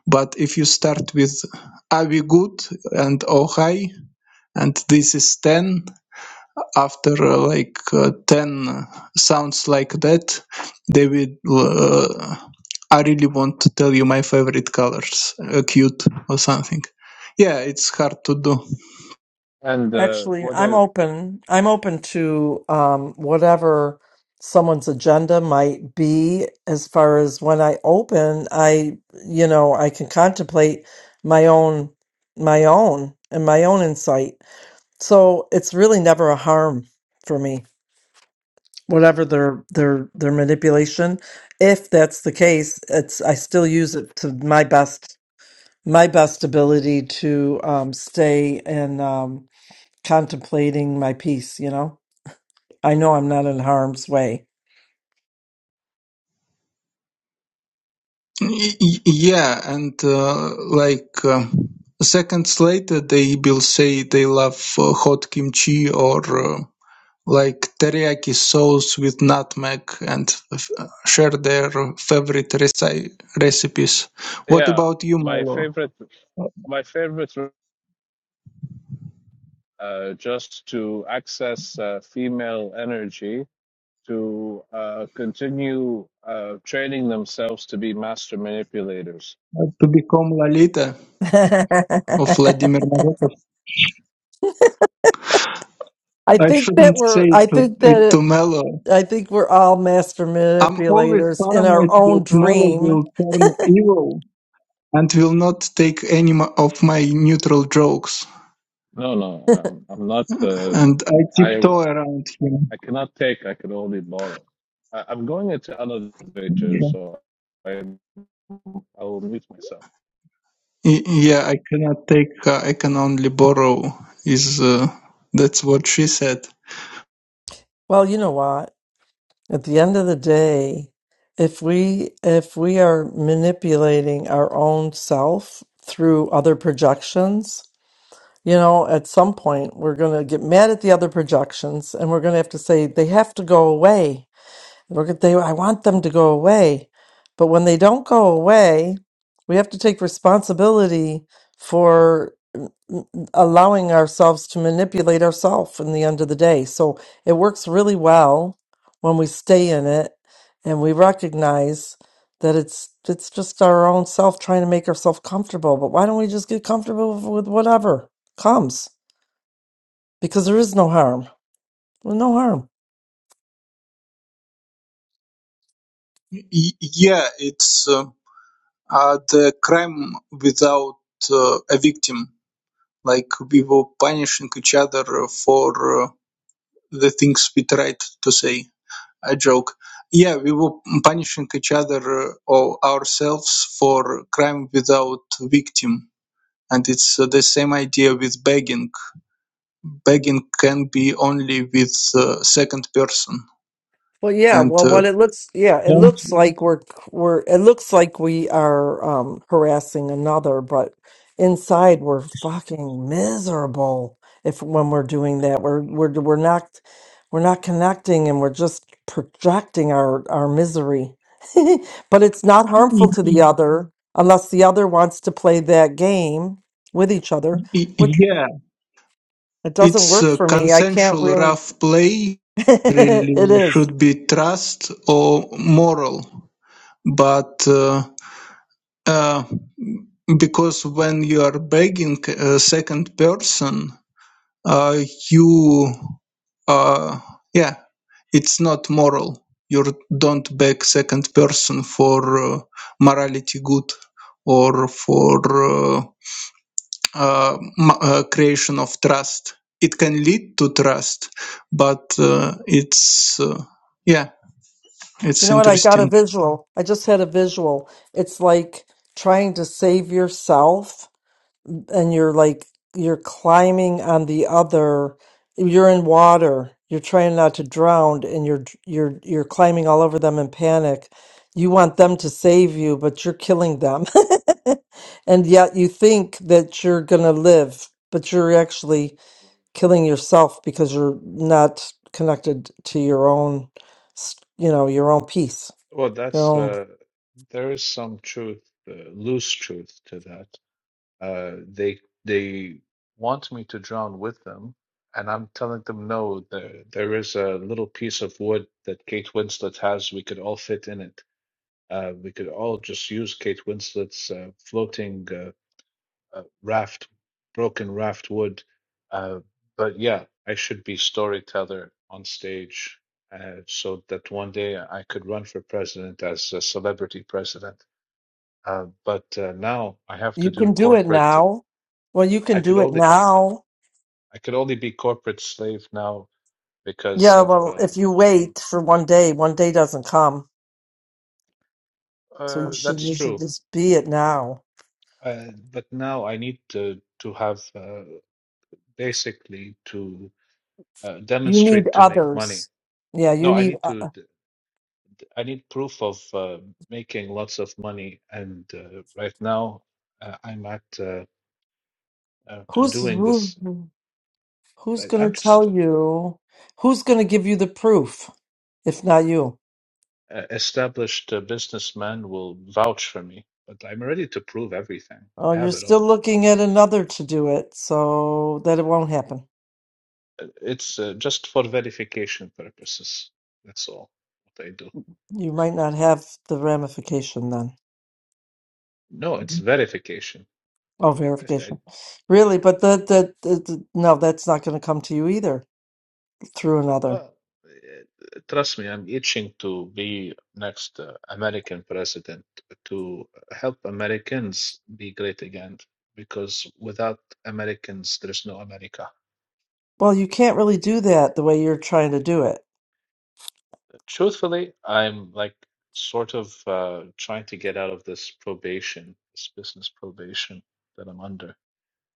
Speaker 5: But if you start with are we good and oh hi, and this is 10, after uh, like uh, 10 sounds like that, they will. Uh, I really want to tell you my favorite colors, uh, cute or something. Yeah, it's hard to do.
Speaker 6: and uh,
Speaker 2: Actually, I'm
Speaker 6: whether
Speaker 2: open. I'm open to um, whatever someone's agenda might be as far as when I open, I, you know, I can contemplate my own, my own, and my own insight So it's really never a harm for me, whatever their their their manipulation. If that's the case, it's I still use it to my best my best ability to um, stay in um, contemplating my peace. You know, I know I'm not in harm's way.
Speaker 5: Y- y- yeah, and uh, like. Uh, Seconds later, they will say they love uh, hot kimchi or uh, like teriyaki sauce with nutmeg and f- uh, share their favorite reci- recipes. What
Speaker 6: yeah,
Speaker 5: about you,
Speaker 6: my
Speaker 5: Malo?
Speaker 6: favorite, my favorite, uh, just to access uh, female energy to uh, continue uh, training themselves to be master manipulators.
Speaker 5: How To become Lalita of Vladimir Nabokov?
Speaker 2: I
Speaker 5: I
Speaker 2: think that
Speaker 5: shouldn't
Speaker 2: we're
Speaker 5: say
Speaker 2: I
Speaker 5: to,
Speaker 2: think that
Speaker 5: it to
Speaker 2: it,
Speaker 5: Melo.
Speaker 2: I think we're all master
Speaker 5: I'm always
Speaker 2: manipulators in our
Speaker 5: paranoid that
Speaker 2: own
Speaker 5: Melo
Speaker 2: dream.
Speaker 5: will turn evil and will not take any mo- of my neutral jokes,
Speaker 6: No, no, I'm, I'm not. Uh,
Speaker 5: and I
Speaker 6: I
Speaker 5: tiptoe around him.
Speaker 6: I cannot take. I can only borrow. I, I'm going into another
Speaker 5: Yeah.
Speaker 6: elevator, so I I will mute myself.
Speaker 5: Y- Yeah, I cannot take her. I can only borrow. Is uh, that's what she said?
Speaker 2: Well, you know what? At the end of the day, if we if we are manipulating our own self through other projections, you know, at some point we're going to get mad at the other projections and we're going to have to say they have to go away. We're gonna, they I want them to go away. But when they don't go away, we have to take responsibility for allowing ourselves to manipulate ourselves in the end of the day. So it works really well when we stay in it and we recognize that it's it's just our own self trying to make ourselves comfortable. But why don't we just get comfortable with whatever comes? Because there is no harm. Well, no harm.
Speaker 5: Y- yeah, it's uh, uh, the crime without uh, a victim. Like we were punishing each other for uh, the things we tried to say. A joke. Yeah, we were punishing each other uh, or ourselves for crime without victim, and it's uh, the same idea with begging. begging can be only with uh, second person
Speaker 2: Well, yeah.
Speaker 5: and
Speaker 2: Well,
Speaker 5: uh,
Speaker 2: what it looks, yeah, it
Speaker 5: Don't-
Speaker 2: looks like we're we're it looks like we are um harassing another, but inside we're fucking miserable. If when we're doing that, we're we're we're not we're not connecting, and we're just projecting our our misery. but it's not harmful to the other unless the other wants to play that game with each other, which
Speaker 5: yeah
Speaker 2: it doesn't
Speaker 5: it's
Speaker 2: work
Speaker 5: a
Speaker 2: for me. I can't
Speaker 5: consensual
Speaker 2: really.
Speaker 5: rough play really
Speaker 2: it is.
Speaker 5: should be trust or moral but uh, uh, because when you are begging a second person uh, you uh, yeah it's not moral you don't beg second person for uh, morality good or for uh, uh, m- uh, creation of trust it can lead to trust but uh, it's uh, yeah
Speaker 2: You
Speaker 5: it's
Speaker 2: know what? I got a
Speaker 5: interesting
Speaker 2: visual. I just had a visual. It's like trying to save yourself, and you're like, you're climbing on the other, you're in water. You're trying not to drown, and you're you're you're climbing all over them in panic. You want them to save you, but you're killing them. And yet you think that you're gonna live, but you're actually killing yourself because you're not connected to your own, s- you know, your own peace.
Speaker 6: Well, that's
Speaker 2: Um,
Speaker 6: uh, there is some truth, uh, loose truth to that. Uh, they they want me to drown with them, and I'm telling them no. There there is a little piece of wood that Kate Winslet has. We could all fit in it. Uh, we could all just use Kate Winslet's uh, floating uh, uh, raft, broken raft wood. Uh, but yeah, I should be storyteller on stage. Uh, so that one day I could run for president as a celebrity president. Uh, but uh, now I have
Speaker 2: you
Speaker 6: to
Speaker 2: can
Speaker 6: do
Speaker 2: do it
Speaker 6: corporate.
Speaker 2: now. Well, you
Speaker 6: I
Speaker 2: can
Speaker 6: could
Speaker 2: do it
Speaker 6: only.
Speaker 2: now.
Speaker 6: I could only be corporate slave now because
Speaker 2: Yeah,
Speaker 6: of
Speaker 2: well,
Speaker 6: uh,
Speaker 2: if you
Speaker 6: Mm.
Speaker 2: wait for one day, one day doesn't come. So you
Speaker 6: uh,
Speaker 2: should
Speaker 6: that's
Speaker 2: you should
Speaker 6: true.
Speaker 2: just be it now.
Speaker 6: Uh, but now I need to to have uh, basically to uh,
Speaker 2: You need
Speaker 6: demonstrate to make money.
Speaker 2: others. Yeah, you
Speaker 6: No, I
Speaker 2: need
Speaker 6: need
Speaker 2: uh,
Speaker 6: to.
Speaker 2: uh,
Speaker 6: d- I need proof of uh, making lots of money. And uh, right now uh, I'm at uh, uh,
Speaker 2: who's
Speaker 6: doing
Speaker 2: who,
Speaker 6: this.
Speaker 2: who's
Speaker 6: I- I'm
Speaker 2: going to
Speaker 6: just
Speaker 2: tell
Speaker 6: uh,
Speaker 2: you? Who's going to give you the proof if not you?
Speaker 6: a established uh, businessman will vouch for me. But I'm ready to prove everything.
Speaker 2: Oh,
Speaker 6: I
Speaker 2: you're
Speaker 6: have it all.
Speaker 2: still looking at another to do it, so that it won't happen.
Speaker 6: Uh, It's uh, just for verification purposes. That's all what I do.
Speaker 2: You might not have the ramification then.
Speaker 6: No, it's verification.
Speaker 2: Oh,
Speaker 6: If I-
Speaker 2: verification. Really, but the, the, the, the- no, that's not going to come to you either through another.
Speaker 6: uh, uh, trust me, I'm itching to be next uh, American president to help Americans be great again. Because without Americans, there's no America.
Speaker 2: Well, you can't really do that the way you're trying to do it.
Speaker 6: Truthfully, I'm like sort of uh, trying to get out of this probation, this business probation that I'm under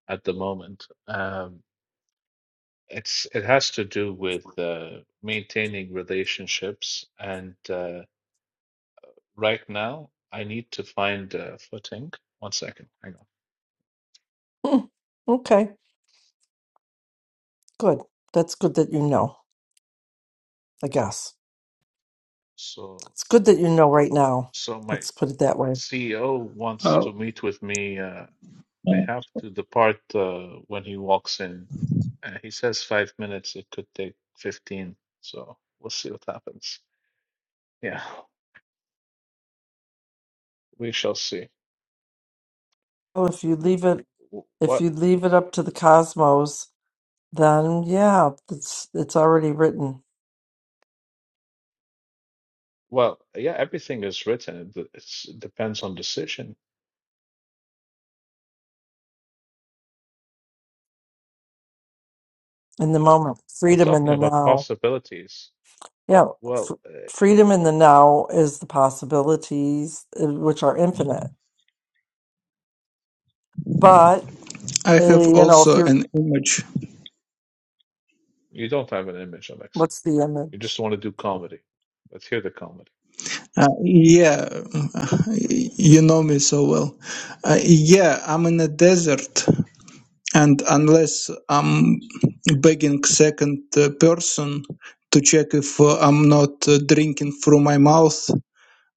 Speaker 6: at the moment. Um, It's it has to do with uh, maintaining relationships, and uh, right now I need to find a footing. One second, hang on.
Speaker 2: Hmm. Okay, good. That's good that you know, I guess.
Speaker 6: So,
Speaker 2: It's good that you know right now.
Speaker 6: so my
Speaker 2: Let's put it that way.
Speaker 6: CEO wants to meet with me. Uh, I have to depart uh, when he walks in. Uh, he says five minutes. It could take fifteen. So we'll see what happens. Yeah, we shall see.
Speaker 2: Oh, if you leave it,
Speaker 6: Wh-
Speaker 2: if
Speaker 6: What?
Speaker 2: you leave it up to the cosmos, then yeah, it's it's already written
Speaker 6: Well, yeah, everything is written. It d- it's- it depends on decision.
Speaker 2: in the moment.
Speaker 6: I'm
Speaker 2: Freedom in
Speaker 6: talking
Speaker 2: the
Speaker 6: about
Speaker 2: now.
Speaker 6: possibilities.
Speaker 2: Yeah, fr
Speaker 6: Well, uh, it,
Speaker 2: freedom in the now is the possibilities uh, which are infinite But
Speaker 5: i
Speaker 2: uh,
Speaker 5: have
Speaker 2: you know, if
Speaker 5: also
Speaker 2: you're,
Speaker 5: an image
Speaker 6: you don't have an image, Alexa.
Speaker 2: what's the
Speaker 6: You
Speaker 2: image?
Speaker 6: just want to do comedy. Let's hear the comedy.
Speaker 5: uh, yeah you know me so well uh, yeah i'm in a desert and unless I'm begging second uh, person to check if uh, I'm not uh, drinking through my mouth,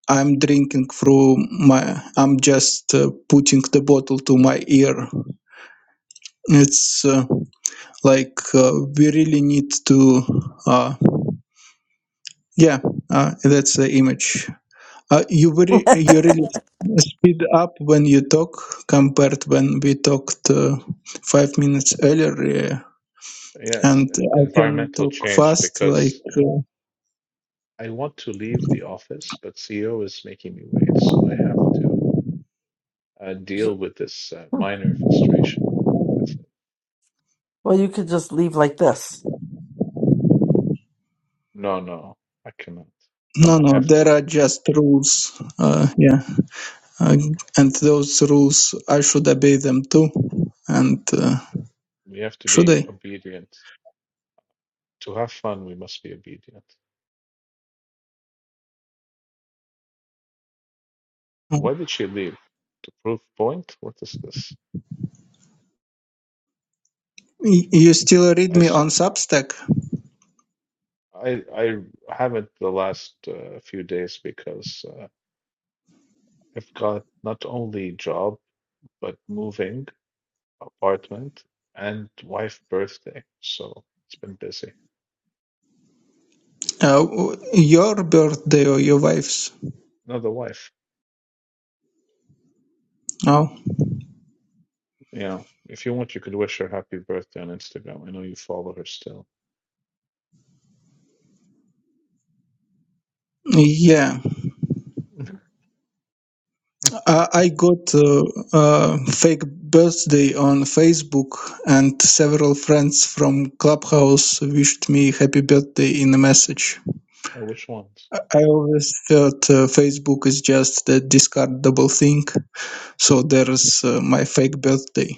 Speaker 5: I'm drinking through my. I'm just uh, putting the bottle to my ear. It's uh, like uh, we really need to. Uh, yeah, uh, that's the image. Uh, you very, you really speed up when you talk compared when we talked uh, five minutes earlier. Yeah.
Speaker 6: Yeah, it's
Speaker 5: and
Speaker 6: uh,
Speaker 5: I can
Speaker 6: environmental
Speaker 5: talk
Speaker 6: change
Speaker 5: fast. Like
Speaker 6: because
Speaker 5: uh,
Speaker 6: I want to leave the office, but CEO is making me wait, so I have to uh, deal with this uh, minor frustration. That's it.
Speaker 2: Well, you could just leave like this.
Speaker 6: No, no, I cannot.
Speaker 5: no,
Speaker 6: I
Speaker 5: no,
Speaker 6: have
Speaker 5: there
Speaker 6: to.
Speaker 5: are just rules. Uh, yeah, uh, and those rules I should obey them too. And uh,
Speaker 6: We have to
Speaker 5: should I?
Speaker 6: be obedient. To have fun, we must be obedient.
Speaker 5: Mm.
Speaker 6: Why did she leave? To prove point? What is this?
Speaker 5: Y- You still read
Speaker 6: I
Speaker 5: me on
Speaker 6: saw.
Speaker 5: Substack?
Speaker 6: I I haven't the last uh, few days because uh, I've got not only job but moving apartment and wife birthday, so it's been busy.
Speaker 5: Uh, w- your birthday or your wife's?
Speaker 6: No, the wife.
Speaker 5: Oh,
Speaker 6: Yeah, if you want, you could wish her happy birthday on Instagram. I know you follow her still.
Speaker 5: yeah. I, I got uh, a fake birthday on Facebook, and several friends from Clubhouse wished me happy birthday in a message.
Speaker 6: Oh, which ones?
Speaker 5: I always thought uh, Facebook is just a discardable thing. So there's uh, my fake birthday.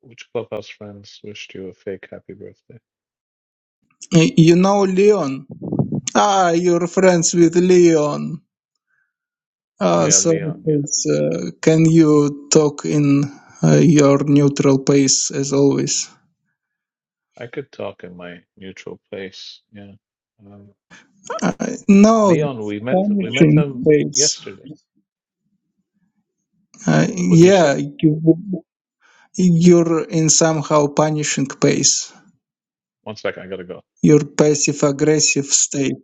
Speaker 6: Which clubhouse friends wished you a fake happy birthday?
Speaker 5: Y- You know Leon? Ah, you're friends with Leon.
Speaker 6: Oh
Speaker 5: Ah,
Speaker 6: yeah,
Speaker 5: so
Speaker 6: Leon. Yeah,
Speaker 5: please, uh,
Speaker 6: yeah.
Speaker 5: can you talk in uh, your neutral pace as always?
Speaker 6: I could talk in my neutral place. Yeah. Um,
Speaker 5: Uh, no,
Speaker 6: Leon, we met we met
Speaker 5: punishing
Speaker 6: him
Speaker 5: pace.
Speaker 6: yesterday.
Speaker 5: Uh,
Speaker 6: What'd you
Speaker 5: yeah,
Speaker 6: say?
Speaker 5: you, you're in somehow punishing pace.
Speaker 6: One second, I gotta go.
Speaker 5: your passive aggressive state